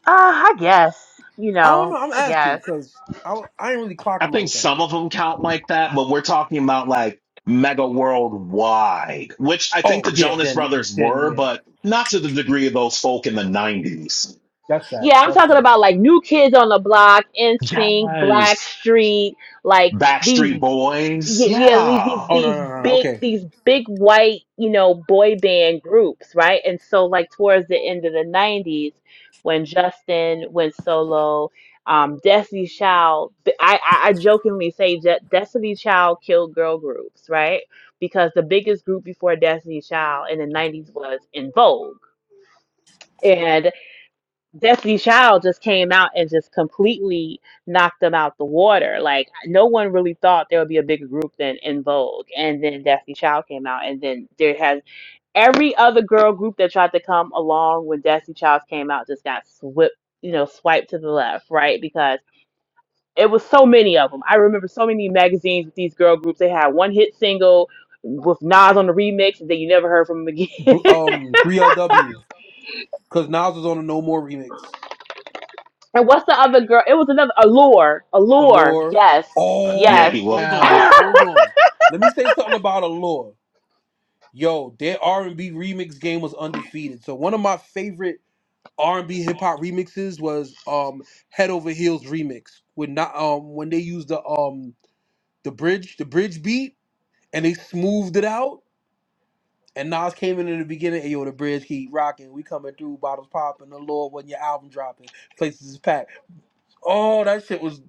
Speaker 1: Uh, I guess you
Speaker 2: I don't
Speaker 1: know,
Speaker 2: know. I'm
Speaker 1: I
Speaker 2: asking
Speaker 1: guess.
Speaker 2: because I I didn't really clock
Speaker 3: I
Speaker 2: them
Speaker 3: think
Speaker 2: like that.
Speaker 3: some of them count like that, but we're talking about like mega worldwide, which I think
Speaker 2: Oh
Speaker 3: the
Speaker 2: yeah,
Speaker 3: Jonas
Speaker 2: then
Speaker 3: Brothers
Speaker 2: then
Speaker 3: were,
Speaker 2: yeah,
Speaker 3: but not to the degree of those folk in the 90s.
Speaker 2: that's
Speaker 1: Yeah,
Speaker 2: facts.
Speaker 1: I'm
Speaker 2: That's
Speaker 1: talking
Speaker 2: facts.
Speaker 1: about like new kids on the block, NSYNC,
Speaker 3: Yes.
Speaker 1: Blackstreet, like
Speaker 3: Backstreet
Speaker 1: these yeah,
Speaker 3: Boys.
Speaker 1: yeah these, these
Speaker 3: Yeah.
Speaker 2: Oh no
Speaker 1: these
Speaker 2: no no no.
Speaker 1: big
Speaker 2: Okay,
Speaker 1: these big white, you know, boy band groups, right? And so like towards the end of the 90s when Justin went solo, um Destiny Child, I I, I jokingly say Je- Destiny Child killed girl groups, right? Because the biggest group before Destiny Child in the 90s was In Vogue. Destiny Child just came out and just completely knocked them out the water. Like no one really thought there would be a bigger group than In Vogue, and then Destiny Child came out, and then there has every other girl group that tried to come along when Destiny Child came out just got swept, you know, swiped to the left, right? Because it was so many of them. I remember so many magazines with these girl groups. They had one hit single with Nas on the remix, and then you never heard from them
Speaker 2: B-
Speaker 1: again.
Speaker 2: um, three LW because Nas was on a No More remix.
Speaker 1: And what's the other girl? It was another Allure. Allure.
Speaker 2: Allure.
Speaker 1: Yes.
Speaker 3: Yeah,
Speaker 1: Yes.
Speaker 2: Oh,
Speaker 3: he was.
Speaker 2: hold on,
Speaker 3: Yeah.
Speaker 2: hold on. Let me say something about Allure. Yo, their R and B remix game was undefeated. So one of my favorite R and B hip hop remixes was um Head Over Heels remix with not um when they used the um the bridge, the bridge beat, and they smoothed it out. And Nas came in in the beginning, hey yo, the bridge keep rocking. We coming through, bottles popping, the Lord when your album dropping, places is packed. Oh, that shit was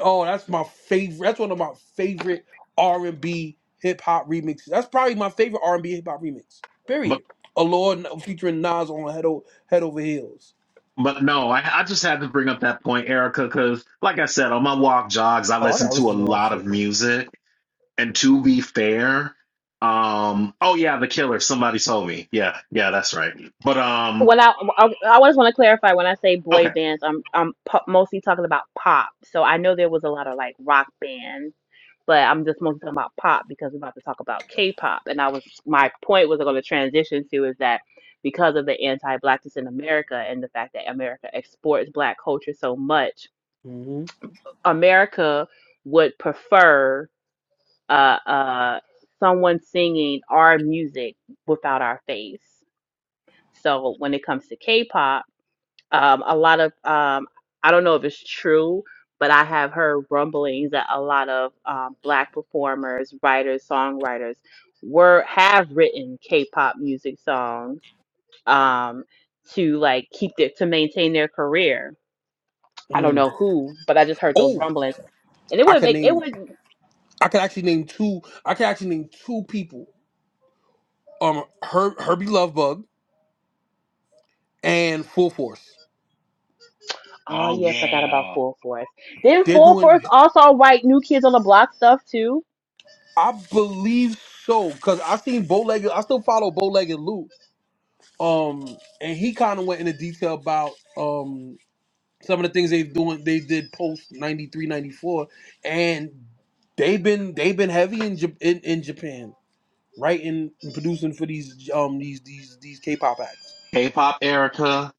Speaker 2: oh, that's my favorite. That's one of my favorite R and B hip hop remixes. That's probably my favorite R and B hip hop remix.
Speaker 3: But
Speaker 2: Period. A Lord featuring Nas on head, o- head over heels.
Speaker 3: But no, I, I just had to bring up that point, Erica, because like I said, on my walk jogs, I
Speaker 2: Oh, I
Speaker 3: listen
Speaker 2: gotta
Speaker 3: to a
Speaker 2: listen to that
Speaker 3: lot of
Speaker 2: shit, man.
Speaker 3: music. And to be fair, um, oh yeah, The Killer. Somebody told me. Yeah, yeah, that's right. But um,
Speaker 1: when I, I I always want to clarify when I say boy
Speaker 3: okay.
Speaker 1: bands, I'm I'm po- mostly talking about pop. So I know there was a lot of like rock bands, but I'm just mostly talking about pop because we're about to talk about K-pop. And I was my point was going to transition to is that because of the anti-blackness in America and the fact that America exports black culture so much,
Speaker 2: hmm
Speaker 1: America would prefer uh, uh, someone singing our music without our face. So when it comes to K-pop, um, a lot of um, I don't know if it's true, but I have heard rumblings that a lot of um, black performers, writers, songwriters were have written K-pop music songs um, to like keep their to maintain their career. I don't
Speaker 2: Mm.
Speaker 1: know who, but I just heard those
Speaker 2: Oh,
Speaker 1: rumblings, and it
Speaker 2: I
Speaker 1: would
Speaker 2: could
Speaker 1: make it
Speaker 2: name.
Speaker 1: would.
Speaker 2: I could actually name two. I could actually name two people um Her, Herbie Lovebug and Full Force.
Speaker 1: Oh
Speaker 3: Oh
Speaker 1: yeah, forgot about
Speaker 3: yeah,
Speaker 1: Full Force. Then
Speaker 2: They're
Speaker 1: Full
Speaker 2: doing
Speaker 1: Force also write New Kids on the Block stuff too.
Speaker 2: I believe so because I seen Bowlegged. I still follow Bowlegged Lou. Um, and he kind of went into detail about um some of the things they doing. They did post 93, 94, and they've been they've been heavy in Jap- in, in Japan writing and producing for these um these these these K-pop acts.
Speaker 3: K-pop, Erica.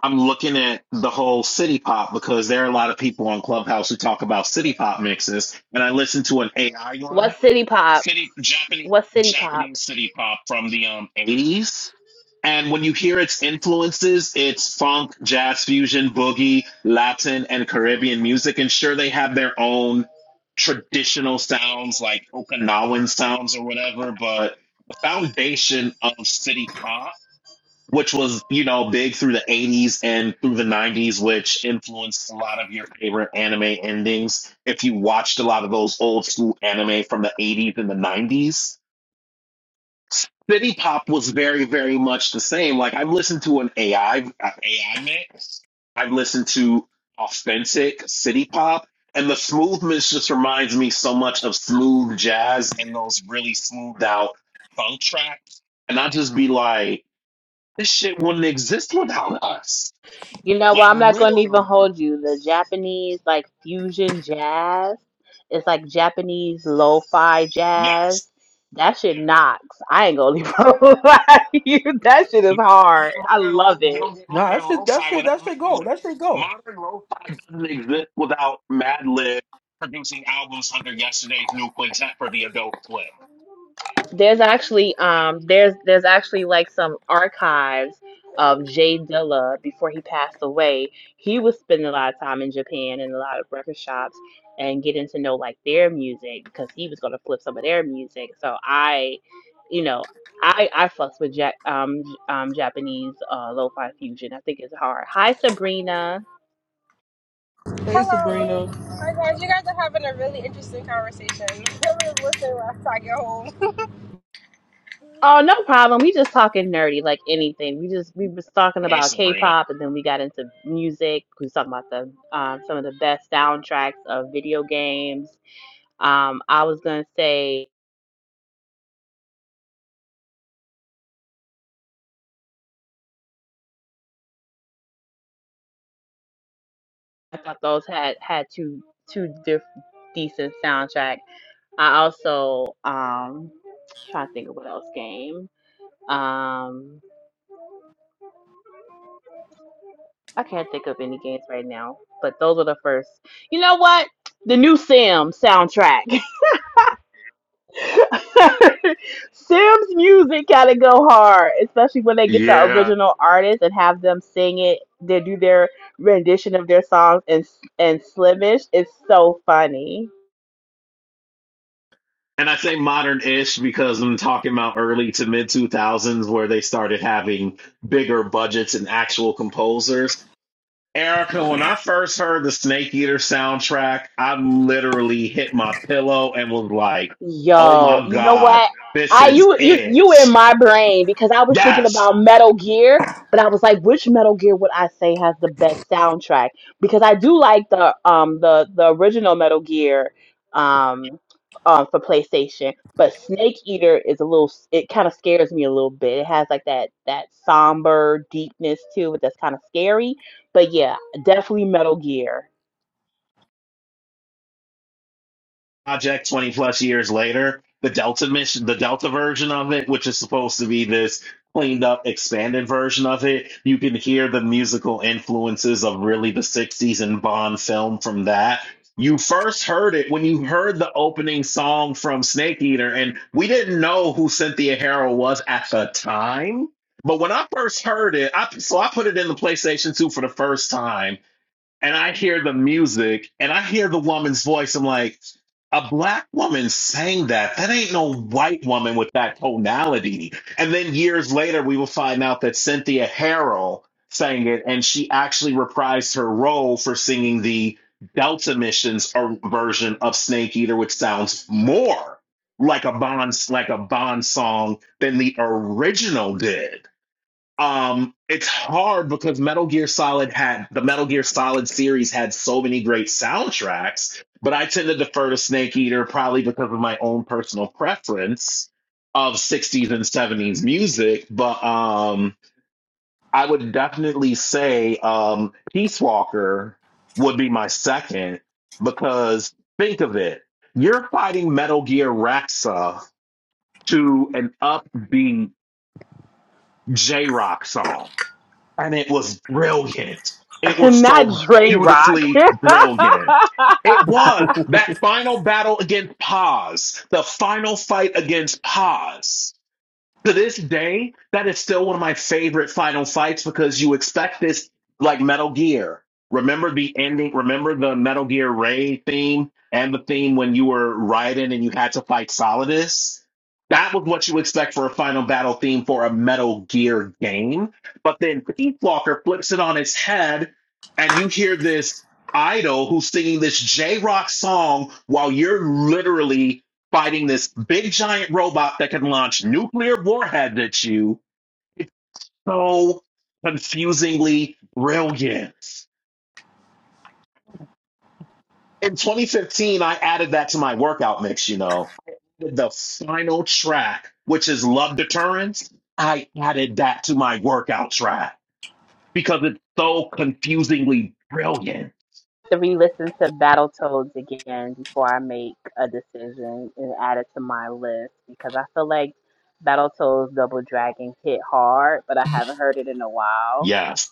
Speaker 3: I'm looking at the whole city pop because there are a lot of people on Clubhouse who talk about city pop mixes, and I listened to an AI one,
Speaker 1: What City Pop?
Speaker 3: city Japanese
Speaker 1: What City Pop?
Speaker 3: Japanese city pop from the um 80s And when you hear its influences, it's funk, jazz fusion, boogie, Latin, and Caribbean music. And sure, they have their own traditional sounds like Okinawan sounds or whatever, but the foundation of city pop, which was, you know, big through the 80s and through the 90s, which influenced a lot of your favorite anime endings. If you watched a lot of those old school anime from the 80s and the 90s, City Pop was very, very much the same. Like I've listened to an AI uh, AI mix. I've listened to authentic City Pop, and the smoothness just reminds me so much of smooth jazz and those really smoothed out funk tracks. And I just be like, this shit wouldn't exist without us.
Speaker 1: You know
Speaker 3: Like
Speaker 1: what? I'm not gonna even
Speaker 3: literally,
Speaker 1: hold you. The Japanese like fusion jazz. It's like Japanese lo-fi
Speaker 3: yes.
Speaker 1: jazz. That shit knocks. I ain't gonna even lie to you. That shit is
Speaker 3: You don't
Speaker 1: hard.
Speaker 3: get
Speaker 1: I
Speaker 3: modern
Speaker 1: love
Speaker 3: lo- you don't
Speaker 1: it.
Speaker 3: get
Speaker 2: Nah,
Speaker 3: modern
Speaker 2: that shit that
Speaker 3: lo-fi
Speaker 2: shit
Speaker 3: without
Speaker 2: that shit go
Speaker 3: Madlib.
Speaker 2: that shit go.
Speaker 3: Modern lo-fi doesn't exist without Madlib producing albums under yesterday's new quintet for the adult Swim.
Speaker 1: There's actually um there's there's actually like some archives of Jay Dilla before he passed away. He was spending a lot of time in Japan and a lot of record shops and getting to know like their music because he was gonna flip some of their music. So I, you know, I I fucks with ja- um um Japanese uh lo-fi fusion. I think it's hard. Hi Sabrina.
Speaker 2: Hey
Speaker 4: Hello.
Speaker 2: Sabrina.
Speaker 4: Oh my guys, you guys are having a really interesting conversation. I'm gonna listen while I get home.
Speaker 1: Oh, no problem. We just talking nerdy, like anything. We just we was talking
Speaker 3: Hey,
Speaker 1: about
Speaker 3: Sabrina.
Speaker 1: K-pop, and then we got into music. We was talking about the um, some of the best soundtracks of video games. Um, I was gonna say I thought those had had two two diff- decent soundtrack. I also um trying to think of what else game. Um, I can't think of any games right now, but those were the first. You know what? The new Sim soundtrack. Sims music gotta go hard, especially when they get the
Speaker 3: Yeah.
Speaker 1: original artist and have them sing it. They do their rendition of their songs and and Slimish is so funny.
Speaker 3: And I say modern-ish because I'm talking about early to mid 2000s where they started having bigger budgets and actual composers. Erica, when I first heard the Snake Eater soundtrack, I literally hit my pillow and was like, oh
Speaker 1: Yo,
Speaker 3: my
Speaker 1: you know
Speaker 3: God,
Speaker 1: what?
Speaker 3: this
Speaker 1: I
Speaker 3: is
Speaker 1: you you
Speaker 3: it.
Speaker 1: you in my brain because I was thinking
Speaker 3: Yes.
Speaker 1: about Metal Gear, but I was like, which Metal Gear would I say has the best soundtrack? Because I do like the um the the original Metal Gear um uh, for PlayStation, but Snake Eater is a little it kind of scares me a little bit. It has like that that somber deepness to it that's kind of scary. But yeah, definitely Metal Gear,
Speaker 3: project 20 plus years later the delta mission the delta version of it which is supposed to be this cleaned up expanded version of it you can hear the musical influences of really the 60s and bond film from that you first heard it when you heard the opening song from snake eater and we didn't know who cynthia harrow was at the time but when i first heard it I, so i put it in the playstation 2 for the first time and I hear the music and I hear the woman's voice. I'm like, a black woman sang that. That ain't no white woman with that tonality. And then years later, we will find out that Cynthia Harrell sang it and she actually reprised her role for singing the Delta Missions or version of Snake Eater, which sounds more like a Bond like a Bond song than the original did um it's hard because metal gear solid had the metal gear solid series had so many great soundtracks but i tend to defer to snake eater probably because of my own personal preference of 60s and 70s music but um i would definitely say um peace walker would be my second because think of it you're fighting metal gear rexa to an upbeat j-rock song and it was brilliant. It was
Speaker 1: not
Speaker 3: so
Speaker 1: Dre Rock.
Speaker 3: beautifully brilliant. It was that final battle against Paz, the final fight against Paz to this day, that is still one of my favorite final fights because you expect this like Metal Gear. Remember the ending? Remember the Metal Gear Ray theme and the theme when you were Raiden and you had to fight Solidus? That was what you expect for a final battle theme for a Metal Gear game. But then Pete Walker flips it on its head and you hear this idol who's singing this J Rock song while you're literally fighting this big giant robot that can launch nuclear warheads at you. It's so confusingly brilliant. In 2015, I added that to my workout mix, you know. I added the final track, which is Love Deterrence. I added that to my workout track because it's so confusingly brilliant.
Speaker 1: to re-listen to Battletoads again before I make a decision and add it to my list because I feel like Battletoads Double Dragon hit hard, but I haven't heard it in a while.
Speaker 3: Yes.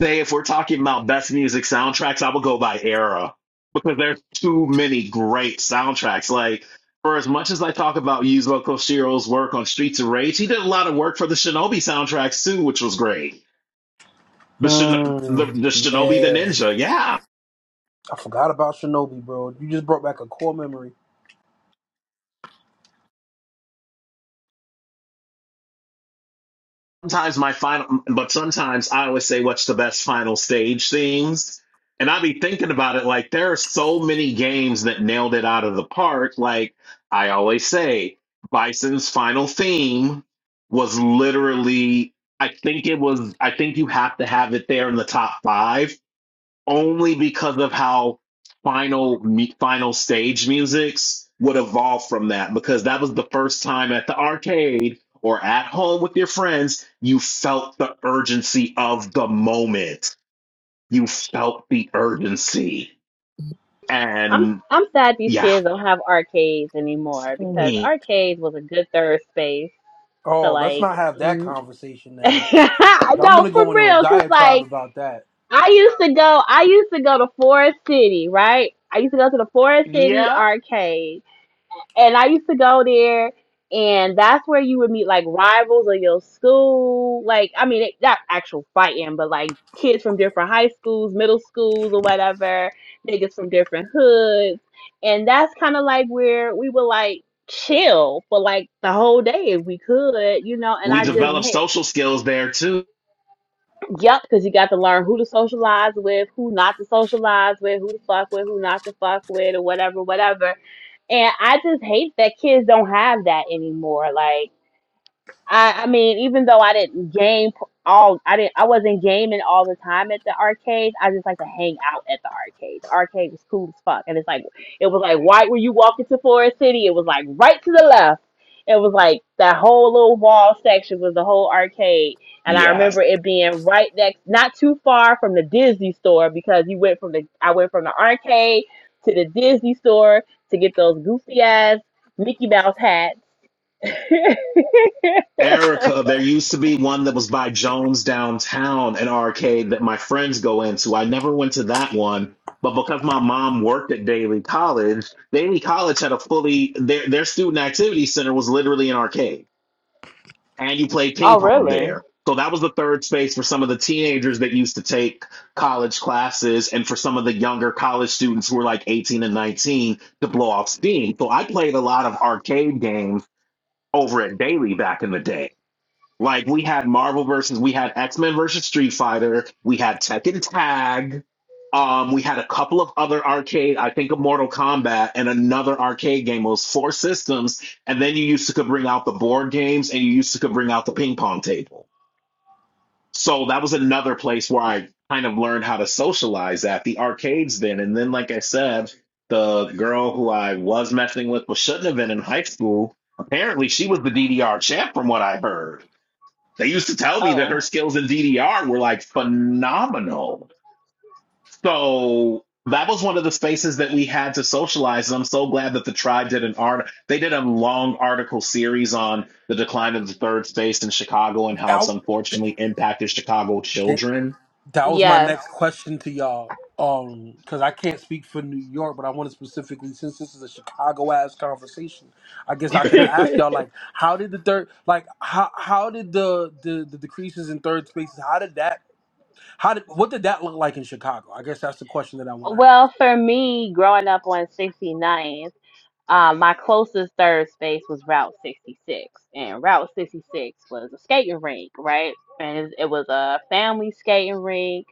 Speaker 3: say if we're talking about best music soundtracks, I would go by era because there's too many great soundtracks. Like for as much as I talk about Yuzo Koshiro's work on Streets of Rage, he did a lot of work for the Shinobi soundtracks too, which was great. The Shin- the,
Speaker 2: Hmm.
Speaker 3: the Shinobi the
Speaker 2: yeah.
Speaker 3: Ninja, yeah,
Speaker 2: I forgot about Shinobi, bro. You just brought back a core memory.
Speaker 3: sometimes my final but sometimes i always say what's the best final stage themes?" and i be thinking about it like there are so many games that nailed it out of the park like i always say bison's final theme was literally i think it was i think you have to have it there in the top five only because of how final me- final stage musics would evolve from that because that was the first time at the arcade or at home with your friends you felt the urgency of the moment you felt the urgency
Speaker 1: I'm
Speaker 3: and
Speaker 1: I'm sad these
Speaker 3: yeah
Speaker 1: kids don't have arcades anymore because
Speaker 3: we
Speaker 1: arcades was a good third space to
Speaker 2: Oh, let's
Speaker 1: like.
Speaker 2: not have that
Speaker 1: mm-
Speaker 2: conversation now. I'm
Speaker 1: no,
Speaker 2: gonna
Speaker 1: for
Speaker 2: go into a
Speaker 1: real, cause
Speaker 2: diatribe
Speaker 1: like
Speaker 2: about that.
Speaker 1: I used to go, I used to go to Forest City, right? I used to go to the Forest City arcade And I used to go there, and that's where you would meet like rivals of your school. Like, I mean, it, not actual fighting, but like kids from different high schools, middle schools, or whatever, niggas from different hoods. And that's kind of like where we would like chill for like the whole day if we could, you know. And I just,
Speaker 2: hmm
Speaker 3: developed
Speaker 1: hey,
Speaker 3: social skills there too
Speaker 1: yep, because you got to learn who to socialize with, who not to socialize with, who to fuck with, who not to fuck with, or whatever, whatever and I just hate that kids don't have that anymore. Like I, I mean, even though I didn't game p- all, I didn't, I wasn't gaming all the time at the arcade. I just like to hang out at the arcade. The arcade was cool as fuck, and it's like it was like right where you walk into Forest City, it was like right to the left. It was like that whole little wall section was the whole arcade, and I
Speaker 3: Yes.
Speaker 1: remember it being right next, not too far from the Disney store because you went from the, I went from the arcade to the Disney store to get those goofy ass Mickey Mouse hats.
Speaker 3: Erica, there used to be one that was by Jones downtown, an arcade that my friends go into. I never went to that one, but because my mom worked at Daly College, Daly College had a fully their their student activity center was literally an arcade, and you played ping
Speaker 1: Oh,
Speaker 3: pong
Speaker 1: really?
Speaker 3: there. So that was the third space for some of the teenagers that used to take college classes, and for some of the younger college students who were like 18 and 19 to blow off steam. So I played a lot of arcade games over at Daly back in the day like we had Marvel versus, we had X Men versus Street Fighter, we had Tekken Tag, um, we had a couple of other arcade, I think of Mortal Kombat and another arcade game. It was four systems, and then you used to could bring out the board games and you used to could bring out the ping pong table. So that was another place where I kind of learned how to socialize at the arcades then. And then, like I said, the girl who I was messing with, but shouldn't have been in high school. Apparently, she was the DDR champ, from what I heard they used to tell me that
Speaker 1: Oh.
Speaker 3: her skills in DDR were like phenomenal. So that was one of the spaces that we had to socialize. And I'm so glad that the tribe did an art. They did a long article series on the decline of the third space in Chicago and how it's
Speaker 2: Out.
Speaker 3: unfortunately impacted Chicago
Speaker 2: J-
Speaker 3: children.
Speaker 2: That was my
Speaker 1: Yes.
Speaker 2: next question to y'all. Um, because I can't speak for New York, but I want to specifically, since this is a Chicago ass conversation, I guess I can ask y'all like, how did the third, like, how how did the the the decreases in third spaces, how did that, how did what did that look like in Chicago? I guess that's the question that I want to
Speaker 1: Well, for me, growing up on 69th, uh, my closest third space was Route 66. And Route 66 was a skating rink, right? And it it was a family skating rink,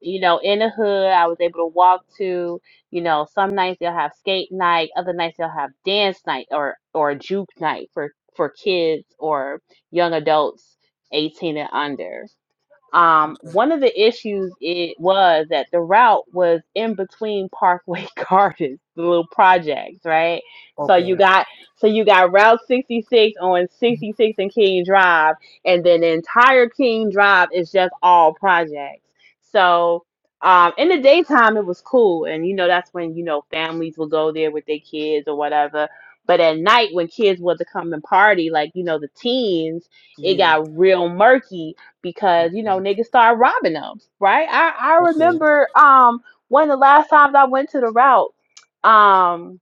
Speaker 1: you know, in the hood. I was able to walk to, you know, some nights they'll have skate night, other nights they'll have dance night or, or juke night for, for kids or young adults 18 and under. Um,
Speaker 2: ask.
Speaker 1: one of the issues it was that the route was in between Parkway Gardens, the little projects, right? So
Speaker 2: Okay.
Speaker 1: you
Speaker 2: Okay.
Speaker 1: got so you got Route 66 on 66 and King Drive, and then the entire King Drive is just all projects. So um, in the daytime it was cool, and you know that's when you know families will go there with their kids or whatever. But at night when kids would come and party, like you know the teens, it
Speaker 2: Yeah.
Speaker 1: got real murky because you know
Speaker 2: Okay.
Speaker 1: niggas start robbing them, right? I I
Speaker 2: Okay.
Speaker 1: remember um one of the last times I went to the route. Um,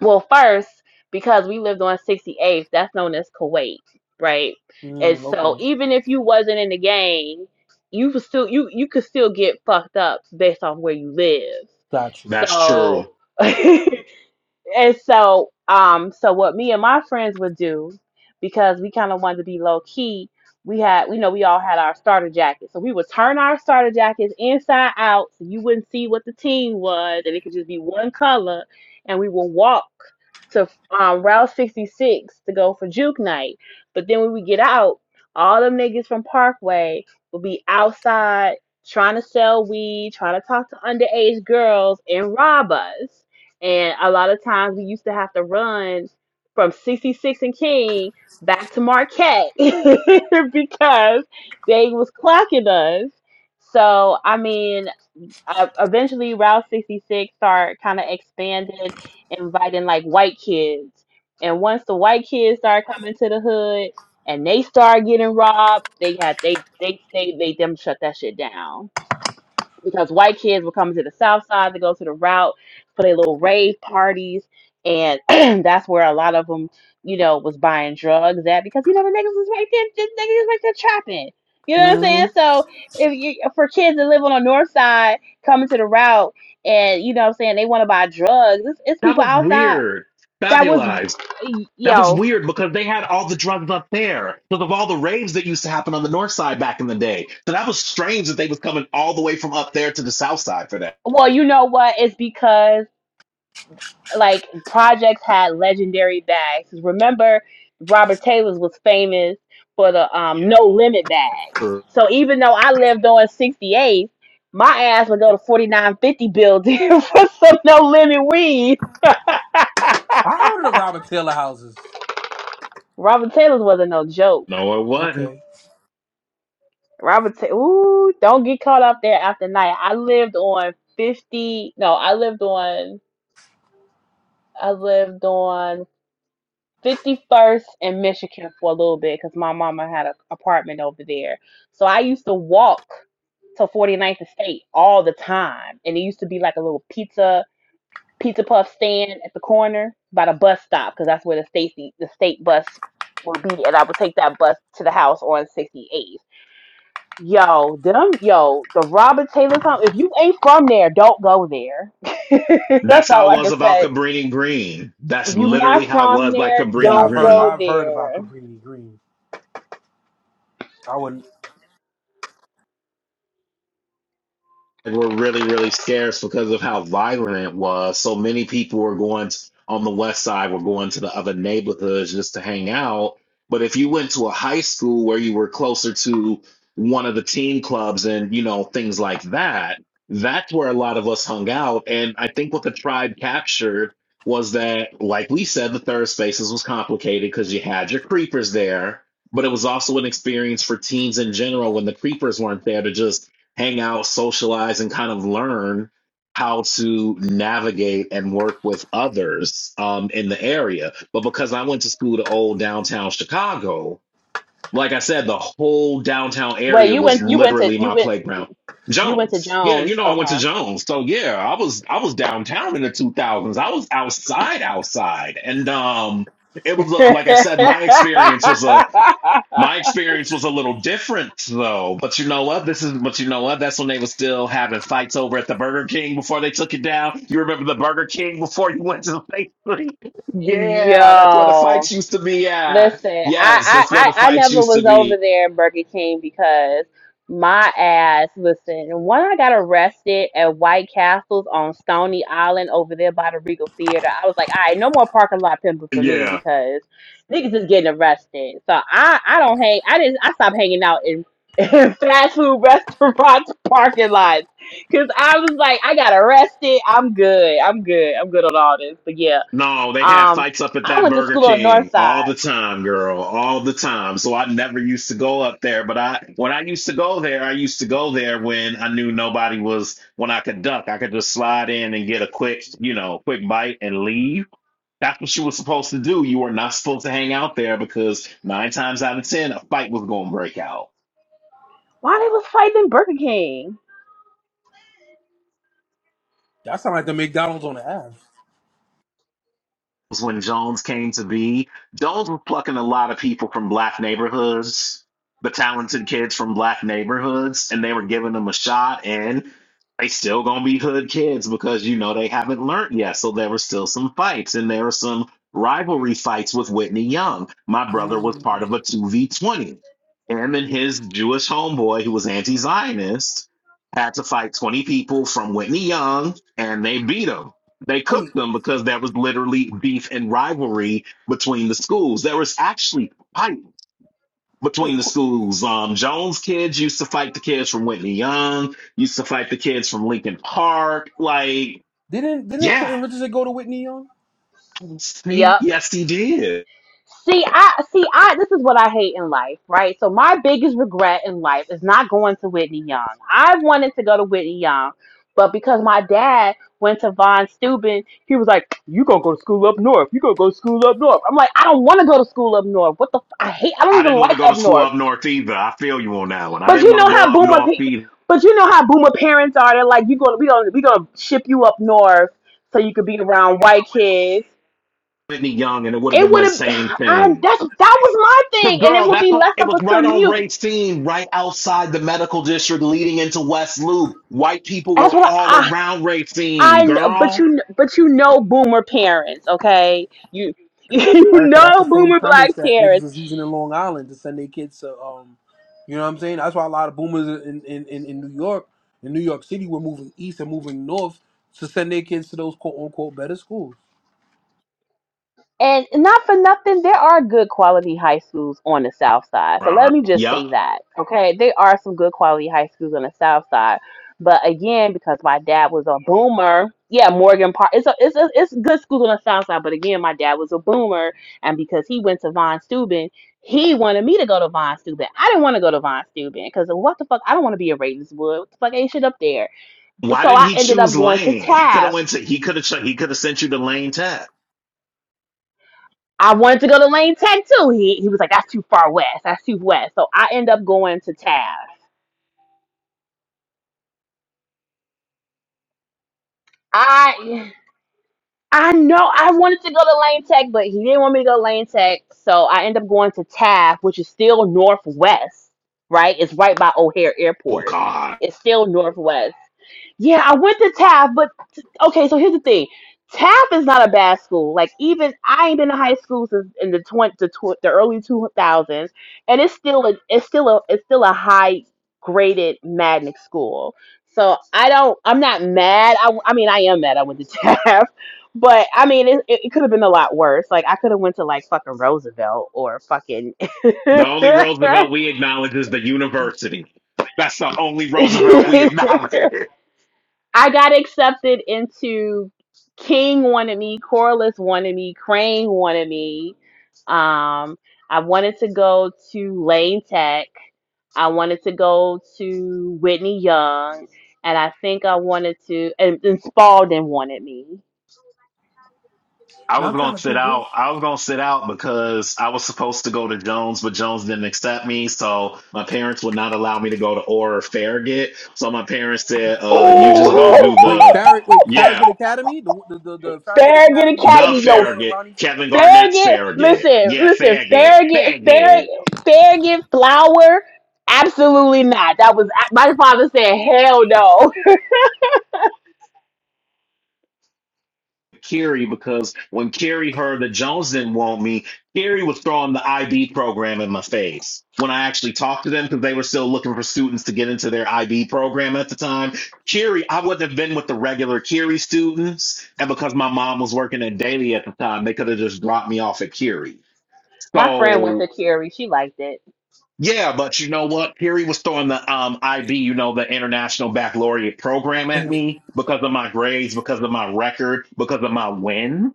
Speaker 1: well, first because we lived on 68th, that's known as Kuwait, right? And
Speaker 2: Mm,
Speaker 1: so
Speaker 2: okay.
Speaker 1: even if you wasn't in the game, you was still you you could still get fucked up based on where you live.
Speaker 2: Got you.
Speaker 3: That's
Speaker 1: So
Speaker 3: true.
Speaker 1: and so um so what me and my friends would do because we kind of wanted to be low key we had we know we all had our starter jackets so we would turn our starter jackets inside out so you wouldn't see what the team was and it could just be one color and we would walk to um, route 66 to go for juke night but then when we get out all them niggas from parkway would be outside trying to sell weed trying to talk to underage girls and rob us and a lot of times we used to have to run from 66 and King back to Marquette because they was clocking us. So, I mean, uh, eventually Route 66 started kind of expanded, inviting like white kids. And once the white kids started coming to the hood and they started getting robbed, they had they they they, they them shut that shit down because white kids were coming to the south side to go to the route for their little rave parties and that's where a lot of them you know was buying drugs at because you know the niggas was right there the niggas was right there trapping you know what i'm
Speaker 2: hmm
Speaker 1: saying so if you for kids that live on the north side coming to the route and you know what i'm saying they want to buy drugs it's, it's
Speaker 3: That
Speaker 1: people
Speaker 3: was
Speaker 1: outside
Speaker 3: weird.
Speaker 1: that was
Speaker 3: Fabulized. That was
Speaker 1: yo
Speaker 3: weird because they had all the drugs up there because of all the raves that used to happen on the north side back in the day. So that was strange that they was coming all the way from up there to the south side for that.
Speaker 1: well you know what it's because like projects had legendary bags. Remember, Robert Taylor's was famous for the um no limit bags.
Speaker 3: No,
Speaker 1: So even though I lived on 68th, my ass would go to 4950 building for some no limit weed.
Speaker 2: I heard of the Robert Taylor houses.
Speaker 1: Robert Taylor's wasn't no joke.
Speaker 3: it wasn't.
Speaker 2: Okay.
Speaker 1: Robert, Ta- ooh, don't get caught up there after night. I lived on 50. No, I lived on. I lived on. 51st and Michigan for a little bit because my mama had an apartment over there. So I used to walk to Forty ninth Estate all the time. And it used to be like a little pizza pizza puff stand at the corner by the bus stop because that's where the state the state bus will be. And I would take that bus to the house on 68th. Yo, them yo, the Robert Taylor's home. If you ain't from there, don't go there. that's
Speaker 3: That's how
Speaker 1: all
Speaker 3: it
Speaker 1: I can
Speaker 3: was about
Speaker 1: say.
Speaker 3: Cabrini Green.
Speaker 1: If
Speaker 3: That's
Speaker 1: you're not
Speaker 3: literally how it
Speaker 1: from
Speaker 3: was like
Speaker 1: there,
Speaker 2: Yeah,
Speaker 3: Cabrini
Speaker 2: I've
Speaker 1: don't
Speaker 2: heard.
Speaker 3: Green.
Speaker 1: go
Speaker 2: I've heard about
Speaker 1: there.
Speaker 2: Cabrini Green. I wouldn't.
Speaker 3: were really, really scarce because of how vibrant it was. So many people were going to, on the west side, were going to the other neighborhoods just to hang out. But if you went to a high school where you were closer to one of the teen clubs and, you know, things like that, that's where a lot of us hung out. And I think what the tribe captured was that, like we said, the third spaces was complicated because you had your creepers there. But it was also an experience for teens in general when the creepers weren't there to just hang out, socialize, and kind of learn how to navigate and work with others um, in the area. But because I went to school to old downtown Chicago, like I said, the whole downtown
Speaker 1: Wait,
Speaker 3: area
Speaker 1: you went
Speaker 3: was
Speaker 1: you went to
Speaker 3: literally
Speaker 1: you
Speaker 3: my
Speaker 1: went
Speaker 3: playground.
Speaker 1: you went to
Speaker 3: Jones. Yeah,
Speaker 1: Jones.
Speaker 3: you know I went to Jones. So yeah, I was I was downtown in the 2000s. I was outside outside. And um it was like I
Speaker 1: Okay.
Speaker 3: said my experience was a my experience was a little different though. But you know what? This is but you know what? That's when they were still having fights over at the Burger King before they took it down. You remember the Burger King before you went to the bakery? Yeah, that's where the
Speaker 1: Yo.
Speaker 3: fights used to be at.
Speaker 1: Listen,
Speaker 3: Yes,
Speaker 1: I,
Speaker 3: that's where
Speaker 1: I,
Speaker 3: the
Speaker 1: I I
Speaker 3: fights
Speaker 1: never
Speaker 3: used to
Speaker 1: was over
Speaker 3: be.
Speaker 1: there at Burger King because my ass, listen, when I got arrested at White Castles on Stony Island over there by the Regal Theater, I was like, all right, no more parking lot pimping for me
Speaker 3: Yeah.
Speaker 1: because niggas is getting arrested. So I, I don't hang, I didn't, I stopped hanging out in, in fast food restaurants parking lots because I was like, I got arrested. I'm good. I'm good. I'm good on all this. But yeah,
Speaker 3: No, they have
Speaker 1: um,
Speaker 3: fights up at
Speaker 1: I
Speaker 3: that
Speaker 1: went to
Speaker 3: Burger
Speaker 1: school on the north
Speaker 3: King all
Speaker 1: side.
Speaker 3: the time, girl, all the time. So I never used to go up there, but I when I used to go there, I used to go there when I knew nobody was when I could duck. I could just slide in and get a quick, you know, quick bite and leave. That's what you were supposed to do. You were not supposed to hang out there because nine times out of ten, a fight was going to break out.
Speaker 1: Why they was fighting Burger King?
Speaker 2: That sounds like the McDonald's on the Ave.
Speaker 3: was when Jones came to be. Jones was plucking a lot of people from black neighborhoods, the talented kids from black neighborhoods, and they were giving them a shot. And they still gonna be hood kids because you know they haven't learned yet. So there were still some fights, and there were some rivalry fights with Whitney Young. My brother was
Speaker 2: Mm.
Speaker 3: part of a two v twenty. Him and his Jewish homeboy, who was anti-Zionist, had to fight twenty people from Whitney Young, and they beat him they
Speaker 2: Wait,
Speaker 3: cooked them because that was literally beef and rivalry between the schools. There was actually fight between
Speaker 2: wait.
Speaker 3: the
Speaker 2: Qu-
Speaker 3: schools. Um, Jones kids used to fight the kids from Whitney Young, used to fight the kids from Lincoln Park. Like,
Speaker 2: didn't didn't
Speaker 3: yeah,
Speaker 2: Quentin Richardson go to Whitney Young?
Speaker 3: see,
Speaker 1: Yep.
Speaker 3: yes, he did.
Speaker 1: See, I see. I this is what I hate in life, right? So my biggest regret in life is not going to Whitney Young. I wanted to go to Whitney Young, but because my dad went to Von Steuben, he was like, "You gonna go to school up north? You gonna go to school up north?" I'm like, I don't want to go to school up north. What the? F- I hate. I don't
Speaker 3: I
Speaker 1: even
Speaker 3: didn't want
Speaker 1: like
Speaker 3: to go to
Speaker 1: up
Speaker 3: school
Speaker 1: north.
Speaker 3: up north either. I feel you on that one. I
Speaker 1: But
Speaker 3: didn't
Speaker 1: you
Speaker 3: want to
Speaker 1: know
Speaker 3: go
Speaker 1: how
Speaker 3: up
Speaker 1: boomer
Speaker 3: north
Speaker 1: people.
Speaker 3: either.
Speaker 1: But you know how boomer parents are. They're like, "You gonna we gonna we gonna ship you up north so you could be around white kids."
Speaker 3: Whitney Young, and it would have
Speaker 1: It
Speaker 3: been
Speaker 1: would
Speaker 3: the same
Speaker 1: have. I
Speaker 3: thing.
Speaker 1: that's that was my
Speaker 3: Cause
Speaker 1: thing, and it
Speaker 3: girl,
Speaker 1: would
Speaker 3: that
Speaker 1: be less
Speaker 3: po- it
Speaker 1: of a
Speaker 3: was right on
Speaker 1: commute.
Speaker 3: Racine, right outside the medical district, leading into West Loop. White people
Speaker 1: That's
Speaker 3: were
Speaker 1: what
Speaker 3: all
Speaker 1: I.
Speaker 3: around
Speaker 1: I, I
Speaker 3: Racine,
Speaker 1: kn- but you
Speaker 3: girl.
Speaker 1: kn- but you know boomer parents, okay? You you
Speaker 2: Erica, that's
Speaker 1: know
Speaker 2: the same
Speaker 1: boomer
Speaker 2: premise
Speaker 1: black
Speaker 2: that
Speaker 1: parents.
Speaker 2: niggas is using in Long Island to send their kids to. Um, you know what I'm saying? That's why a lot of boomers in in, in, in New York, in New York City, were moving east and moving north to send their kids to those quote unquote better schools.
Speaker 1: And not for nothing, there are good quality high schools on the South Side. So
Speaker 3: Rawr.
Speaker 1: let me just
Speaker 3: Yep.
Speaker 1: say that, okay? There are some good quality high schools on the South Side, but again, because my dad was a boomer, yeah, Morgan Park. It's a, it's a, it's good schools on the South Side, but again, my dad was a boomer, and because he went to Von Steuben, he wanted me to go to Von Steuben. I didn't want to go to Von Steuben because what the fuck? I don't want to be a Ravenswood. What the fuck ain't shit up there? But
Speaker 3: Why
Speaker 1: so
Speaker 3: didn't
Speaker 1: I
Speaker 3: he
Speaker 1: ended up
Speaker 3: choose
Speaker 1: going to
Speaker 3: Lane? He could have
Speaker 1: Taft
Speaker 3: went to. He could have. Ch- he could have sent you to Lane Tech.
Speaker 1: I wanted to go to Lane Tech too. He he was like, that's too far west. That's too west. So I end up going to Taft. I I know I wanted to go to Lane Tech, but he didn't want me to go to Lane Tech. So I end up going to Taft, which is still northwest, right? It's right by O'Hare
Speaker 3: Oh
Speaker 1: Airport.
Speaker 3: God.
Speaker 1: It's still northwest. Yeah, I went to TAF, but t- okay, so here's the thing. TAF is not a bad school. Like even I ain't been to high school since in the twenty the, tw- the early 2000s, and it's still a it's still a it's still a high graded magnet school. So I don't I'm not mad. I, w- I mean I am mad I went to TAF, but I mean it, it, it could have been a lot worse. Like I could have went to like fucking Roosevelt or fucking
Speaker 3: The only Roosevelt we acknowledge is the university. That's the only Roosevelt we acknowledge.
Speaker 1: I got accepted into King wanted me, Corliss wanted me, Crane wanted me. Um, I wanted to go to Lane Tech. I wanted to go to Whitney Young, and I think I wanted to. And, and Spalding wanted me.
Speaker 3: I
Speaker 2: Now
Speaker 3: was
Speaker 2: I'm
Speaker 3: gonna
Speaker 2: trying to
Speaker 3: sit
Speaker 2: think.
Speaker 3: out. I was gonna sit out because I was supposed to go to Jones, but Jones didn't accept me, so my parents would not allow me to go to Orr or Farragut. So my parents said, "Uh, you just gonna
Speaker 1: Oh,
Speaker 3: do
Speaker 2: Wait,
Speaker 3: the,
Speaker 2: Farragut. Wait,
Speaker 3: yeah,
Speaker 2: Farragut Academy, the the the, the Farragut
Speaker 1: Farragut
Speaker 2: Academy of
Speaker 3: the
Speaker 1: Academy,
Speaker 2: Kevin
Speaker 1: yo,
Speaker 2: Garnett and
Speaker 3: Farragut,
Speaker 2: Ronnie Fields.
Speaker 3: Kevin Garnett's
Speaker 1: Farragut,
Speaker 3: Farragut,
Speaker 1: listen,
Speaker 3: yeah,
Speaker 1: listen,
Speaker 3: Farragut,
Speaker 1: Farragut,
Speaker 3: Farragut."
Speaker 1: Farragut, Farragut flour? Absolutely not. That was my father said, hell no.
Speaker 3: Kerry, because when Kerry heard that Jones didn't want me, Kerry was throwing the IB program in my face. When I actually talked to them, because they were still looking for students to get into their IB program at the time, Kerry, I wouldn't have been with the regular Kerry students. And because my mom was working at Daily at the time, they could have just dropped me off at Kerry.
Speaker 1: My friend went to
Speaker 3: So,
Speaker 1: Curie. She liked it.
Speaker 3: yeah, but you know what? Carrie was throwing the um, IB, you know, the International Baccalaureate program at
Speaker 2: Wait.
Speaker 3: me because of my grades, because of my record, because of my wins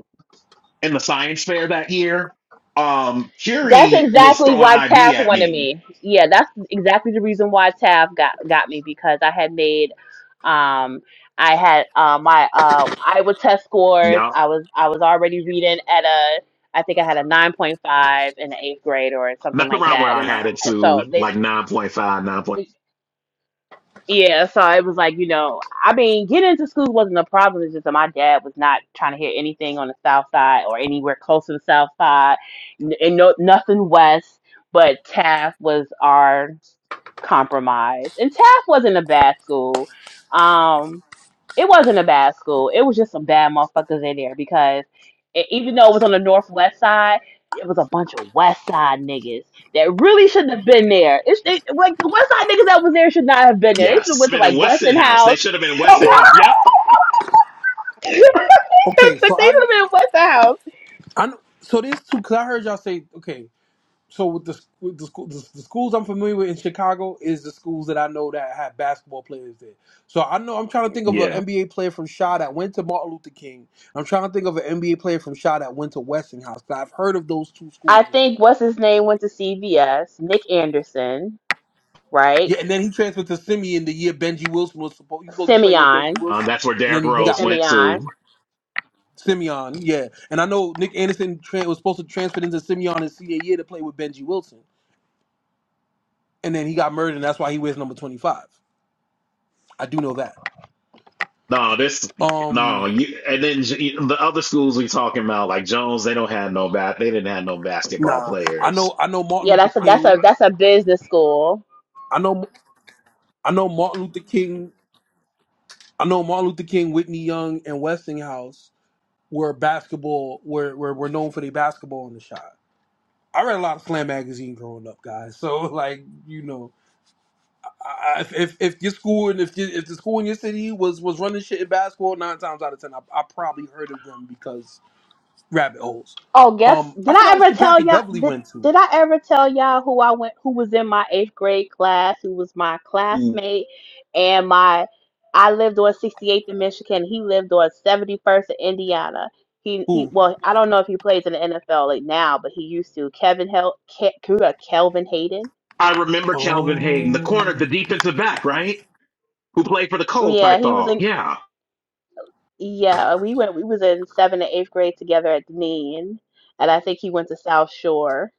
Speaker 3: in the science fair that year, um,
Speaker 1: That's
Speaker 3: Fury was
Speaker 1: exactly
Speaker 3: throwing
Speaker 1: why Taff
Speaker 3: IV at
Speaker 1: wanted
Speaker 3: me.
Speaker 1: me. Yeah, that's exactly the reason why Taff got got me because I had made um I had uh, my uh Iowa test scores.
Speaker 3: Yup.
Speaker 1: I was I was already reading at a I think I had a 9.5 in the eighth grade or something
Speaker 3: That's
Speaker 1: like
Speaker 3: around where
Speaker 1: that.
Speaker 3: I
Speaker 1: And
Speaker 3: had
Speaker 1: my
Speaker 3: it
Speaker 1: so
Speaker 3: to,
Speaker 1: they
Speaker 3: like 9.5, Point, five, nine point five.
Speaker 1: Yeah, so it was like, you know, I mean, getting into school wasn't a problem. It's just that my dad was not trying to hear anything on the south side or anywhere close to the south side, n- and no, nothing west. But Taft was our compromise, and Taft wasn't a bad school. Um, it wasn't a bad school. It was just some bad motherfuckers in there because it, even though it was on the northwest side, it was a bunch of west side niggas that really shouldn't have been there. It's they, like the west side niggas that was there should not have been there. They should have
Speaker 3: yes.
Speaker 1: went to
Speaker 3: Been
Speaker 1: like
Speaker 3: in Weston
Speaker 1: Weston
Speaker 3: House. They
Speaker 1: House.
Speaker 3: should have been in Weston House. Yep.
Speaker 1: they should
Speaker 2: Okay,
Speaker 1: have
Speaker 2: so I know,
Speaker 1: been at Weston House.
Speaker 2: I know. So there's two. Cause I heard y'all say, okay. So with the with the, school, the, the schools I'm familiar with in Chicago is the schools that I know that have basketball players there. So I know I'm trying to think of an
Speaker 3: Yeah.
Speaker 2: NBA player from Shaw that went to Martin Luther King. I'm trying to think of an NBA player from Shaw that went to Westinghouse. 'cause I've heard of those two schools
Speaker 1: I
Speaker 2: before.
Speaker 1: think what's his name went to CVS. Nick Anderson, right?
Speaker 2: Yeah, and then he transferred to Simeon the year Benji Wilson was supposed. He was supposed to be playing with Benji
Speaker 1: Simeon.
Speaker 3: Uh,
Speaker 2: Wilson,
Speaker 3: that's where
Speaker 2: and then
Speaker 3: Derrick
Speaker 2: he, he
Speaker 1: It's
Speaker 3: Rose
Speaker 2: got
Speaker 3: went
Speaker 1: Simeon.
Speaker 3: to.
Speaker 2: Simeon, yeah. And I know Nick Anderson tran was supposed to transfer into Simeon and CAA to play with Benji Wilson. And then he got murdered, and that's why he wears number 25. I do know that.
Speaker 3: No, this, no,
Speaker 2: Um,
Speaker 3: you, and then j- the other schools we talking about, like Jones, they don't have no bat, they didn't have no basketball
Speaker 2: nah. I
Speaker 3: players.
Speaker 2: know I know Martin
Speaker 1: Yeah,
Speaker 2: Luther
Speaker 1: that's a that's a
Speaker 2: King.
Speaker 1: that's a business school.
Speaker 2: I know I know Martin Luther King. I know Martin Luther King, Whitney Young, and Westinghouse were basketball were were, were known for their basketball on the shot. I read a lot of slam magazine growing up, guys. So like, you know. I- if if your school and if you, if the school in your city was was running shit in basketball, nine times out of ten, I, I probably heard of them because rabbit holes.
Speaker 1: Oh, guess
Speaker 2: Um,
Speaker 1: did
Speaker 2: I
Speaker 1: I
Speaker 2: forgot what
Speaker 1: ever
Speaker 2: school
Speaker 1: tell
Speaker 2: Patrick
Speaker 1: y'all
Speaker 2: Beverly
Speaker 1: did
Speaker 2: went to.
Speaker 1: did I ever tell y'all who I went who was in my eighth grade class, who was my classmate and my I lived on 68th in Michigan. He lived on 71st in Indiana. He he
Speaker 2: Who?
Speaker 1: well, I don't know if he plays in the NFL like now, but he used to. Kevin Hel Ke, Ke- Kelvin Hayden.
Speaker 3: I remember Calvin Hayden, the
Speaker 2: Oh,
Speaker 3: corner, the defensive back, right? Who played for the Colts, I
Speaker 1: Yeah, he was
Speaker 3: thought.
Speaker 1: in
Speaker 3: Yeah.
Speaker 1: yeah, we went we was in seventh and eighth grade together at the mean. And I think he went to South Shore.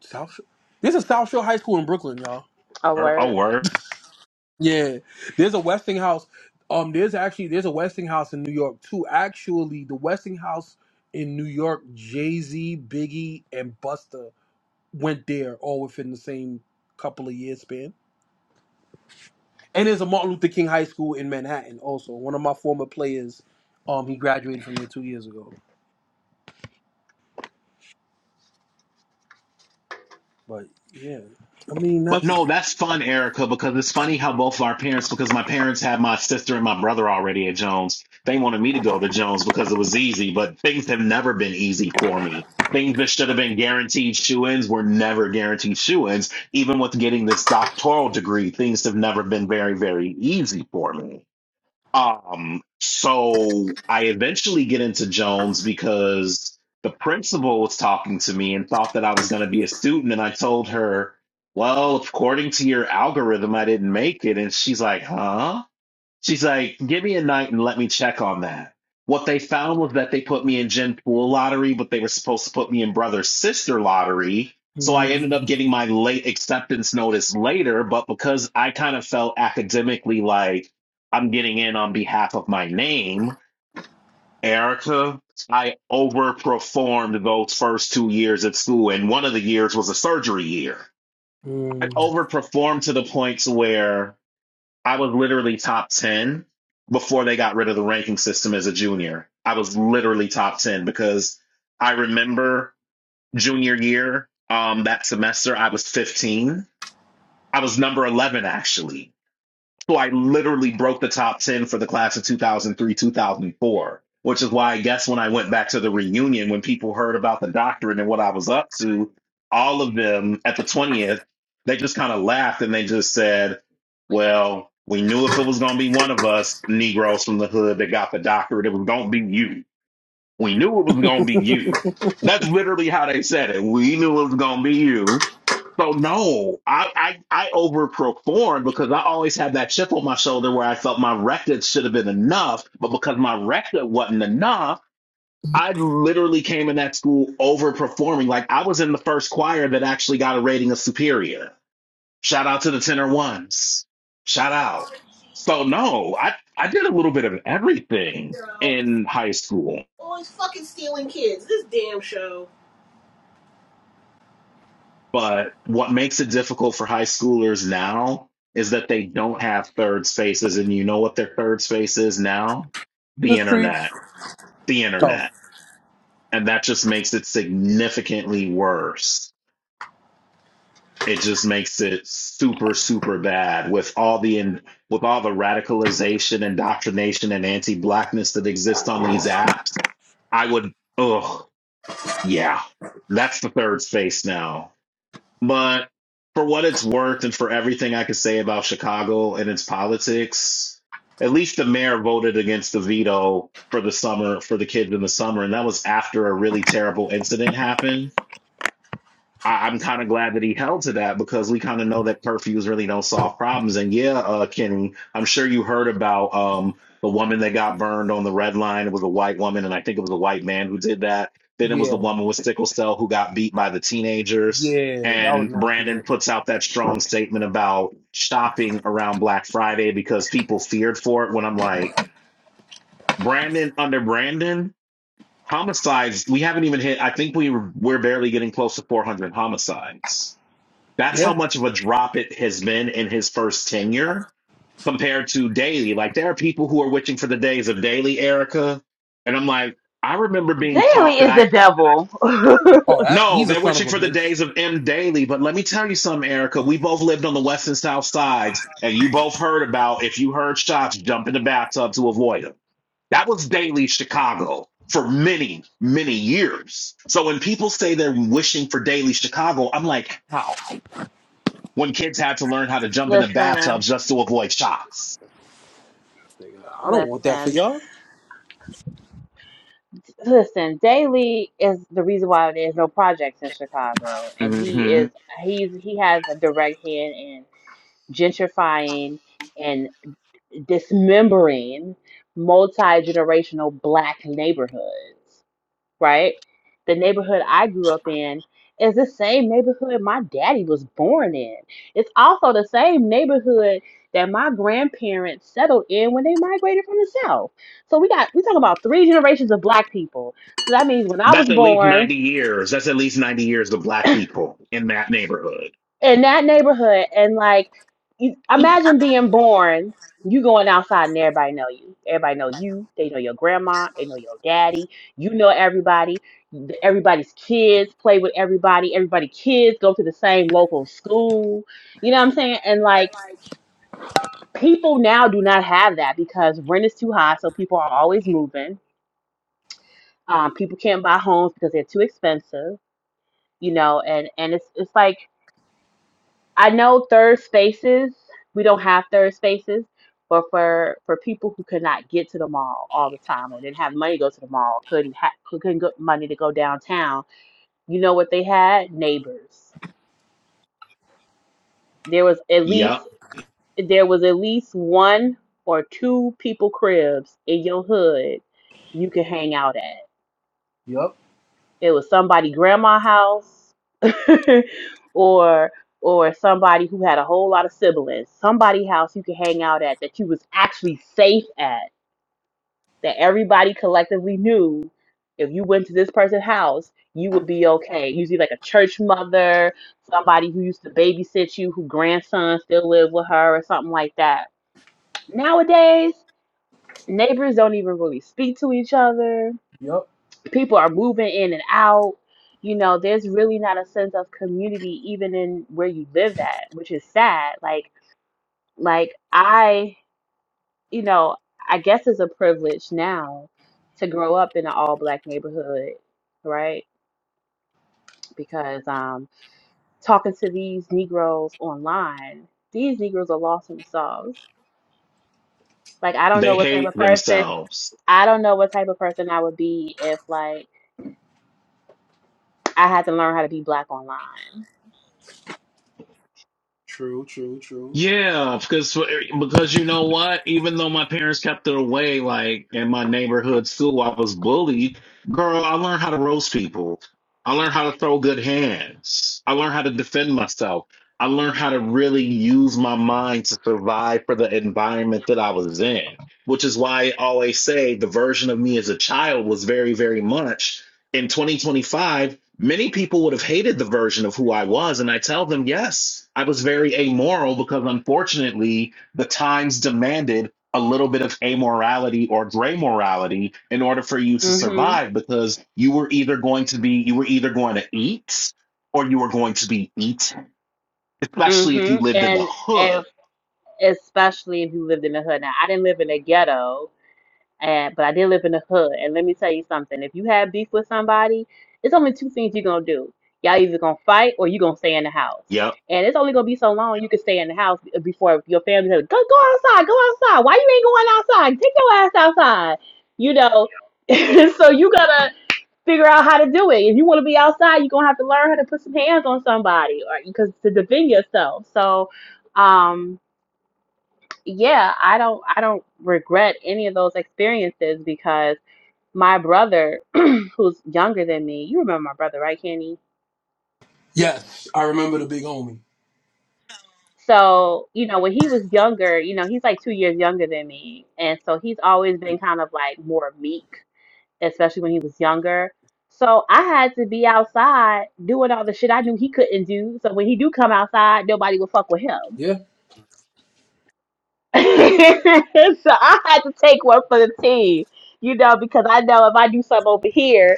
Speaker 2: South. Shore. There's a South Shore High School in Brooklyn, y'all.
Speaker 1: Oh
Speaker 3: Oh,
Speaker 1: word.
Speaker 3: word.
Speaker 2: Yeah, there's a Westinghouse. Um, there's actually there's a Westinghouse in New York too. Actually, the Westinghouse in New York, Jay Z, Biggie, and Busta went there all within the same couple of years span. and there's a Martin Luther King High School in Manhattan also. One of my former players, um, he graduated from there two years ago. But yeah, I mean
Speaker 3: But
Speaker 2: that's.
Speaker 3: no, that's fun, Erica, because it's funny how both of our parents, because my parents had my sister and my brother already at Jones. They wanted me to go to Jones because it was easy, but things have never been easy for me. Things that should have been guaranteed shoe ins were never guaranteed shoe ins. Even with getting this doctoral degree, things have never been very, very easy for me. Um, so I eventually get into Jones because the principal was talking to me and thought that I was going to be a student. And I told her, well, according to your algorithm, I didn't make it. And she's like, huh? She's like, give me a night and let me check on that. What they found was that they put me in Gen Pool lottery, but they were supposed to put me in brother sister lottery. So I
Speaker 2: Mm,
Speaker 3: ended up getting my late acceptance notice later, but because I kind of felt academically like I'm getting in on behalf of my name, Erica, I overperformed those first two years at school. And one of the years was a surgery year. I
Speaker 2: mm.
Speaker 3: overperformed to the point to where I was literally top 10 before they got rid of the ranking system as a junior. I was literally top 10 because I remember junior year, um, that semester, I was 15. I was number 11, actually so I literally broke the top 10 for the class of 2003, 2004, which is why I guess when I went back to the reunion, when people heard about the doctorate and what I was up to, all of them at the 20th, they just kind of laughed and they just said, well, we knew if it was going to be one of us Negroes from the hood that got the doctorate, it was going to be you. We knew it was going to be you. That's literally how they said it. We knew it was going to be you so no, I, I I overperformed because I always had that chip on my shoulder where I felt my record should have been enough, but because my record wasn't enough, I literally came in that school overperforming. Like I was in the first choir that actually got a rating of superior. Shout out to the tenor ones. Shout out. So no, I I did a little bit of everything
Speaker 2: Girl,
Speaker 3: in high school.
Speaker 2: always fucking stealing kids. This damn show.
Speaker 3: But what makes it difficult for high schoolers now is that they don't have third spaces. And you know what their third space is now?
Speaker 2: The
Speaker 3: The
Speaker 2: streets.
Speaker 3: internet. The
Speaker 2: Oh
Speaker 3: internet. And that just makes it significantly worse. It just makes it super, super bad with all the in, with all the radicalization, indoctrination, and anti-blackness that exists on these apps. I would, ugh, yeah, that's the third space now But for what it's worth and for everything I could say about Chicago and its politics, at least the mayor voted against the veto for the summer, for the kids in the summer. And that was after a really terrible incident happened. I, I'm kind of glad that he held to that because we kind of know that curfews really don't solve problems. And yeah, uh, Kenny, I'm sure you heard about um, the woman that got burned on the red line. It was a white woman, and I think it was a white man who did that. Then it was
Speaker 2: yeah,
Speaker 3: the woman with sickle cell who got beat by the teenagers.
Speaker 2: yeah, that was
Speaker 3: And
Speaker 2: nasty
Speaker 3: Brandon
Speaker 2: work.
Speaker 3: puts out that strong statement about shopping around Black Friday because people feared for it. When I'm like, Brandon under Brandon, homicides, we haven't even hit, I think we, we're barely getting close to 400 homicides that's how
Speaker 2: Yeah.
Speaker 3: much of a drop it has been in his first tenure compared to Daly. Like there are people who are wishing for the days of Daly, Erica, and I'm like, I remember being taught
Speaker 1: Daily
Speaker 3: that
Speaker 1: is the
Speaker 3: I.
Speaker 1: devil.
Speaker 2: Oh, that's
Speaker 3: No,
Speaker 2: he's a
Speaker 3: they're
Speaker 2: son of
Speaker 3: wishing
Speaker 2: a
Speaker 3: for the
Speaker 2: bitch.
Speaker 3: days of M. Daly, but let me tell you something, Erica. We both lived on the west and south sides, and you both heard about if you heard shots, jump in the bathtub to avoid them. That was Daily Chicago for many, many years. So when people say they're wishing for Daily Chicago, I'm like, how? when kids had to learn how to jump into
Speaker 1: Listen,
Speaker 3: bathtubs just to avoid shots.
Speaker 2: I don't want that for
Speaker 1: listen,
Speaker 2: y'all.
Speaker 1: listen. Daly is the reason why there's no projects in Chicago, and he
Speaker 3: hmm
Speaker 1: is he's he has a direct hand in gentrifying and dismembering multi-generational black neighborhoods. right? The neighborhood I grew up in is the same neighborhood my daddy was born in. It's also the same neighborhood that my grandparents settled in when they migrated from the South. So we got we talking about three generations of black people. So that means when I was
Speaker 3: That's at least
Speaker 1: born,
Speaker 3: 90 years. That's at least 90 years of black people in that neighborhood.
Speaker 1: in that neighborhood and like you, imagine being born you going outside and everybody know you everybody know you they know your grandma they know your daddy you know everybody everybody's kids play with everybody everybody kids go to the same local school you know what i'm saying and like people now do not have that because rent is too high so people are always moving um, people can't buy homes because they're too expensive you know and and it's it's like I know third spaces, we don't have third spaces, but for for people who could not get to the mall all the time or didn't have money to go to the mall, couldn't ha- couldn't get money to go downtown, you know what they had? Neighbors. There was at least
Speaker 3: Yep.
Speaker 1: there was at least one or two people cribs in your hood you could hang out at.
Speaker 2: Yup,
Speaker 1: It was somebody grandma house or or somebody who had a whole lot of siblings. Somebody house you could hang out at that you was actually safe at. That everybody collectively knew if you went to this person's house, you would be okay. Usually like a church mother, somebody who used to babysit you, who grandson still lived with her or something like that. Nowadays, neighbors don't even really speak to each other
Speaker 2: yup.
Speaker 1: people are moving in and out. You know, there's really not a sense of community even in where you live at, which is sad. Like, like I, you know, I guess it's a privilege now to grow up in an all black neighborhood, right? Because um, talking to these Negroes online, these Negroes are lost themselves. Like, I don't
Speaker 3: They
Speaker 1: know what type
Speaker 3: hate
Speaker 1: of person,
Speaker 3: themselves.
Speaker 1: I don't know what type of person I would be if like I had to learn how to be black online.
Speaker 2: True, true, true.
Speaker 3: Yeah, because because you know what? Even though my parents kept it away, like in my neighborhood school, I was bullied. Girl, I learned how to roast people. I learned how to throw good hands. I learned how to defend myself. I learned how to really use my mind to survive for the environment that I was in, which is why I always say the version of me as a child was very, very much in 2025 Many people would have hated the version of who I was. And I tell them, yes, I was very amoral because unfortunately the times demanded a little bit of amorality or gray morality in order for you to
Speaker 1: hmm
Speaker 3: survive because you were either going to be, you were either going to eat or you were going to be eaten, especially if
Speaker 1: hmm
Speaker 3: you lived in the
Speaker 1: And if,
Speaker 3: hood.
Speaker 1: especially if you lived in the hood. Now, I didn't live in a ghetto, and, but I did live in the hood. And let me tell you something. If you have beef with somebody, it's only two things you're going to do. Y'all either going to fight or you going to stay in the house.
Speaker 3: Yep,
Speaker 1: And it's only going to be so long you can stay in the house before your family says, go, go outside, go outside. Why you ain't going outside? Take your ass outside. You know, so you gotta figure out how to do it. If you want to be outside, you're gonna have to learn how to put some hands on somebody or because to defend yourself. So um yeah, I don't I don't regret any of those experiences because my brother who's younger than me, you remember my brother, right, Kenny?
Speaker 2: Yes, I remember the big homie.
Speaker 1: So, you know, when he was younger, you know, he's like two years younger than me. And so he's always been kind of like more meek especially when he was younger. So I had to be outside doing all the shit I knew he couldn't do. So when he do come outside, nobody would fuck with him.
Speaker 2: Yeah,
Speaker 1: so I had to take one for the team, you know, because I know if I do something over here,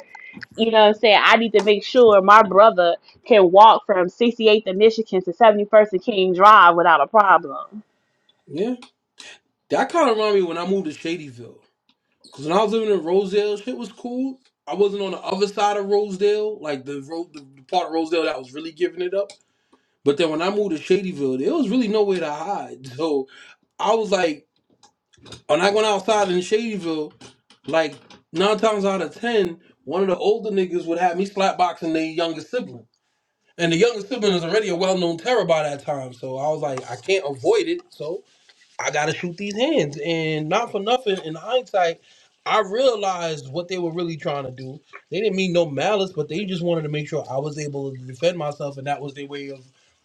Speaker 1: you know what I'm saying, I need to make sure my brother can walk from 68th and Michigan to 71st and King Drive without a problem.
Speaker 2: yeah. That kind of reminded me when I moved to Shadyville. Cause when I was living in Rosedale, shit was cool. I wasn't on the other side of Rosedale, like the road, the, the part of Rosedale that was really giving it up. But then when I moved to Shadyville, there was really nowhere to hide. So I was like, when I went outside in Shadyville, like nine times out of ten, one of the older niggas would have me slapboxing their younger sibling, and the younger sibling is already a well-known terror by that time. So I was like, I can't avoid it. So I gotta shoot these hands. And not for nothing, in hindsight, I realized what they were really trying to do. They didn't mean no malice, but they just wanted to make sure I was able to defend myself, and that was their way of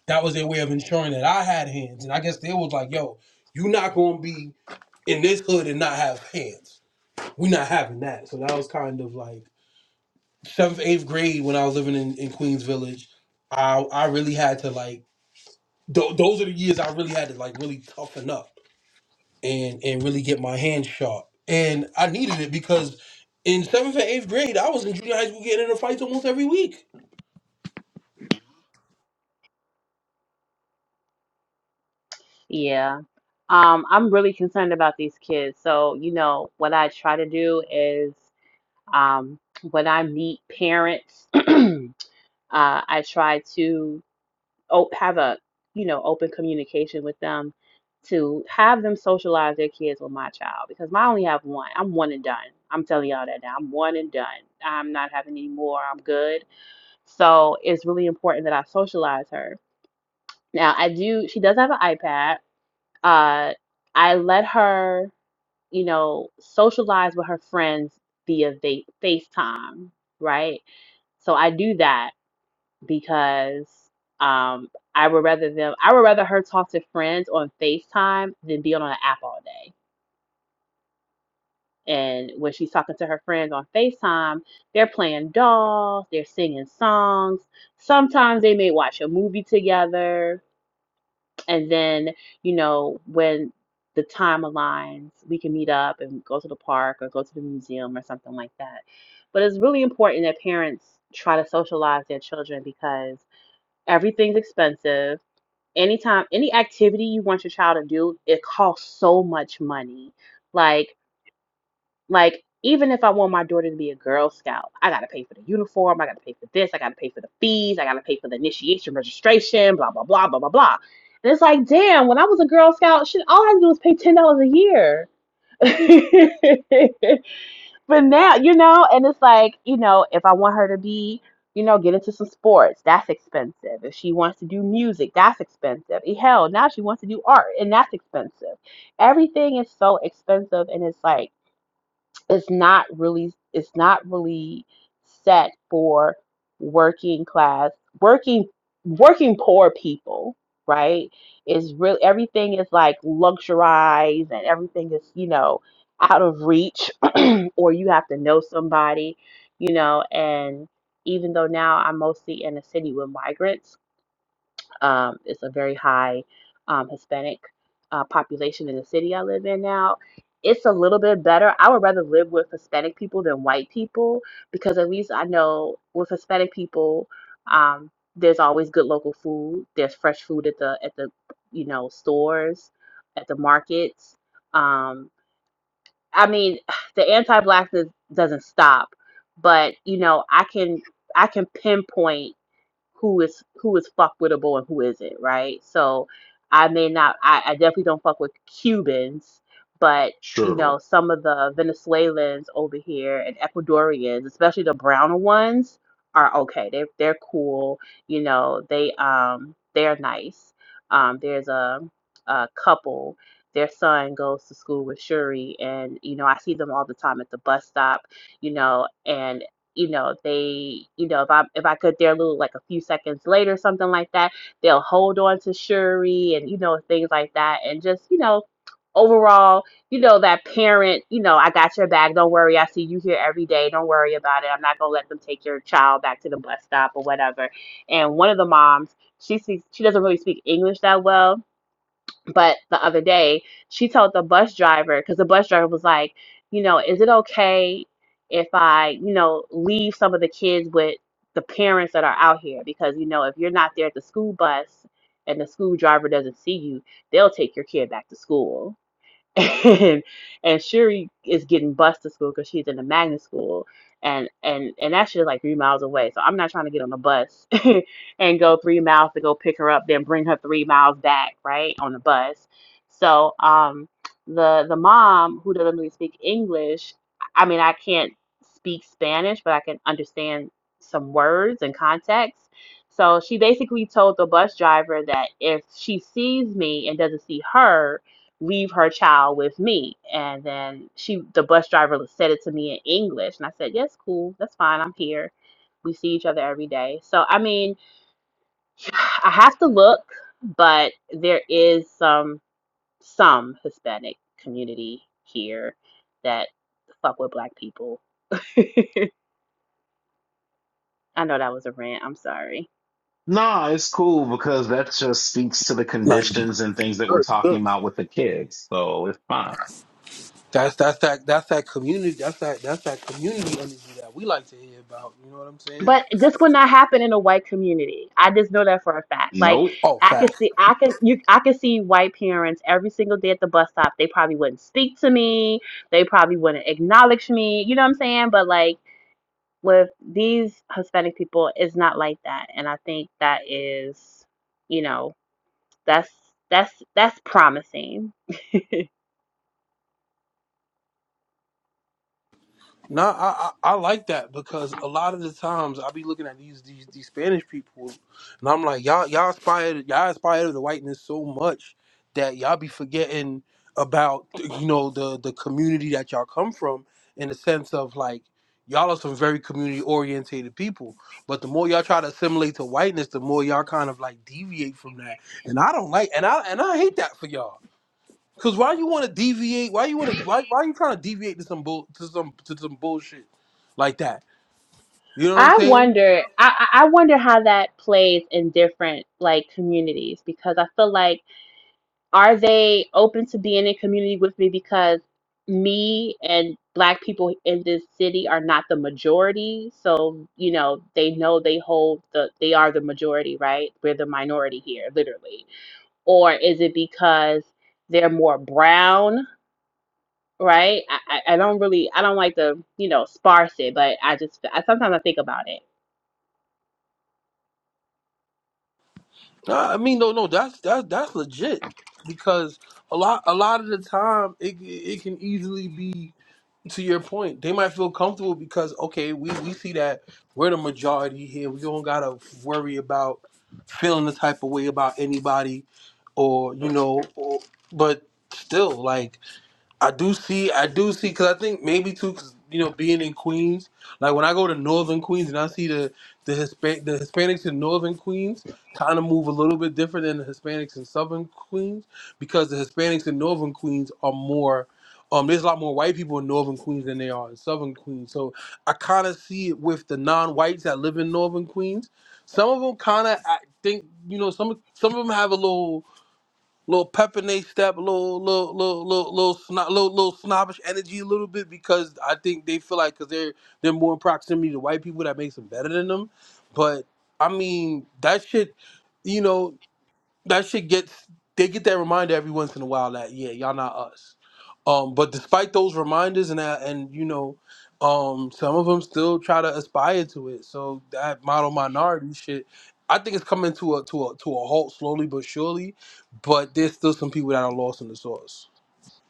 Speaker 2: that was their way of ensuring that I had hands. And I guess they was like, "Yo, you not gonna be in this hood and not have hands. We're not having that." So that was kind of like seventh, eighth grade when I was living in, in Queens Village. I I really had to like th- those are the years I really had to like really toughen up and and really get my hands sharp. And I needed it because in seventh and eighth grade, I was in junior high school getting into fights almost every week.
Speaker 1: Yeah. Um, I'm really concerned about these kids. So, you know, what I try to do is. Um, when I meet parents, uh, I try to o- have a, you know, open communication with them to have them socialize their kids with my child because I only have one. I'm one and done. I'm telling y'all that now. I'm one and done. I'm not having any more. I'm good. So it's really important that I socialize her. Now I do. She does have an iPad. Uh, I let her, you know, socialize with her friends via va- FaceTime, right? So I do that because um, I would rather them. I would rather her talk to friends on FaceTime than be on an app all day. And when she's talking to her friends on FaceTime, they're playing dolls, they're singing songs. Sometimes they may watch a movie together. And then, you know, when the time aligns, we can meet up and go to the park or go to the museum or something like that. But it's really important that parents try to socialize their children because Everything's expensive. Anytime, any activity you want your child to do, it costs so much money. Like, like even if I want my daughter to be a Girl Scout, I gotta pay for the uniform, I gotta pay for this, I gotta pay for the fees, I gotta pay for the initiation, registration, blah blah blah blah blah blah. And it's like, damn, when I was a Girl Scout, shit, all I had to do was pay ten dollars a year. But now, you know, and it's like, you know, if I want her to be, you know, get into some sports, that's expensive. If she wants to do music, that's expensive. Eh, Hell, now she wants to do art, and that's expensive. Everything is so expensive, and it's like, it's not really it's not really set for working class working working poor people right is really everything is like luxurized and everything is you know out of reach or you have to know somebody you know and even though now i'm mostly in a city with migrants um, it's a very high um, Hispanic uh, population in the city I live in now. It's a little bit better. I would rather live with Hispanic people than white people because at least I know with Hispanic people, um, there's always good local food. There's fresh food at the at the you know stores, at the markets. Um, I mean, the anti-blackness doesn't stop, but you know I can I can pinpoint who is who is fuck wittable and who isn't, right? So I may not I, I definitely don't fuck with Cubans, but you know,
Speaker 3: sure.
Speaker 1: some of the Venezuelans over here and Ecuadorians, especially the browner ones, are okay. They're they're cool. You know, they um they're nice. Um there's a a couple their son goes to school with Shuri and you know I see them all the time at the bus stop you know and you know they you know if i if i could their little like a few seconds later something like that they'll hold on to shuri and you know things like that and just you know overall you know that parent you know i got your back don't worry i see you here every day don't worry about it i'm not going to let them take your child back to the bus stop or whatever and one of the moms she speaks she doesn't really speak english that well but the other day, she told the bus driver, because the bus driver was like, you know, is it okay if I, you know, leave some of the kids with the parents that are out here? Because, you know, if you're not there at the school bus and the school driver doesn't see you, they'll take your kid back to school. and and Shuri is getting bused to school because she's in the magnet school, and and and that shit is like three miles away. So I'm not trying to get on the bus and go three miles to go pick her up, then bring her three miles back, right, on the bus. So um, the the mom who doesn't really speak English, I mean, I can't speak Spanish, but I can understand some words and context. So she basically told the bus driver that if she sees me and doesn't see her, leave her child with me. And then she, the bus driver said it to me in English. And I said, yes, cool. That's fine. I'm here. We see each other every day. So, I mean, I have to look, but there is some, some Hispanic community here that fuck with black people. I know that was a rant. I'm sorry.
Speaker 3: Nah, it's cool because that just speaks to the
Speaker 2: Like
Speaker 3: conditions and things that we're talking about with the kids. So it's fine.
Speaker 2: that's that's that that's that community that's that that's that community energy that we like to hear about. You know what I'm saying?
Speaker 1: but this would not happen in a white community. I just know that for a fact. Like
Speaker 3: Nope.
Speaker 2: Oh,
Speaker 1: I can see I can you I can see white parents every single day at the bus stop. They probably wouldn't speak to me. They probably wouldn't acknowledge me. You know what I'm saying? But like with these Hispanic people, it's not like that. And I think that is, you know, that's that's that's promising.
Speaker 2: No, I, I I like that because a lot of the times I be looking at these these, these Spanish people, and I'm like, y'all y'all inspired y'all inspired the whiteness so much that y'all be forgetting about you know the the community that y'all come from in the sense of like y'all are some very community orientated people, but the more y'all try to assimilate to whiteness, the more y'all kind of like deviate from that, and I don't like and I and I hate that for y'all. Cause why you want to deviate? Why you want to? Why why you trying to deviate to some bull to some to some bullshit like that? You know what I'm
Speaker 1: I
Speaker 2: saying?
Speaker 1: wonder I, I I wonder how that plays in different like communities because I feel like are they open to being in community with me because me and black people in this city are not the majority so you know they know they hold the they are the majority right we're the minority here literally or is it because they're more brown right i, I I don't really i don't like to you know sparse it but i just i sometimes i think about it
Speaker 2: Nah, I mean, no, no, that's that's that's legit because a lot a lot of the time it it can easily be to your point. They might feel comfortable because okay, we we see that we're the majority here. We don't gotta worry about feeling the type of way about anybody, or you know, or, but still like I do see, I do see, because I think maybe too, 'cause, you know, being in Queens, like when I go to Northern Queens and I see the the Hispa- the Hispanics in Northern Queens kind of move a little bit different than the Hispanics in Southern Queens because the Hispanics in Northern Queens are more. Um, there's a lot more white people in Northern Queens than there are in Southern Queens. So I kind of see it with the non-whites that live in Northern Queens. Some of them kind of, I think, you know, some some of them have a little little pep in they step, little little little little little, sno- little little snobbish energy a little bit because I think they feel like because they're they're more in proximity to white people that makes them better than them. But I mean that shit, you know that shit gets they get that reminder every once in a while that yeah y'all not us um but despite those reminders and that and you know um some of them still try to aspire to it so that model minority shit i think it's coming to a to a to a halt slowly but surely but there's still some people that are lost in the sauce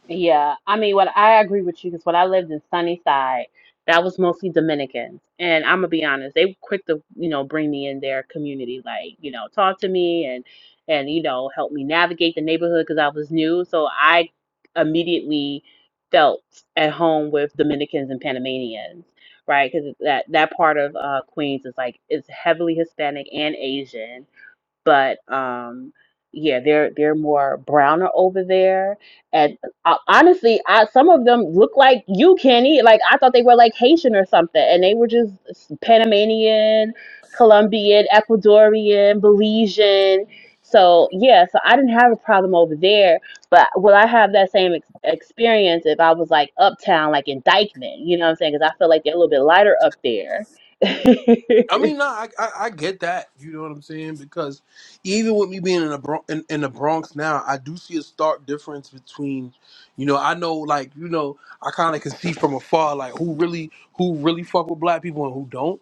Speaker 1: Yeah, I mean, what I agree with you because when I lived in Sunnyside, that was mostly Dominicans, and I'm gonna be honest, they were quick to you know bring me in their community, like you know talk to me and and you know help me navigate the neighborhood because I was new, so I immediately felt at home with Dominicans and Panamanians, right? Because that that part of uh, Queens is like is heavily Hispanic and Asian, but um yeah they're they're more browner over there and uh, honestly I, some of them look like you kenny like i thought they were like haitian or something and they were just panamanian colombian ecuadorian belizean so yeah so i didn't have a problem over there but will i have that same ex- experience if i was like uptown like in dykeman you know what i'm saying because i feel like they're a little bit lighter up there
Speaker 2: I mean, no, I, I I get that. You know what I'm saying? Because even with me being in the Bronx, in, in the Bronx now, I do see a stark difference between, you know, I know like you know, I kind of can see from afar like who really who really fuck with black people and who don't.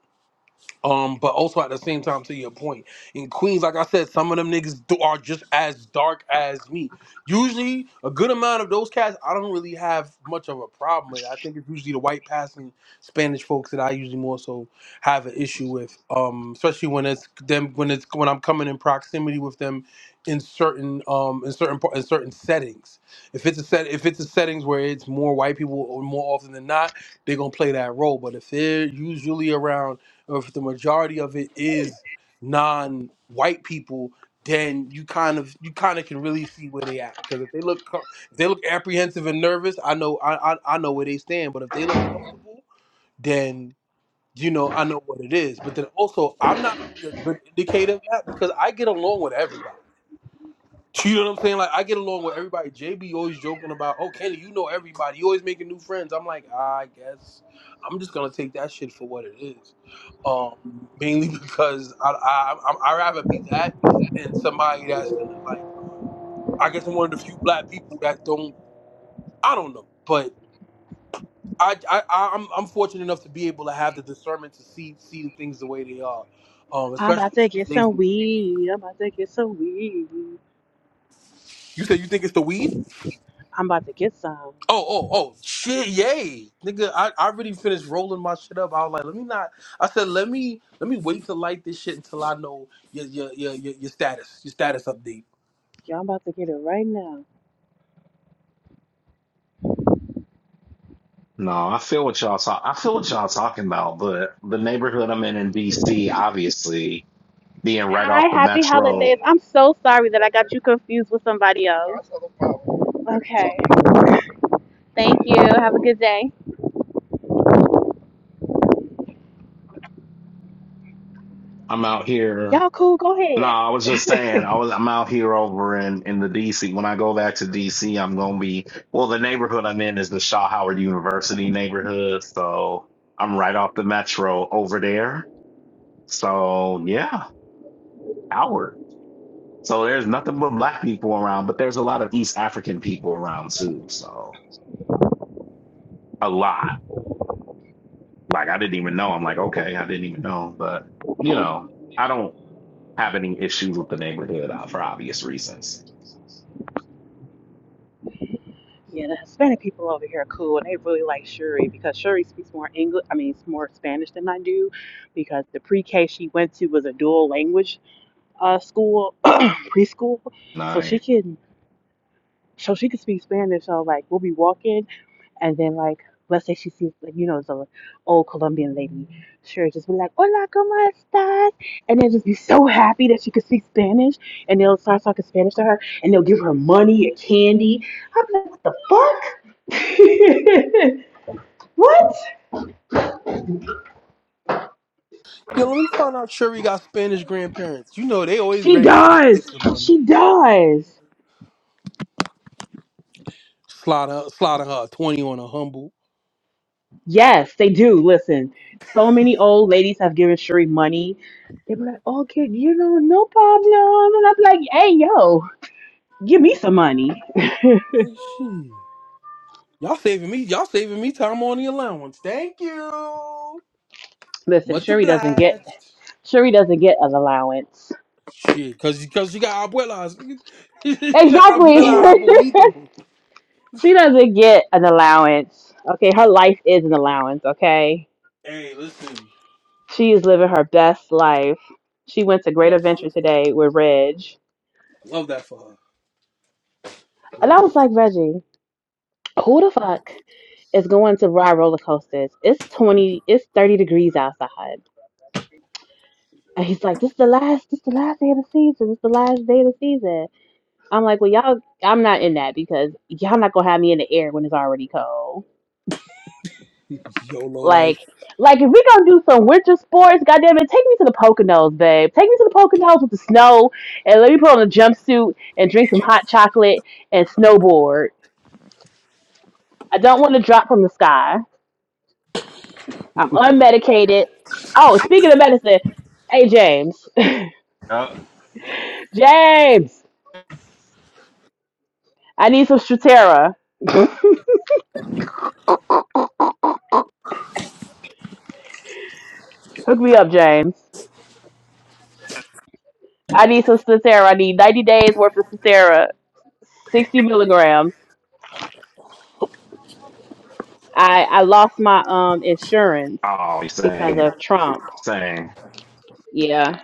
Speaker 2: Um, but also at the same time, to your point, in Queens, like I said, some of them niggas do, are just as dark as me. Usually, a good amount of those cats, I don't really have much of a problem with. I think it's usually the white passing Spanish folks that I usually more so have an issue with. Um, especially when it's them when it's when I'm coming in proximity with them in certain um in certain par- in certain settings. If it's a set if it's a settings where it's more white people or more often than not, they're gonna play that role. But if they're usually around or if the majority of it is non-white people, then you kind of you kind of can really see where they at. Because if they look co- if they look apprehensive and nervous, I know I, I I know where they stand. But if they look comfortable, then you know I know what it is. But then also, I'm not really a good indicator of that because I get along with everybody. You know what I'm saying? Like I get along with everybody. JB always joking about, oh Kenny, you know everybody. You always making new friends. I'm like, I guess I'm just gonna take that shit for what it is. Um, mainly because I I I I'd rather be that than somebody that's gonna like. I guess I'm one of the few black people that don't. I don't know, but I I I- I'm I'm fortunate enough to be able to have the discernment to see see the things the way they are. Um,
Speaker 1: I'm about
Speaker 2: especially
Speaker 1: to
Speaker 2: in
Speaker 1: get
Speaker 2: today's.
Speaker 1: some
Speaker 2: movie.
Speaker 1: weed. I'm about to get some weed.
Speaker 2: You said you think it's the weed?
Speaker 1: I'm about to get some.
Speaker 2: Oh, oh, oh, shit, yay. Nigga, I, I already finished rolling my shit up. I was like, let me not I said let me let me wait to light this shit until I know your your your your, your status, your status update.
Speaker 1: Y'all I'm about to get it right now.
Speaker 3: No, I feel what y'all talk. I feel what y'all talking about, but the neighborhood I'm in in DC, obviously being right off the metro,
Speaker 1: Oh, Okay. Thank. Okay.
Speaker 3: I'm out here.
Speaker 1: Y'all cool? Go
Speaker 3: No,
Speaker 1: ahead.
Speaker 3: I was just saying, I was I'm out here over in in the DC. When I go back to DC, I'm gonna be well. The neighborhood I'm in is the Shaw Howard University neighborhood, so I'm right off the metro over there. So yeah, Howard. So there's nothing but black people around, but there's a lot of East African people around too. So a lot. Like I didn't even know. I'm like, okay, I didn't even know. But you know, I don't have any issues with the neighborhood uh, for obvious reasons.
Speaker 1: Yeah, the Hispanic people over here are cool, and they really like Shuri because Shuri speaks more English. I mean, it's more Spanish than I do, because the pre-K she went to was a dual language uh school preschool,
Speaker 3: And
Speaker 1: so she
Speaker 3: I
Speaker 1: can so she can speak Spanish. So like, we'll be walking. And then like let's say she sees like you know the old Colombian lady, sure just be like, Hola, ¿cómo estás? And then just be so happy that she could speak Spanish and they'll start talking Spanish to her and they'll give her money and candy. I'm like, what the fuck? what?
Speaker 2: Yo, let me find out Sherry got Spanish grandparents. You know they always
Speaker 1: She
Speaker 2: ready to get their
Speaker 1: does.
Speaker 2: kids some money.
Speaker 1: She does.
Speaker 2: Slaughter slaughter her a twenty on a humble.
Speaker 1: Yes, they do. Listen, so many old ladies have given Sheree money. They were like, okay, you know, no problem. And I'm like, hey, yo, give me some money.
Speaker 2: Like, shit. Y'all saving me y'all saving me time on the allowance. Thank you.
Speaker 1: Listen,
Speaker 2: Much
Speaker 1: Shuri doesn't get
Speaker 2: obliged.
Speaker 1: Shuri doesn't get an allowance.
Speaker 2: Shit, cause, cause you got abuelas. you got
Speaker 1: Exactly.
Speaker 2: abuela abuelito.
Speaker 1: she doesn't get an allowance. Okay, her life is an allowance, okay?
Speaker 2: Hey, listen.
Speaker 1: She is living her best life. She went to Great Adventure today with Reg.
Speaker 2: Love that for her. You
Speaker 1: And I
Speaker 2: know,
Speaker 1: was like, Reggie, who the fuck is going to ride roller coasters? It's twenty it's thirty degrees outside. And he's like, This is the last this is the last day of the season. It's the last day of the season. I'm like, Well y'all I'm not in that because y'all not gonna have me in the air when it's already cold.
Speaker 2: YOLO
Speaker 1: Like,
Speaker 2: life.
Speaker 1: like if we gonna do some winter sports, goddamn it, take me to the Poconos, babe. Take me to the Poconos with the snow, and let me put on a jumpsuit and drink some hot chocolate and snowboard. I don't want to drop from the sky. I'm unmedicated. Oh, speaking of medicine, hey James,
Speaker 3: uh,
Speaker 1: James, I need some Stratera. Hook me up, James. I need some Stratera. I need 90 days worth of Stratera, 60 milligrams. I I lost my um insurance
Speaker 3: oh,
Speaker 1: because
Speaker 3: same,
Speaker 1: of Trump.
Speaker 3: same.
Speaker 1: Yeah.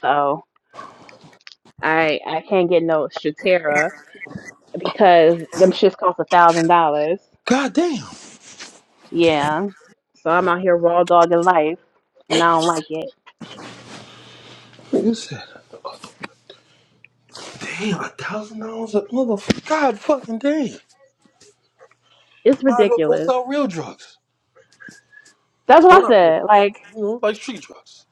Speaker 1: So I I can't get no Stratera because them shits cost a thousand dollars.
Speaker 2: God damn.
Speaker 1: Yeah. So I'm out here raw dogging life and I don't like it.
Speaker 2: You said, damn, a thousand dollars a motherfucker. God fucking damn.
Speaker 1: It's
Speaker 2: Might as well go
Speaker 1: ridiculous.
Speaker 2: sell real drugs.
Speaker 1: That's
Speaker 2: Well,
Speaker 1: what I
Speaker 2: not real.
Speaker 1: said. Like,
Speaker 2: You know, like street drugs.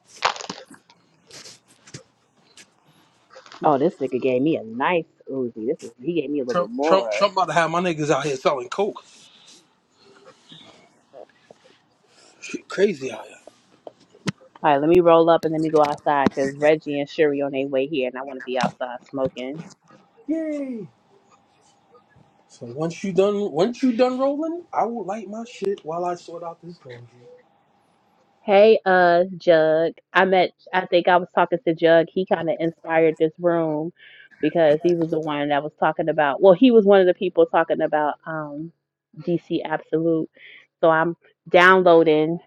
Speaker 1: oh, I This gave me
Speaker 2: Trump,
Speaker 1: more.
Speaker 2: Trump, Trump about to have my niggas out here selling coke. Shit, crazy out
Speaker 1: All right, let me roll up and let me go outside because Reggie and Shuri on their way here and I want to be outside smoking.
Speaker 2: here. Yay. So once you done, once you done rolling, I will light my shit while I sort out this laundry.
Speaker 1: Hey, uh, Jug. I met, I think I was talking to Jug. He kind of inspired this room because he was the one that was talking about, well, he was one of the people talking about um, DC Absolute. So I'm downloading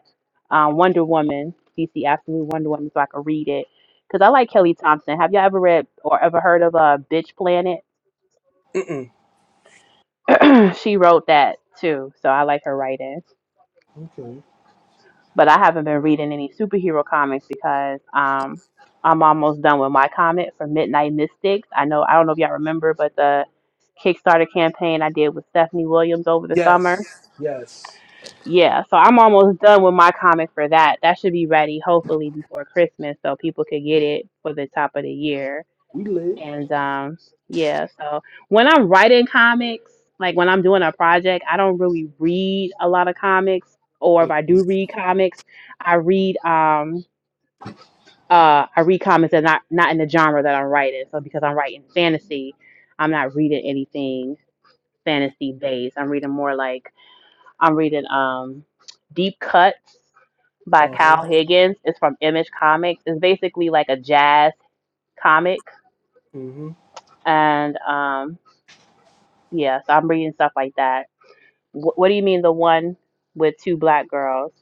Speaker 1: um, Wonder Woman, DC Absolute Wonder Woman, so I can read it. Because I like Kelly Thompson. Have y'all ever read or ever heard of uh, Bitch Planet?
Speaker 2: Mm
Speaker 1: she wrote that too. So I like her writing.
Speaker 2: mm. Okay.
Speaker 1: but I haven't been reading any superhero comics because um I'm almost done with my comic for Midnight Mystics. I know I don't know if y'all remember, but the Kickstarter campaign I did with Stephanie Williams over the summer.
Speaker 2: Yes. Yes.
Speaker 1: Yeah, so I'm almost done with my comic for that. That should be ready hopefully before Christmas so people could get it for the top of the year.
Speaker 2: We lit.
Speaker 1: And um, yeah, so when I'm writing comics, like when I'm doing a project, I don't really read a lot of comics, or
Speaker 2: Uh
Speaker 1: if I do read comics, I read um uh I read comics that are not not in the genre that I'm writing. So because I'm writing fantasy, I'm not reading anything fantasy based. I'm reading more like I'm reading um Deep Cuts by
Speaker 2: huh.
Speaker 1: Kyle Higgins. It's from Image Comics. It's basically like a jazz comic
Speaker 2: Mm hmm.
Speaker 1: and um Yeah, so I'm reading stuff like that. Wh- what do you mean the one with two black girls?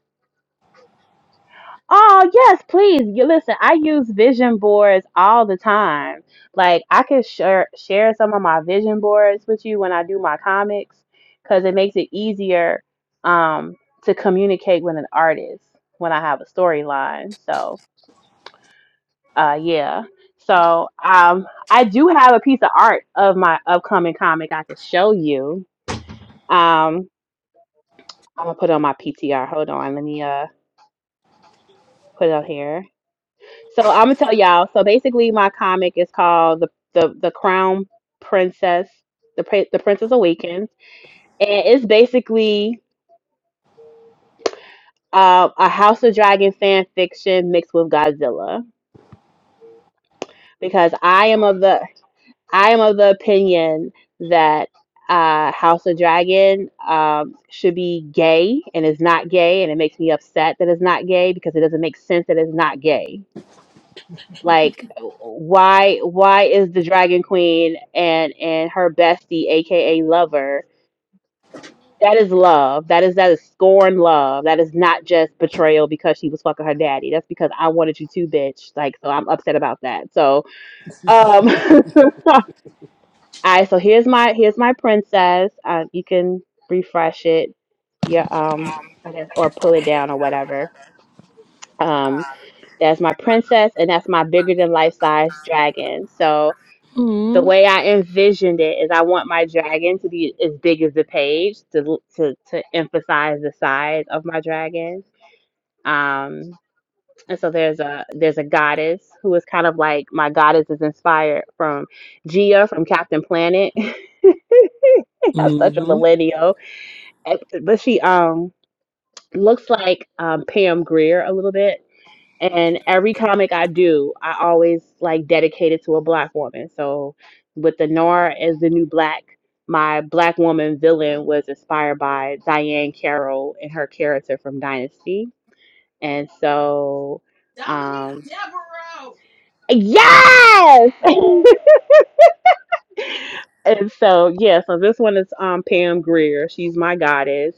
Speaker 1: Oh, yes, please. You listen, I use vision boards all the time. Like I can share share some of my vision boards with you when I do my comics cuz it makes it easier um to communicate with an artist when I have a storyline. So, uh yeah. So, um I do have a piece of art of my upcoming comic I could show you. Um. I'm gonna put on my PTR. Hold on, let me uh put it up here. So I'm gonna tell y'all. So basically, my comic is called the the the Crown Princess, the Pri- the Princess Awakens, and it's basically uh, a House of Dragon fan fiction mixed with Godzilla because I am of the I am of the opinion that uh, House of Dragon um, should be gay and is not gay, and it makes me upset that it's not gay because it doesn't make sense that it's not gay Like why why is the Dragon Queen and and her bestie, aka lover, that is love. That is that is scorn love. That is not just betrayal because she was fucking her daddy. That's because I wanted you to, bitch. Like so I'm upset about that. So um all right, so here's my here's my princess. Uh, you can refresh it yeah um I guess, or pull it down or whatever um that's my princess and that's my bigger than life size dragon so the way I envisioned it is I want my dragon to be as big as the page to to to emphasize the size of my dragon. Um, and so there's a there's a goddess who is kind of like my goddess is inspired from Gia from Captain Planet. I'm such a
Speaker 2: Mm-hmm.
Speaker 1: millennial, And- but she um looks like um Pam Greer a little bit and every comic I do, I always like dedicate it to a black woman. So with the noir as the new black, my black woman villain was inspired by Diane Carroll and her character from Dynasty. And so
Speaker 2: Dominique
Speaker 1: um
Speaker 2: Devereaux.
Speaker 1: yes. and so yeah, so this one is um Pam Greer. She's my goddess.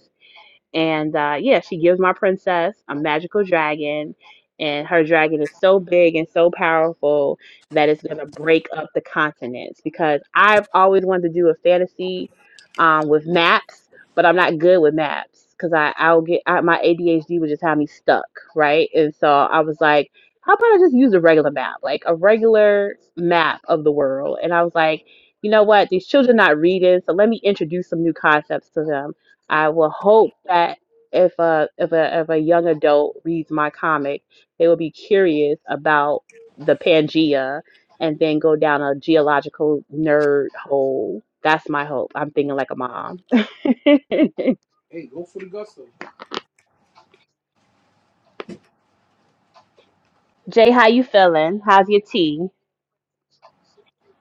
Speaker 1: And uh, yeah, she gives my princess a magical dragon, and her dragon is so big and so powerful that it's gonna break up the continents. Because I've always wanted to do a fantasy um, with maps, but I'm not good with maps because I I'll get I, my ADHD would just have me stuck, right? And so I was like, how about I just use a regular map, like a regular map of the world? And I was like. You know what? These children not reading, so let me introduce some new concepts to them. I will hope that if a if a if a young adult reads my comic, they will be curious about the Pangea and then go down a geological nerd hole. That's my hope. I'm thinking like a mom.
Speaker 2: Hey, go for the gusto.
Speaker 1: Jay, how you feeling? How's your tea?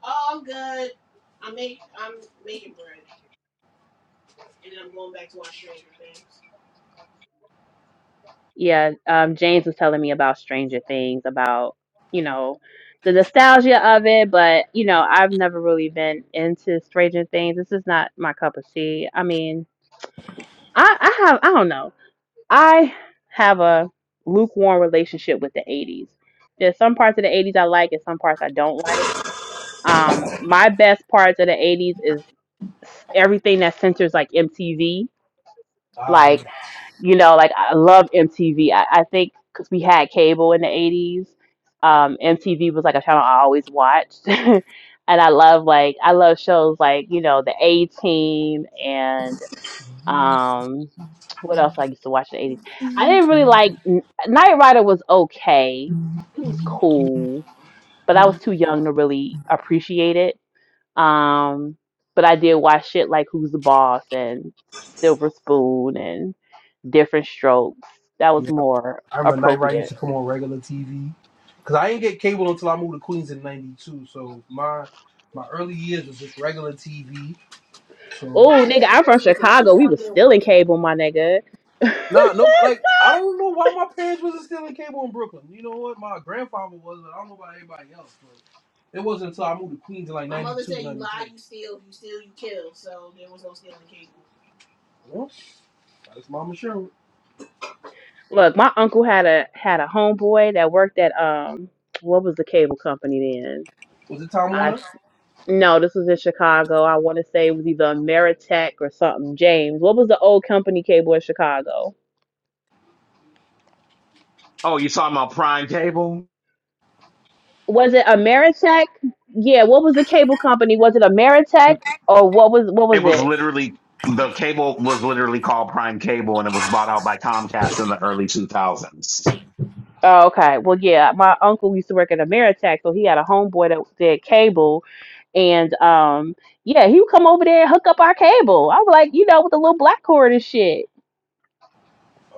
Speaker 2: Oh, I'm good. I make I'm making bread, and then I'm going back to watch Stranger Things.
Speaker 1: Yeah, um, James was telling me about Stranger Things, about you know the nostalgia of it, but you know I've never really been into Stranger Things. This is not my cup of tea. I mean, I I have I don't know. I have a lukewarm relationship with the 80s. There's some parts of the 80s I like and some parts I don't like. Um, my best parts of the 80s is everything that centers like MTV.
Speaker 2: Ah,
Speaker 1: Like,
Speaker 2: yeah.
Speaker 1: you know, like I love MTV. I, I think because we had cable in the 80s, um, MTV was like a channel I always watched. and I love like, I love shows like, you know, The A Team and. Um, what else I used to watch in the 80s? I didn't really like Night Rider was okay. It was cool, but I was too young to really appreciate it. Um, but I did watch shit like Who's the Boss and Silver Spoon and Different Strokes. That was
Speaker 2: yeah.
Speaker 1: more
Speaker 2: I remember Night Rider used
Speaker 1: appropriate.
Speaker 2: to come on regular TV. Cause I didn't get cable until I moved to Queens in '92. So my my early years was just regular TV. So
Speaker 1: Oh,
Speaker 2: I didn't
Speaker 1: nigga,
Speaker 2: have
Speaker 1: I'm from
Speaker 2: cable until
Speaker 1: Chicago. We was still
Speaker 2: 2001.
Speaker 1: in cable, my nigga.
Speaker 2: Nah, no, like I don't know why my parents wasn't stealing cable in Brooklyn. You know what? My grandfather was, but I don't know about everybody else. But it wasn't until I moved to Queens in like ninety two. My mother said you lie, you steal, you steal, you kill. So there was no stealing cable. Well, that's Mama insurance.
Speaker 1: Look, my uncle had a had a homeboy that worked at um what was the cable company then?
Speaker 2: Was it Time
Speaker 1: I.
Speaker 2: Warner?
Speaker 1: No, this was in Chicago. I want to say it was either Ameritech or something. James, what was the old company cable in Chicago?
Speaker 3: Oh, you talking about Prime Cable?
Speaker 1: Was it Ameritech? Yeah, what was the cable company? Was it Ameritech or what was what
Speaker 3: It
Speaker 1: was
Speaker 3: was
Speaker 1: it?
Speaker 3: literally the cable was literally called Prime Cable, and it was bought out by Comcast in the early 2000s.
Speaker 1: Oh, okay. Well, yeah, my uncle used to work at Ameritech, so he had a homeboy that did cable, and um, yeah, he would come over there and hook up our cable. I was like, you know, with the little black cord and shit.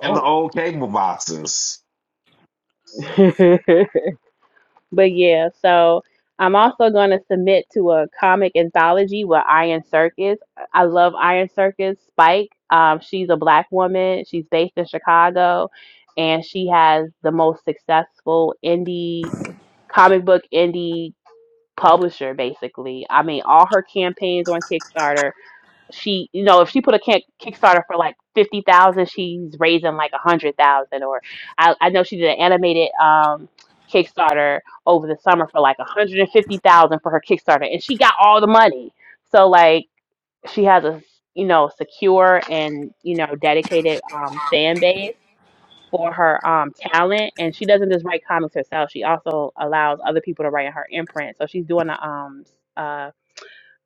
Speaker 3: And the old cable boxes.
Speaker 1: But yeah, so I'm also going to submit to a comic anthology with Iron Circus. I love Iron Circus. Spike, um, she's a black woman. She's based in Chicago, and she has the most successful indie comic book indie publisher. Basically, I mean, all her campaigns on Kickstarter she you know if she put a kick, kickstarter for like 50,000 she's raising like 100,000 or I, I know she did an animated um kickstarter over the summer for like 150,000 for her kickstarter and she got all the money so like she has a you know secure and you know dedicated um fan base for her um talent and she doesn't just write comics herself she also allows other people to write in her imprint so she's doing a um uh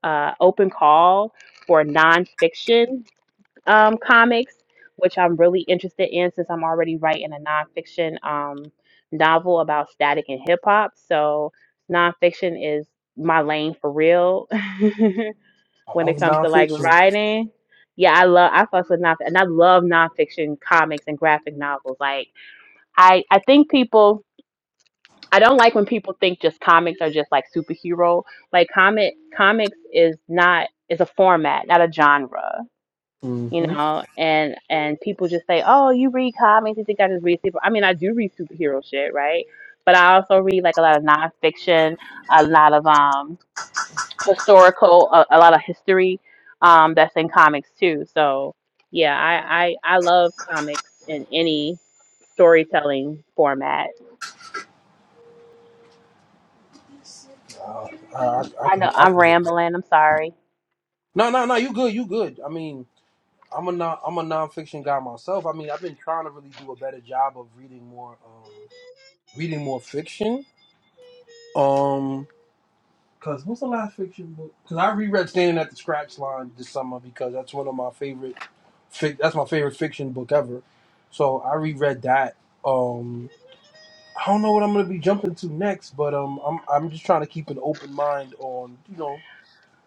Speaker 1: uh open call for nonfiction um, comics, which I'm really interested in since I'm already writing a nonfiction um, novel about static and hip hop. So nonfiction is my lane for real
Speaker 2: I
Speaker 1: when
Speaker 2: love
Speaker 1: it comes to like
Speaker 2: nonfiction.
Speaker 1: writing. Yeah, I love I fuss with nonfiction and I love nonfiction comics and graphic novels. Like I I think people I don't like when people think just comics are just like superhero. Like comic comics is not is a format, not a genre you
Speaker 2: Mm-hmm.
Speaker 1: know, and and people just say, "Oh, you read comics? You think I just read super?" I mean, I do read superhero shit, right? But I also read like a lot of nonfiction, a lot of um historical, a, a lot of history um that's in comics too. So yeah, I I, I love comics in any storytelling format.
Speaker 2: Uh, I, I I
Speaker 1: I
Speaker 2: can,
Speaker 1: know
Speaker 2: I
Speaker 1: I'm
Speaker 2: can. do it.
Speaker 1: rambling. I'm sorry.
Speaker 2: No, no, no. You good? You good? I mean, I'm a non, I'm a nonfiction guy myself. I mean, I've been trying to really do a better job of reading more, um, reading more fiction. Um, cause what's the last fiction book? Cause I reread Standing at the Scratch Line this summer because that's one of my favorite. Fic- that's my favorite fiction book ever. So I reread that. Um, I don't know what I'm gonna be jumping to next, but um, I'm I'm just trying to keep an open mind on you know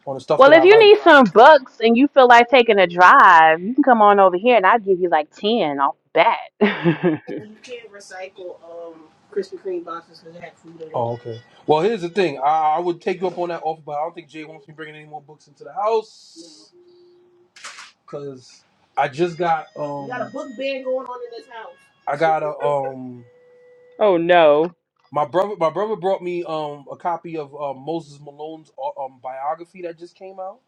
Speaker 2: on the stuff
Speaker 1: Well,
Speaker 2: that
Speaker 1: if
Speaker 2: I
Speaker 1: you
Speaker 2: like.
Speaker 1: need some books and you feel like taking a drive, you can come on over here and I'll give you like 10 off the bat.
Speaker 2: You can't recycle um, Krispy Kreme boxes because they have food in it. Oh, okay. Well, here's the thing. I, I would take you up on that offer, but I don't think Jay wants me bringing any more books into the house. Cause I just got um. You got a um book ban going on in this house. I got a um
Speaker 1: Oh no.
Speaker 2: my brother my brother brought me um a copy of uh, Moses Malone's uh, um biography that just came out.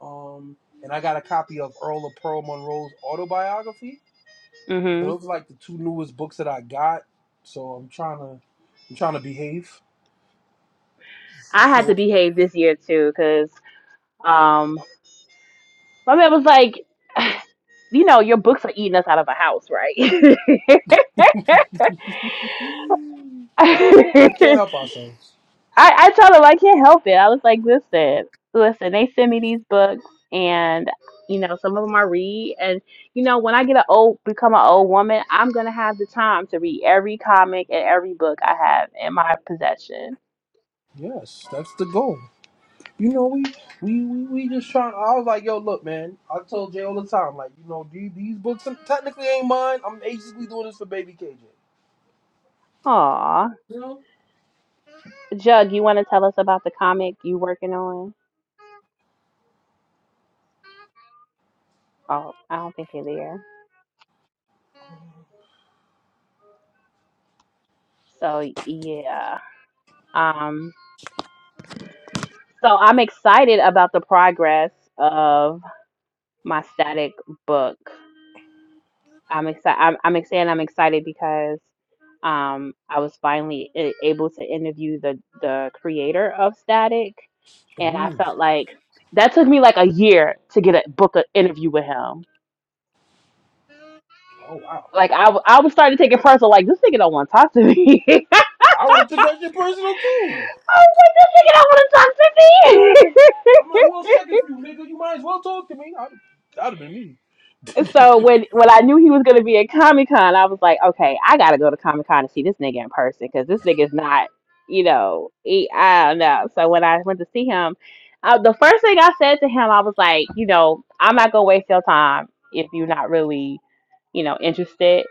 Speaker 2: Um and I got a copy of Earl of Pearl Monroe's autobiography. So
Speaker 1: Mhm.
Speaker 2: those are like the two newest books that I got. So I'm trying to I'm trying to behave
Speaker 1: I had to
Speaker 2: for
Speaker 1: behave this year too, cause um, my man was like, you know, your books are eating us out of the house, right?
Speaker 2: we can't
Speaker 1: I
Speaker 2: help ourselves.
Speaker 1: I told him I can't help it. I was like, listen, listen, they send me these books, and you know, some of them I read, and you know, when I get an old, become an old woman, I'm gonna have the time to read every comic and every book I have in my possession.
Speaker 2: Yes, that's the goal. You know, we we we, we just trying. I was like, yo, look, man. I told Jay all the time, like, you know, these, these books technically ain't mine. I'm basically doing this for Baby KJ.
Speaker 1: Aw.
Speaker 2: You know?
Speaker 1: Jug, you want to tell us about the comic you working on? Oh, I don't think they're there. So yeah. Um. So I'm excited about the progress of my static book. I'm excited. I'm, I'm excited. I'm excited because um I was finally a- able to interview the the creator of Static, and I
Speaker 2: Ooh.
Speaker 1: felt like that took me like a year to get a book an interview with him.
Speaker 2: Oh wow.
Speaker 1: Like I, w- I was starting to take it personal. Like this nigga don't want to talk to me.
Speaker 2: I would have took that shit personal too.
Speaker 1: I was like, This nigga don't want to talk to
Speaker 2: I'm
Speaker 1: me.
Speaker 2: like, who else checking for you, nigga? You might as well talk to me. I'd, that'd have been me.
Speaker 1: so when when I knew he was gonna be at Comic Con, I was like, okay, I gotta go to Comic Con to see this nigga in person because this nigga's not, you know, he, I don't know. So when I went to see him, uh, the first thing I said to him, I was like, you know, I'm not gonna waste your time if you're not really, you know, interested.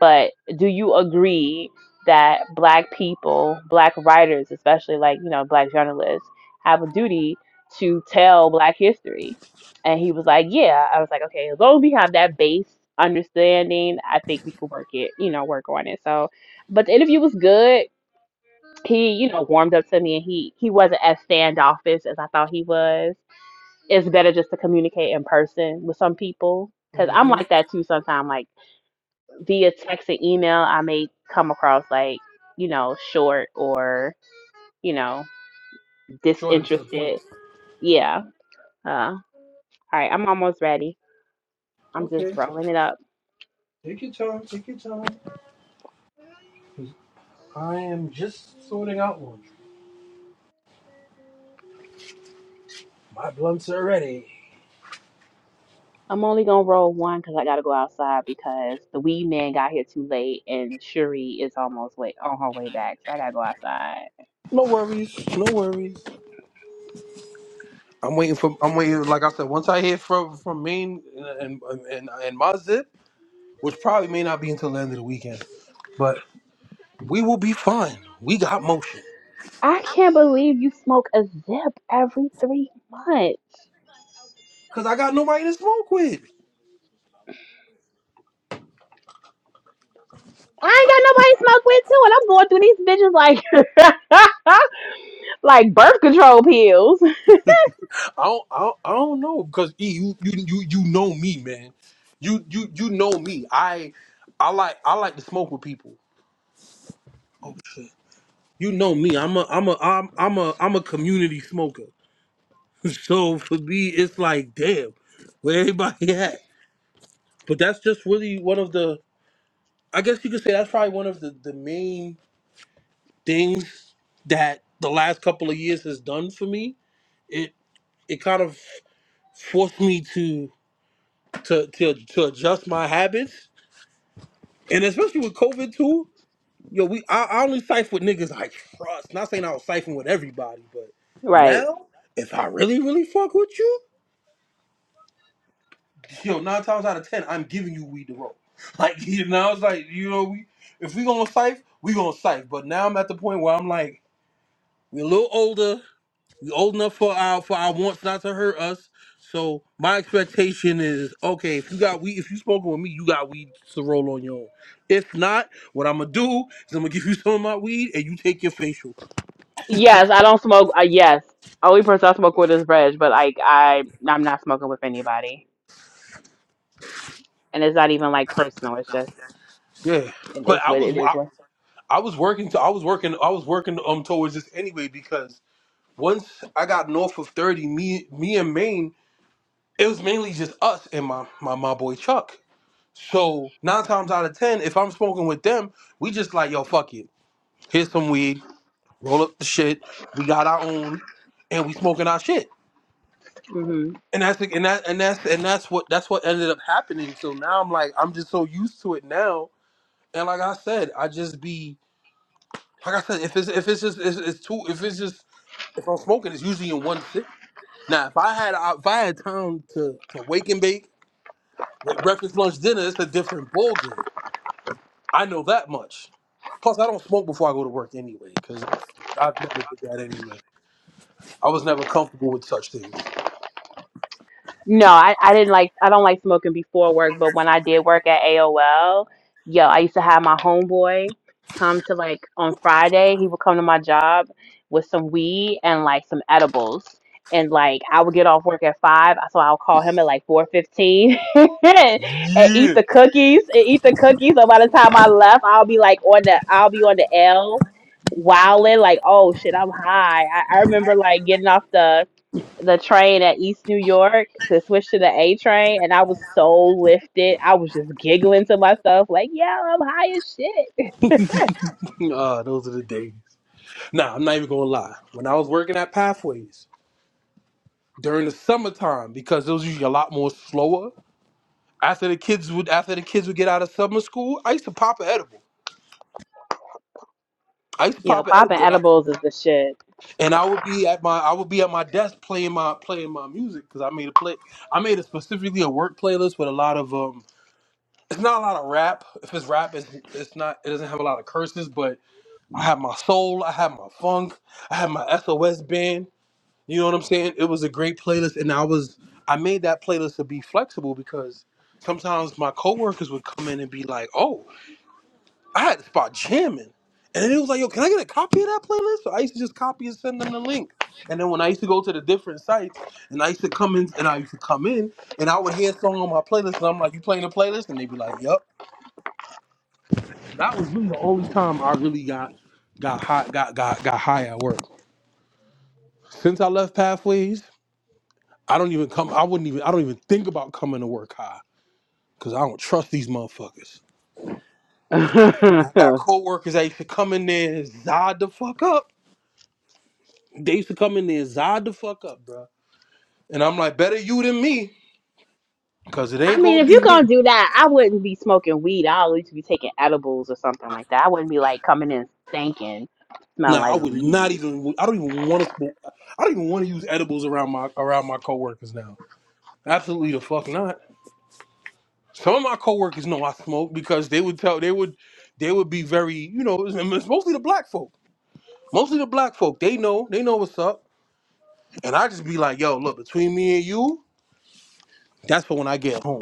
Speaker 1: but do you agree that black people black writers especially like you know black journalists have a duty to tell black history and he was like yeah i was like okay as long as we have that base understanding i think we could work it you know work on it so but the interview was good he you know warmed up to me and he he wasn't as standoffish as i thought he was it's better just to communicate in person with some people because
Speaker 2: mm
Speaker 1: i'm
Speaker 2: hmm
Speaker 1: like that too sometimes like via text and email, I may come across like, you know, short or, you know,
Speaker 2: Short and to the
Speaker 1: disinterested.
Speaker 2: point.
Speaker 1: Yeah. Uh, all right. I'm almost ready. I'm just
Speaker 2: Okay,
Speaker 1: rolling it up.
Speaker 2: take your time. Take your time. 'cause I am just sorting out laundry. My blunt's are ready.
Speaker 1: I'm only going to roll one because I got to go outside because the weed man got here too late and Shuri is almost wait on her way back. So I got to go outside.
Speaker 2: No worries. No worries. I'm waiting for. I'm waiting. Like I said, once I hear from from Maine and and and, and my zip, which probably may not be until the end of the weekend, but we will be fine. We got motion.
Speaker 1: I can't believe you smoke a zip every three months.
Speaker 2: Cause I got nobody to smoke with.
Speaker 1: I ain't got nobody to smoke with too, and I'm going through these bitches like like birth control pills.
Speaker 2: I don't. I don't, I don't know. Cause E, you you you you know me, man. You you you know me. I I like I like to smoke with people. Oh shit. You know me. I'm a I'm a I'm I'm a I'm a community smoker. So for me, it's like damn, where everybody at? But that's just really one of the I guess you could say that's probably one of the, the main things that the last couple of years has done for me. It it kind of forced me to to to, to adjust my habits. And especially with COVID too, yo, we I, I only cipher with niggas I trust. Not saying I was ciphering with everybody, but
Speaker 1: Right.
Speaker 2: now if I really, really fuck with you. yo, nine times out of ten, I'm giving you weed to roll. Like, you know, it's like, you know, we if we gonna sife, we gonna sife. But now I'm at the point where I'm like, we're a little older, we old enough for our for our wants not to hurt us. So my expectation is, okay, if you got weed, if you smoking with me, you got weed to roll on your own. If not, what I'm gonna do is I'm gonna give you some of my weed and you take your facial.
Speaker 1: Yes, I don't smoke. Uh, yes, only person I smoke with is Reg, but like I, I'm not smoking with anybody, and it's not even like personal. It's just
Speaker 2: Yeah,
Speaker 1: it
Speaker 2: but
Speaker 1: is
Speaker 2: I
Speaker 1: what
Speaker 2: was
Speaker 1: it is.
Speaker 2: I, I was working to I was working I was working um towards this anyway because. once I got north of 30, me me and Maine, it was mainly just us and my my, my boy Chuck. So nine times out of ten, if I'm smoking with them, we just like, yo, fuck it. Here's some weed, roll up the shit. We got our own and we smoking our shit.
Speaker 1: What.
Speaker 2: And that's and that and that's and that's what that's what ended up happening. So now I'm like, I'm just so used to it now. And like I said, I just be like I said, if it's if it's just it's, it's too if it's just if I'm smoking, it's usually in one sit. Now, if I had if I had time to to wake and bake with breakfast, lunch, dinner, it's a different ball game. I know that much. Plus, I don't smoke before I go to work anyway, because I've never did that anyway. I was never comfortable with such things.
Speaker 1: No, I, I didn't like I don't like smoking before work, but when I did work at AOL, yo, I used to have my homeboy come to like on Friday, he would come to my job with some weed and like some edibles. And like I would get off work at five, so I'll call him at like four fifteen and eat
Speaker 2: Yeah,
Speaker 1: the cookies and eat the cookies. So by the time I left, I'll be like on the I'll be on the L wilding like oh shit, I'm high. I, I remember like getting off the the train at East New York to switch to the A train, and I was so lifted. I was just giggling to myself, like, "Yeah, I'm high as shit."
Speaker 2: Ah, those are the days. Nah, I'm not even gonna lie. When I was working at Pathways during the summertime, because it was usually a lot more slower. After the kids would after the kids would get out of summer school, I used to pop an edible. I used to
Speaker 1: You know,
Speaker 2: pop an
Speaker 1: popping
Speaker 2: edible.
Speaker 1: edibles is the shit.
Speaker 2: and I would be at my I would be at my desk playing my playing my music because I made a play I made a specifically a work playlist with a lot of um it's not a lot of rap if it's rap it's, it's not it doesn't have a lot of curses but I have my soul I have my funk I have my SOS band you know what I'm saying it was a great playlist and I was I made that playlist to be flexible because sometimes my coworkers would come in and be like oh I had to start jamming. And then it was like, yo, can I get a copy of that playlist? So I used to just copy and send them the link. And then when I used to go to the different sites and I used to come in and I used to come in and I would hear a song on my playlist and I'm like, You playing the playlist? And they'd be like, Yup. That was really the only time I really got got hot got got got high at work. Since I left Pathways, I don't even come I wouldn't even I don't even think about coming to work high. Cause I don't trust these motherfuckers. I got coworkers that used to come in there and zod the fuck up. They used to come in there zod the fuck up, bro. And I'm like, better you than me, cause it
Speaker 1: I
Speaker 2: ain't
Speaker 1: mean,
Speaker 2: gonna
Speaker 1: if you're
Speaker 2: be me.
Speaker 1: gonna do that, I wouldn't be smoking weed. I'd at least be taking edibles or something like that. I wouldn't be like coming in stinking, smell
Speaker 2: Nah, I
Speaker 1: like
Speaker 2: would not
Speaker 1: weed.
Speaker 2: even. I don't even want to. I don't even want to use edibles around my around my coworkers now. Absolutely the fuck not. Some of my coworkers know I smoke because they would tell they would they would be very you know it's it's mostly the black folk, mostly the black folk. They know they know what's up, and I just be like, yo, look between me and you, that's for when I get home.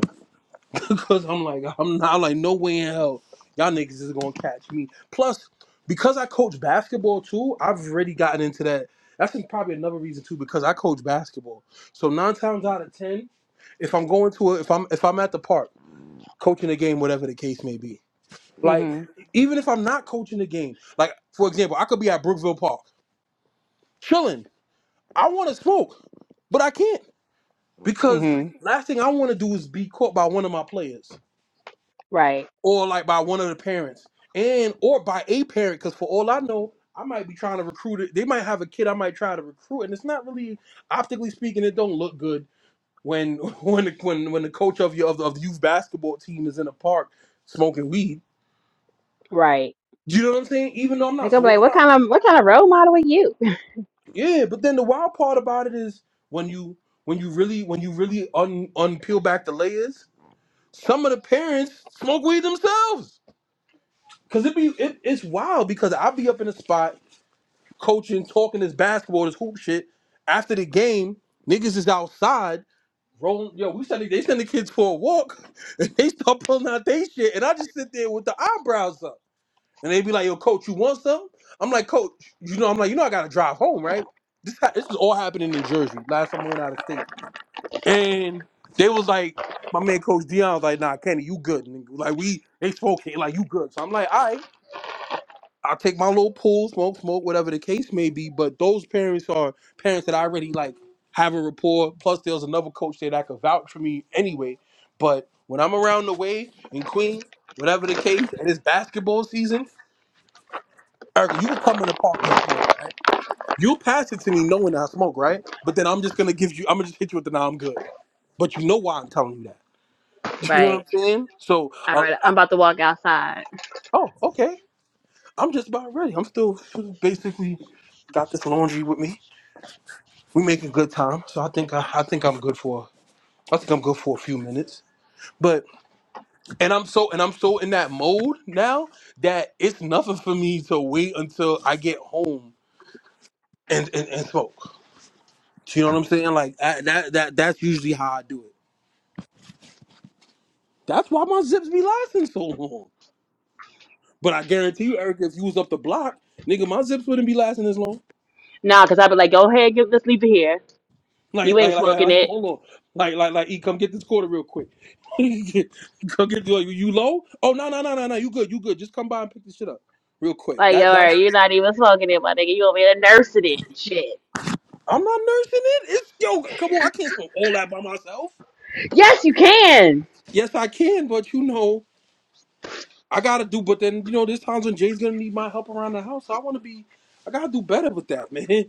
Speaker 2: because I'm like, I'm not I'm like, no way in hell, y'all niggas is gonna catch me. Plus, because I coach basketball too, I've already gotten into that. That's probably another reason too, because I coach basketball. So nine times out of ten, if I'm going to a, if I'm if I'm at the park coaching a game, whatever the case may be, like
Speaker 1: Mhm.
Speaker 2: even if I'm not coaching the game, like for example, I could be at Brookville Park chilling. I want to smoke, but I can't because
Speaker 1: Mhm.
Speaker 2: last thing I want to do is be caught by one of my players.
Speaker 1: Right.
Speaker 2: or like by one of the parents and or by a parent because for all i know i might be trying to recruit it they might have a kid i might try to recruit and it's not really optically speaking it don't look good when when the, when when the coach of your of the, of the youth basketball team is in the park smoking weed
Speaker 1: Right.
Speaker 2: Do you know what i'm saying even though i'm
Speaker 1: They
Speaker 2: not,
Speaker 1: gonna be
Speaker 2: so
Speaker 1: like,
Speaker 2: I'm
Speaker 1: "What
Speaker 2: not
Speaker 1: kind of what kind of role model are you?"
Speaker 2: yeah but then the wild part about it is when you when you really when you really un unpeel back the layers some of the parents smoke weed themselves because it be it, it's wild because i be up in a spot coaching, talking this basketball, this hoop shit. After the game, niggas is outside rolling. Yo, we send the, they send the kids for a walk, and they start pulling out their shit, and I just sit there with the eyebrows up, and they be like, "Yo, coach, you want some?" I'm like, "Coach, you know, I'm like, you know, I gotta drive home, right?" This ha- this is all happening in Jersey. Last time I went out of state, and they was like, my man, Coach Dion was like, "Nah, Kenny, you good?" And like we, they spoke like you good. So I'm like, "All right." I'll take my little pool, smoke, smoke, whatever the case may be. But those parents are parents that I already like have a rapport. Plus, there's another coach there that could vouch for me anyway. But when I'm around the way in Queens, whatever the case, and it's basketball season, Erica, you could come in the park and smoke, right? You'll pass it to me knowing I smoke, right? But then I'm just gonna give you, I'm gonna just hit you with the now I'm good. But you know why I'm telling you that. You know what I'm
Speaker 1: Right.
Speaker 2: saying? So,
Speaker 1: All
Speaker 2: uh,
Speaker 1: right. I'm about to walk outside.
Speaker 2: oh, okay. I'm just about ready. I'm still basically got this laundry with me. we making good time. So I think I, I think I'm good for I think I'm good for a few minutes. But and I'm so and I'm so in that mode now that it's nothing for me to wait until I get home and and, and smoke. You know what I'm saying? Like I, that that that's usually how I do it. That's why my zips be lasting so long. But I guarantee you, Eric, if you was up the block, nigga, my zips wouldn't be lasting as long.
Speaker 1: Nah, cause I'd be like, "Go ahead, get, let's leave it here." You
Speaker 2: Like,
Speaker 1: ain't
Speaker 2: like, like, like,
Speaker 1: smoking
Speaker 2: like,
Speaker 1: it.
Speaker 2: hold on. Like, like, like, E, come get this quarter real quick. come get you. You low? Oh no, no, no, no, no. You good? You good? Just come by and pick this shit up real quick.
Speaker 1: Like, yo,
Speaker 2: That,
Speaker 1: all
Speaker 2: that,
Speaker 1: right, you're not even smoking it, my nigga. You over here nursing it and shit.
Speaker 2: I'm not nursing it. It's yo. Come on, I can't smoke all that by myself.
Speaker 1: Yes, you can.
Speaker 2: Yes, I can, but you know, I gotta do. But then you know, there's times when Jay's gonna need my help around the house. So I want to be. I gotta do better with that, man.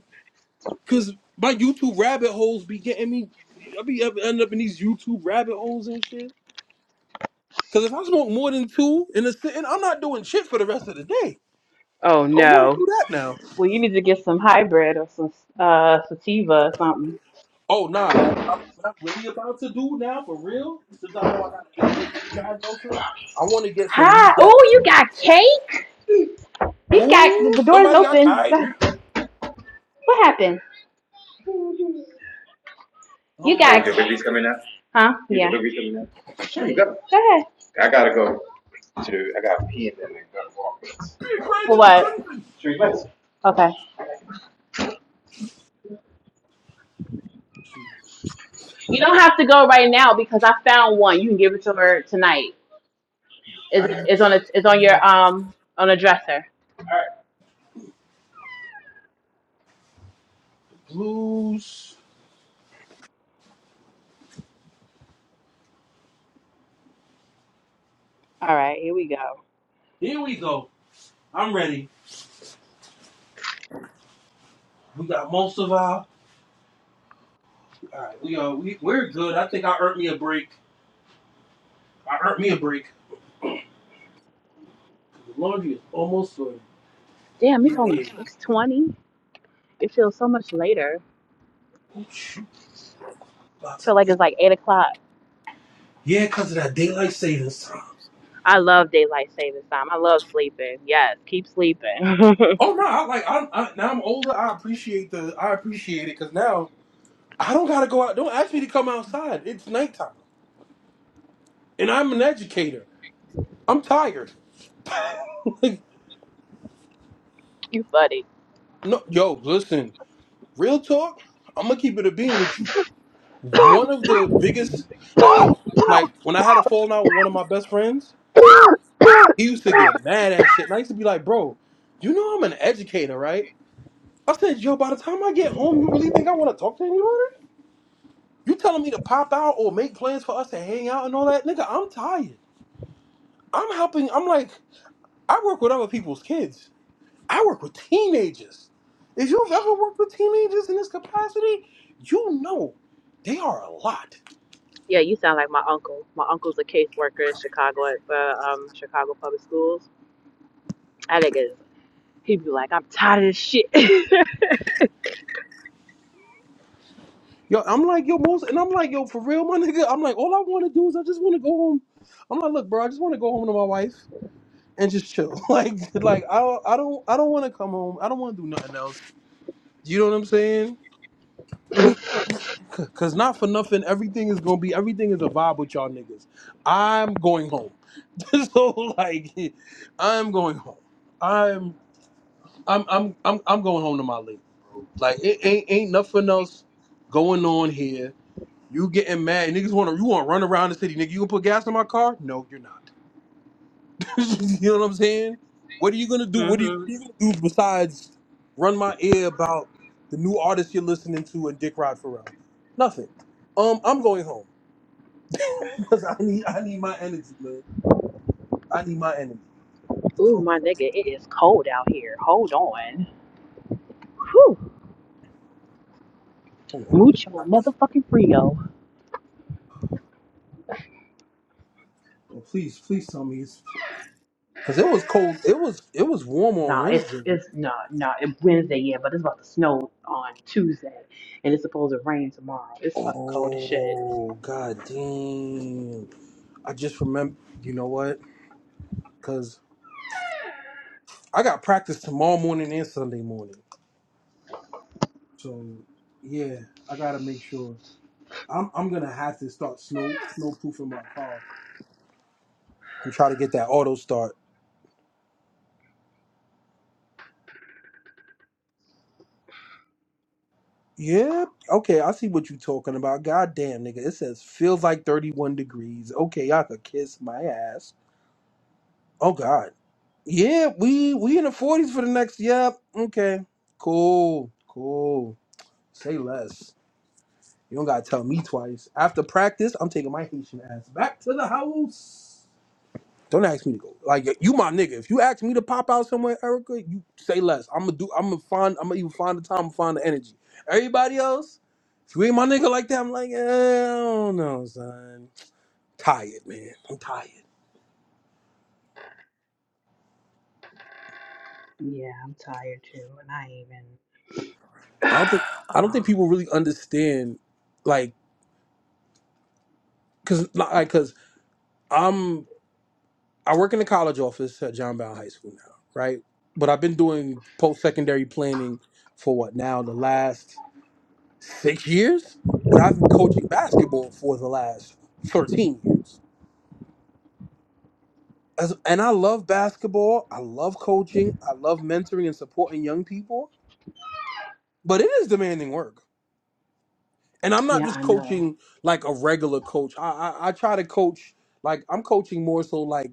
Speaker 2: Cause my YouTube rabbit holes be getting me. I be up, end up in these YouTube rabbit holes and shit. Because if I smoke more than two in a sitting, I'm not doing shit for the rest of the day.
Speaker 1: Oh
Speaker 2: Don't want to
Speaker 1: no.
Speaker 2: do that now.
Speaker 1: Well, you need to get some hybrid or some uh sativa or something.
Speaker 2: Oh, nah. Like, what I'm, what I'm really about to do now, for real, since I know I got an ADHD diagnosis, I want to get some weed
Speaker 1: Hi. Oh,
Speaker 2: that's.
Speaker 1: you got cake. He's got the
Speaker 2: Ooh,
Speaker 1: the door's
Speaker 2: somebody got
Speaker 1: open.
Speaker 2: kite.
Speaker 1: God, what happened? You Oh, got
Speaker 2: Somebody
Speaker 1: your
Speaker 2: got
Speaker 1: baby's
Speaker 2: kite.
Speaker 1: coming out. huh? Your Yeah. The baby's coming out. Sure, you go. Go ahead. I gotta go to, I gotta pee and then I gotta walk.
Speaker 2: Big rage
Speaker 1: For
Speaker 2: in the
Speaker 1: what?
Speaker 2: building.
Speaker 1: Three minutes. Okay.
Speaker 2: She
Speaker 1: You don't have to go right now because I found one. You can give it to her tonight. It's, it's on
Speaker 2: thinks
Speaker 1: a, it's on your
Speaker 2: red
Speaker 1: um on a dresser. All right,
Speaker 2: blues.
Speaker 1: All right, here we go.
Speaker 2: Here we go. I'm ready. We got most of our. All right, we are. We, we're good. I think I earned me a break. I earned me a break. The laundry is almost sorted.
Speaker 1: Damn,
Speaker 2: Yeah,
Speaker 1: it's only six twenty. It feels so much later.
Speaker 2: Oh, shoot, about
Speaker 1: I
Speaker 2: to-
Speaker 1: feel like
Speaker 2: eight.
Speaker 1: it's like eight o'clock.
Speaker 2: yeah, cause of that daylight savings time.
Speaker 1: I love daylight savings time. I love sleeping. Yes, keep sleeping.
Speaker 2: Oh no, I like I'm I, now I'm older. I appreciate the I appreciate it, cause now I don't gotta go out. Don't ask me to come outside. It's nighttime, and I'm an educator. I'm tired. like,
Speaker 1: you funny.
Speaker 2: no, yo, listen, real talk. I'm gonna keep it a bean with you. One of the biggest, like, I like when I had a falling out with one of my best friends. He used to get mad at shit, and I used to be like, bro, you know I'm an educator, right? I said, yo, by the time I get home, you really think I want to talk to anybody? You telling me to pop out or make plans for us to hang out and all that? Nigga, I'm tired. I'm helping. I'm like, I work with other people's kids. I work with teenagers. If you've ever worked with teenagers in this capacity, you know they are a lot.
Speaker 1: Yeah, you sound like my uncle. My uncle's a caseworker in Chicago at uh, um Chicago Public Schools. I think it's he'd be like, I'm tired of this shit.
Speaker 2: Yo, I'm like, yo, most, and I'm like, yo, for real, my nigga, I'm like, all I want to do is I just want to go home. I'm like, look, bro, I just want to go home to my wife and just chill. Like, like I don't, I don't, I don't want to come home. I don't want to do nothing else. You know what I'm saying? Cause not for nothing, everything is gonna be everything is a vibe with y'all niggas. I'm going home. so like I'm going home. I'm I'm I'm I'm I'm going home to my lady, bro. Like it ain't ain't nothing else going on here. You getting mad. Niggas wanna you wanna run around the city, nigga. You gonna put gas in my car? No, you're not. you know what I'm saying? What are you gonna do? What are you,
Speaker 1: hmm
Speaker 2: what are you gonna do besides run my ear about the new artist you're listening to and Dick Rod Pharrell? Nothing. Um, I'm going home because I need I need my energy, man. I need my energy.
Speaker 1: Ooh,
Speaker 2: So
Speaker 1: my nigga, it is cold out here. Hold on. Whew.
Speaker 2: oh, okay, not this one. Well, please, please tell me it's because it was cold. It was it was warm on Wednesday.
Speaker 1: No, no, it- Wednesday, yeah, but it's about to snow on Tuesday, and it's supposed to rain tomorrow. It's fucking cold as shit.
Speaker 2: Oh god damn! I just remember. You know what? Because I got practice tomorrow morning and Sunday morning. So yeah, I gotta make sure. I'm I'm gonna have to start snow snowproofing my car and try to get that auto start. Yeah, okay, I see what you're talking about. God damn, nigga, it says feels like 31 degrees. Okay, y'all could kiss my ass. Oh God, yeah, we we in the 40s for the next. Yep, okay, cool, cool. Say less. You don't gotta tell me twice. After practice, I'm taking my Haitian ass back to the house. Don't ask me to go. Like you my nigga. If you ask me to pop out somewhere, Erica, you say less. I'ma do I'ma find I'ma even find the time, i am find the energy. Everybody else, if you ain't my nigga like that, I'm like, eh, I don't know, son. Tired, man. I'm tired. I don't think I don't think people really understand like cause like cause I'm I work in the college office at John Brown High School now, right? But I've been doing post secondary planning for what now the last six years, but I've been coaching basketball for the last 13 years. As, and I love basketball. I love coaching. I love mentoring and supporting young people, but it is demanding work. And I'm not
Speaker 1: Yeah,
Speaker 2: just
Speaker 1: I know.
Speaker 2: coaching like a regular coach. I, I, I try to coach, like, I'm coaching more so like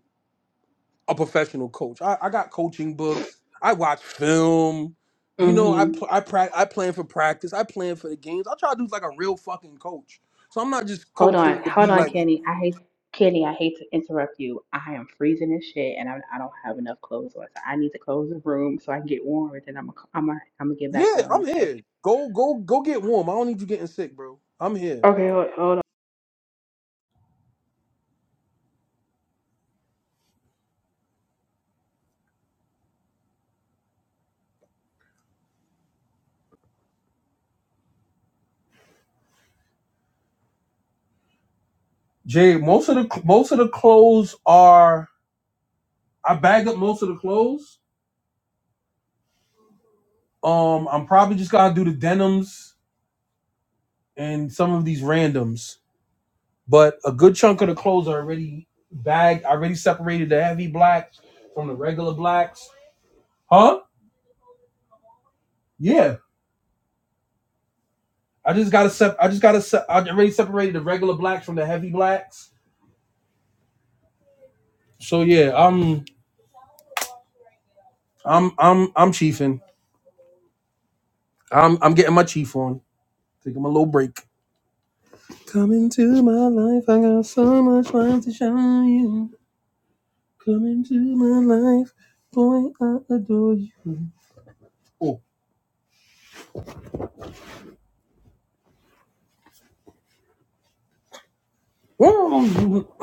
Speaker 2: a professional coach. I, I got coaching books, I watch film. You know, I
Speaker 1: hmm
Speaker 2: pl- I, pra- I plan for practice. I plan for the games. I try to do like a real fucking coach. So I'm not just
Speaker 1: Hold
Speaker 2: coaching
Speaker 1: on,
Speaker 2: to
Speaker 1: hold
Speaker 2: be
Speaker 1: on,
Speaker 2: like
Speaker 1: Kenny. I hate Kenny. I hate to interrupt you. I am freezing as shit, and I, I don't have enough clothes on, so I need to close the room so I can get warm, and then I'm gonna, I'm gonna, I'm gonna get back
Speaker 2: Yeah,
Speaker 1: on.
Speaker 2: I'm
Speaker 1: Okay.
Speaker 2: here. Go, go, go. Get warm. I don't need you getting sick, bro. I'm here.
Speaker 1: Okay. Hold, hold
Speaker 2: Jay, most of the most of the clothes are. I bag up most of the clothes. Um, I'm probably just going to do the denims and some of these randoms. But a good chunk of the clothes are already bagged. I already separated the heavy blacks from the regular blacks. Huh? Yeah. I just gotta sep. I just gotta. Se- I already separated the regular blacks from the heavy blacks. So yeah, I'm. I'm. I'm. I'm chiefing. I'm I'm getting my chief on. Taking my little break. Come into my life, I got so much light to shine you. Come into my life, boy, I adore you. Oh, whoa.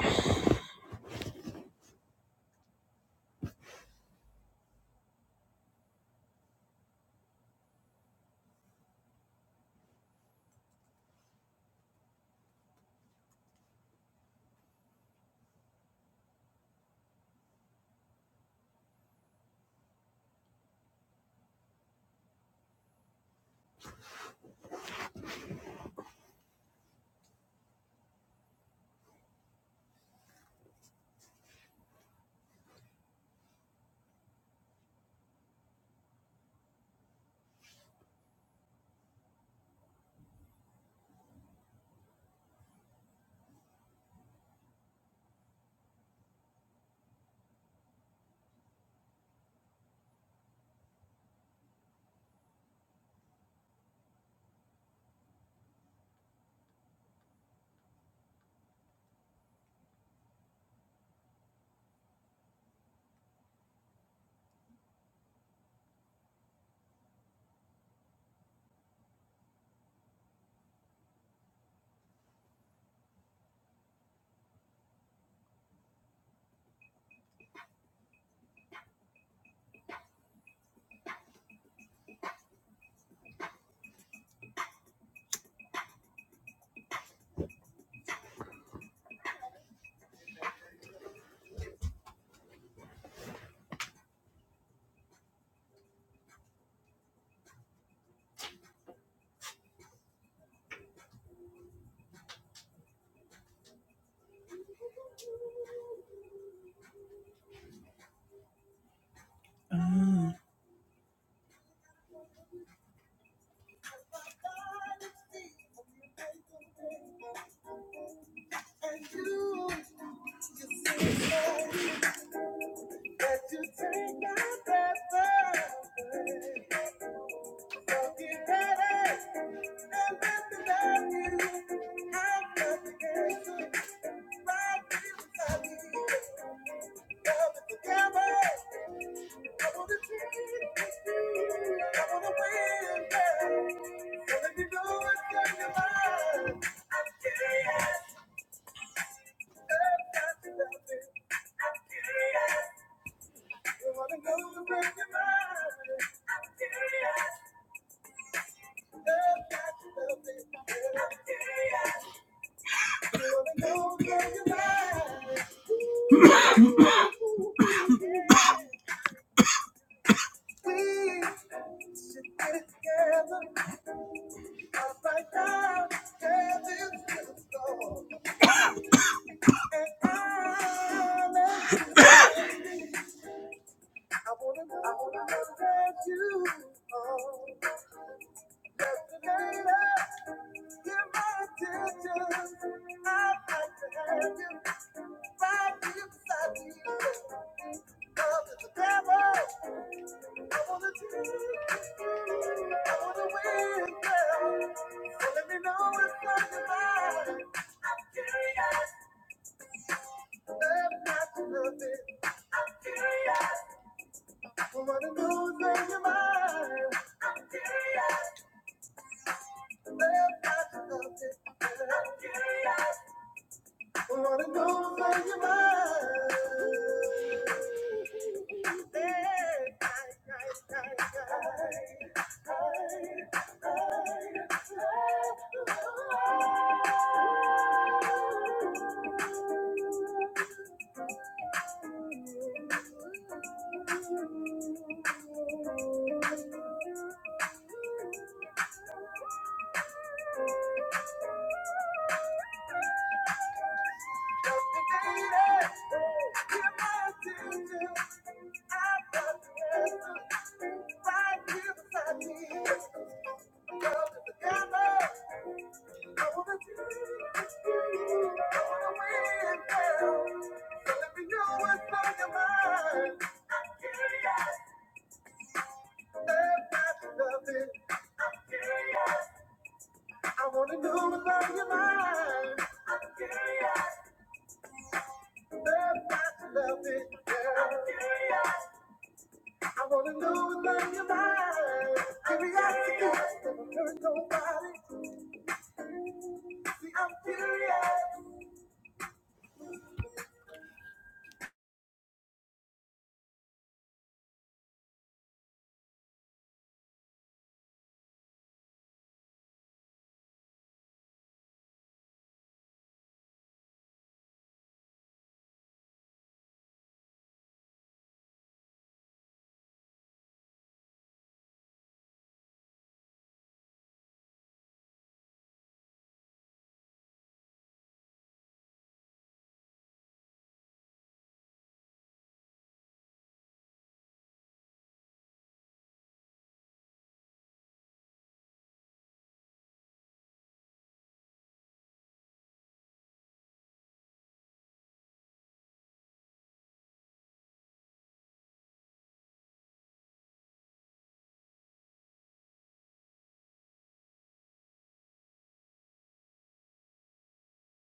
Speaker 2: I'm curious. I wanna Thank you. Love is a devil. I I'm Curious. Wanna go find your mind. Hey, hey, hey, hey, hey. Hey, hey, hey. I wanna So know what's on your mind. I'm curious. That match is I'm curious. I wanna know what's on your mind. I'm curious. That match is I'm curious. I wanna know what's on your mind. Curiosity. Never hurt nobody. See, I'm curious.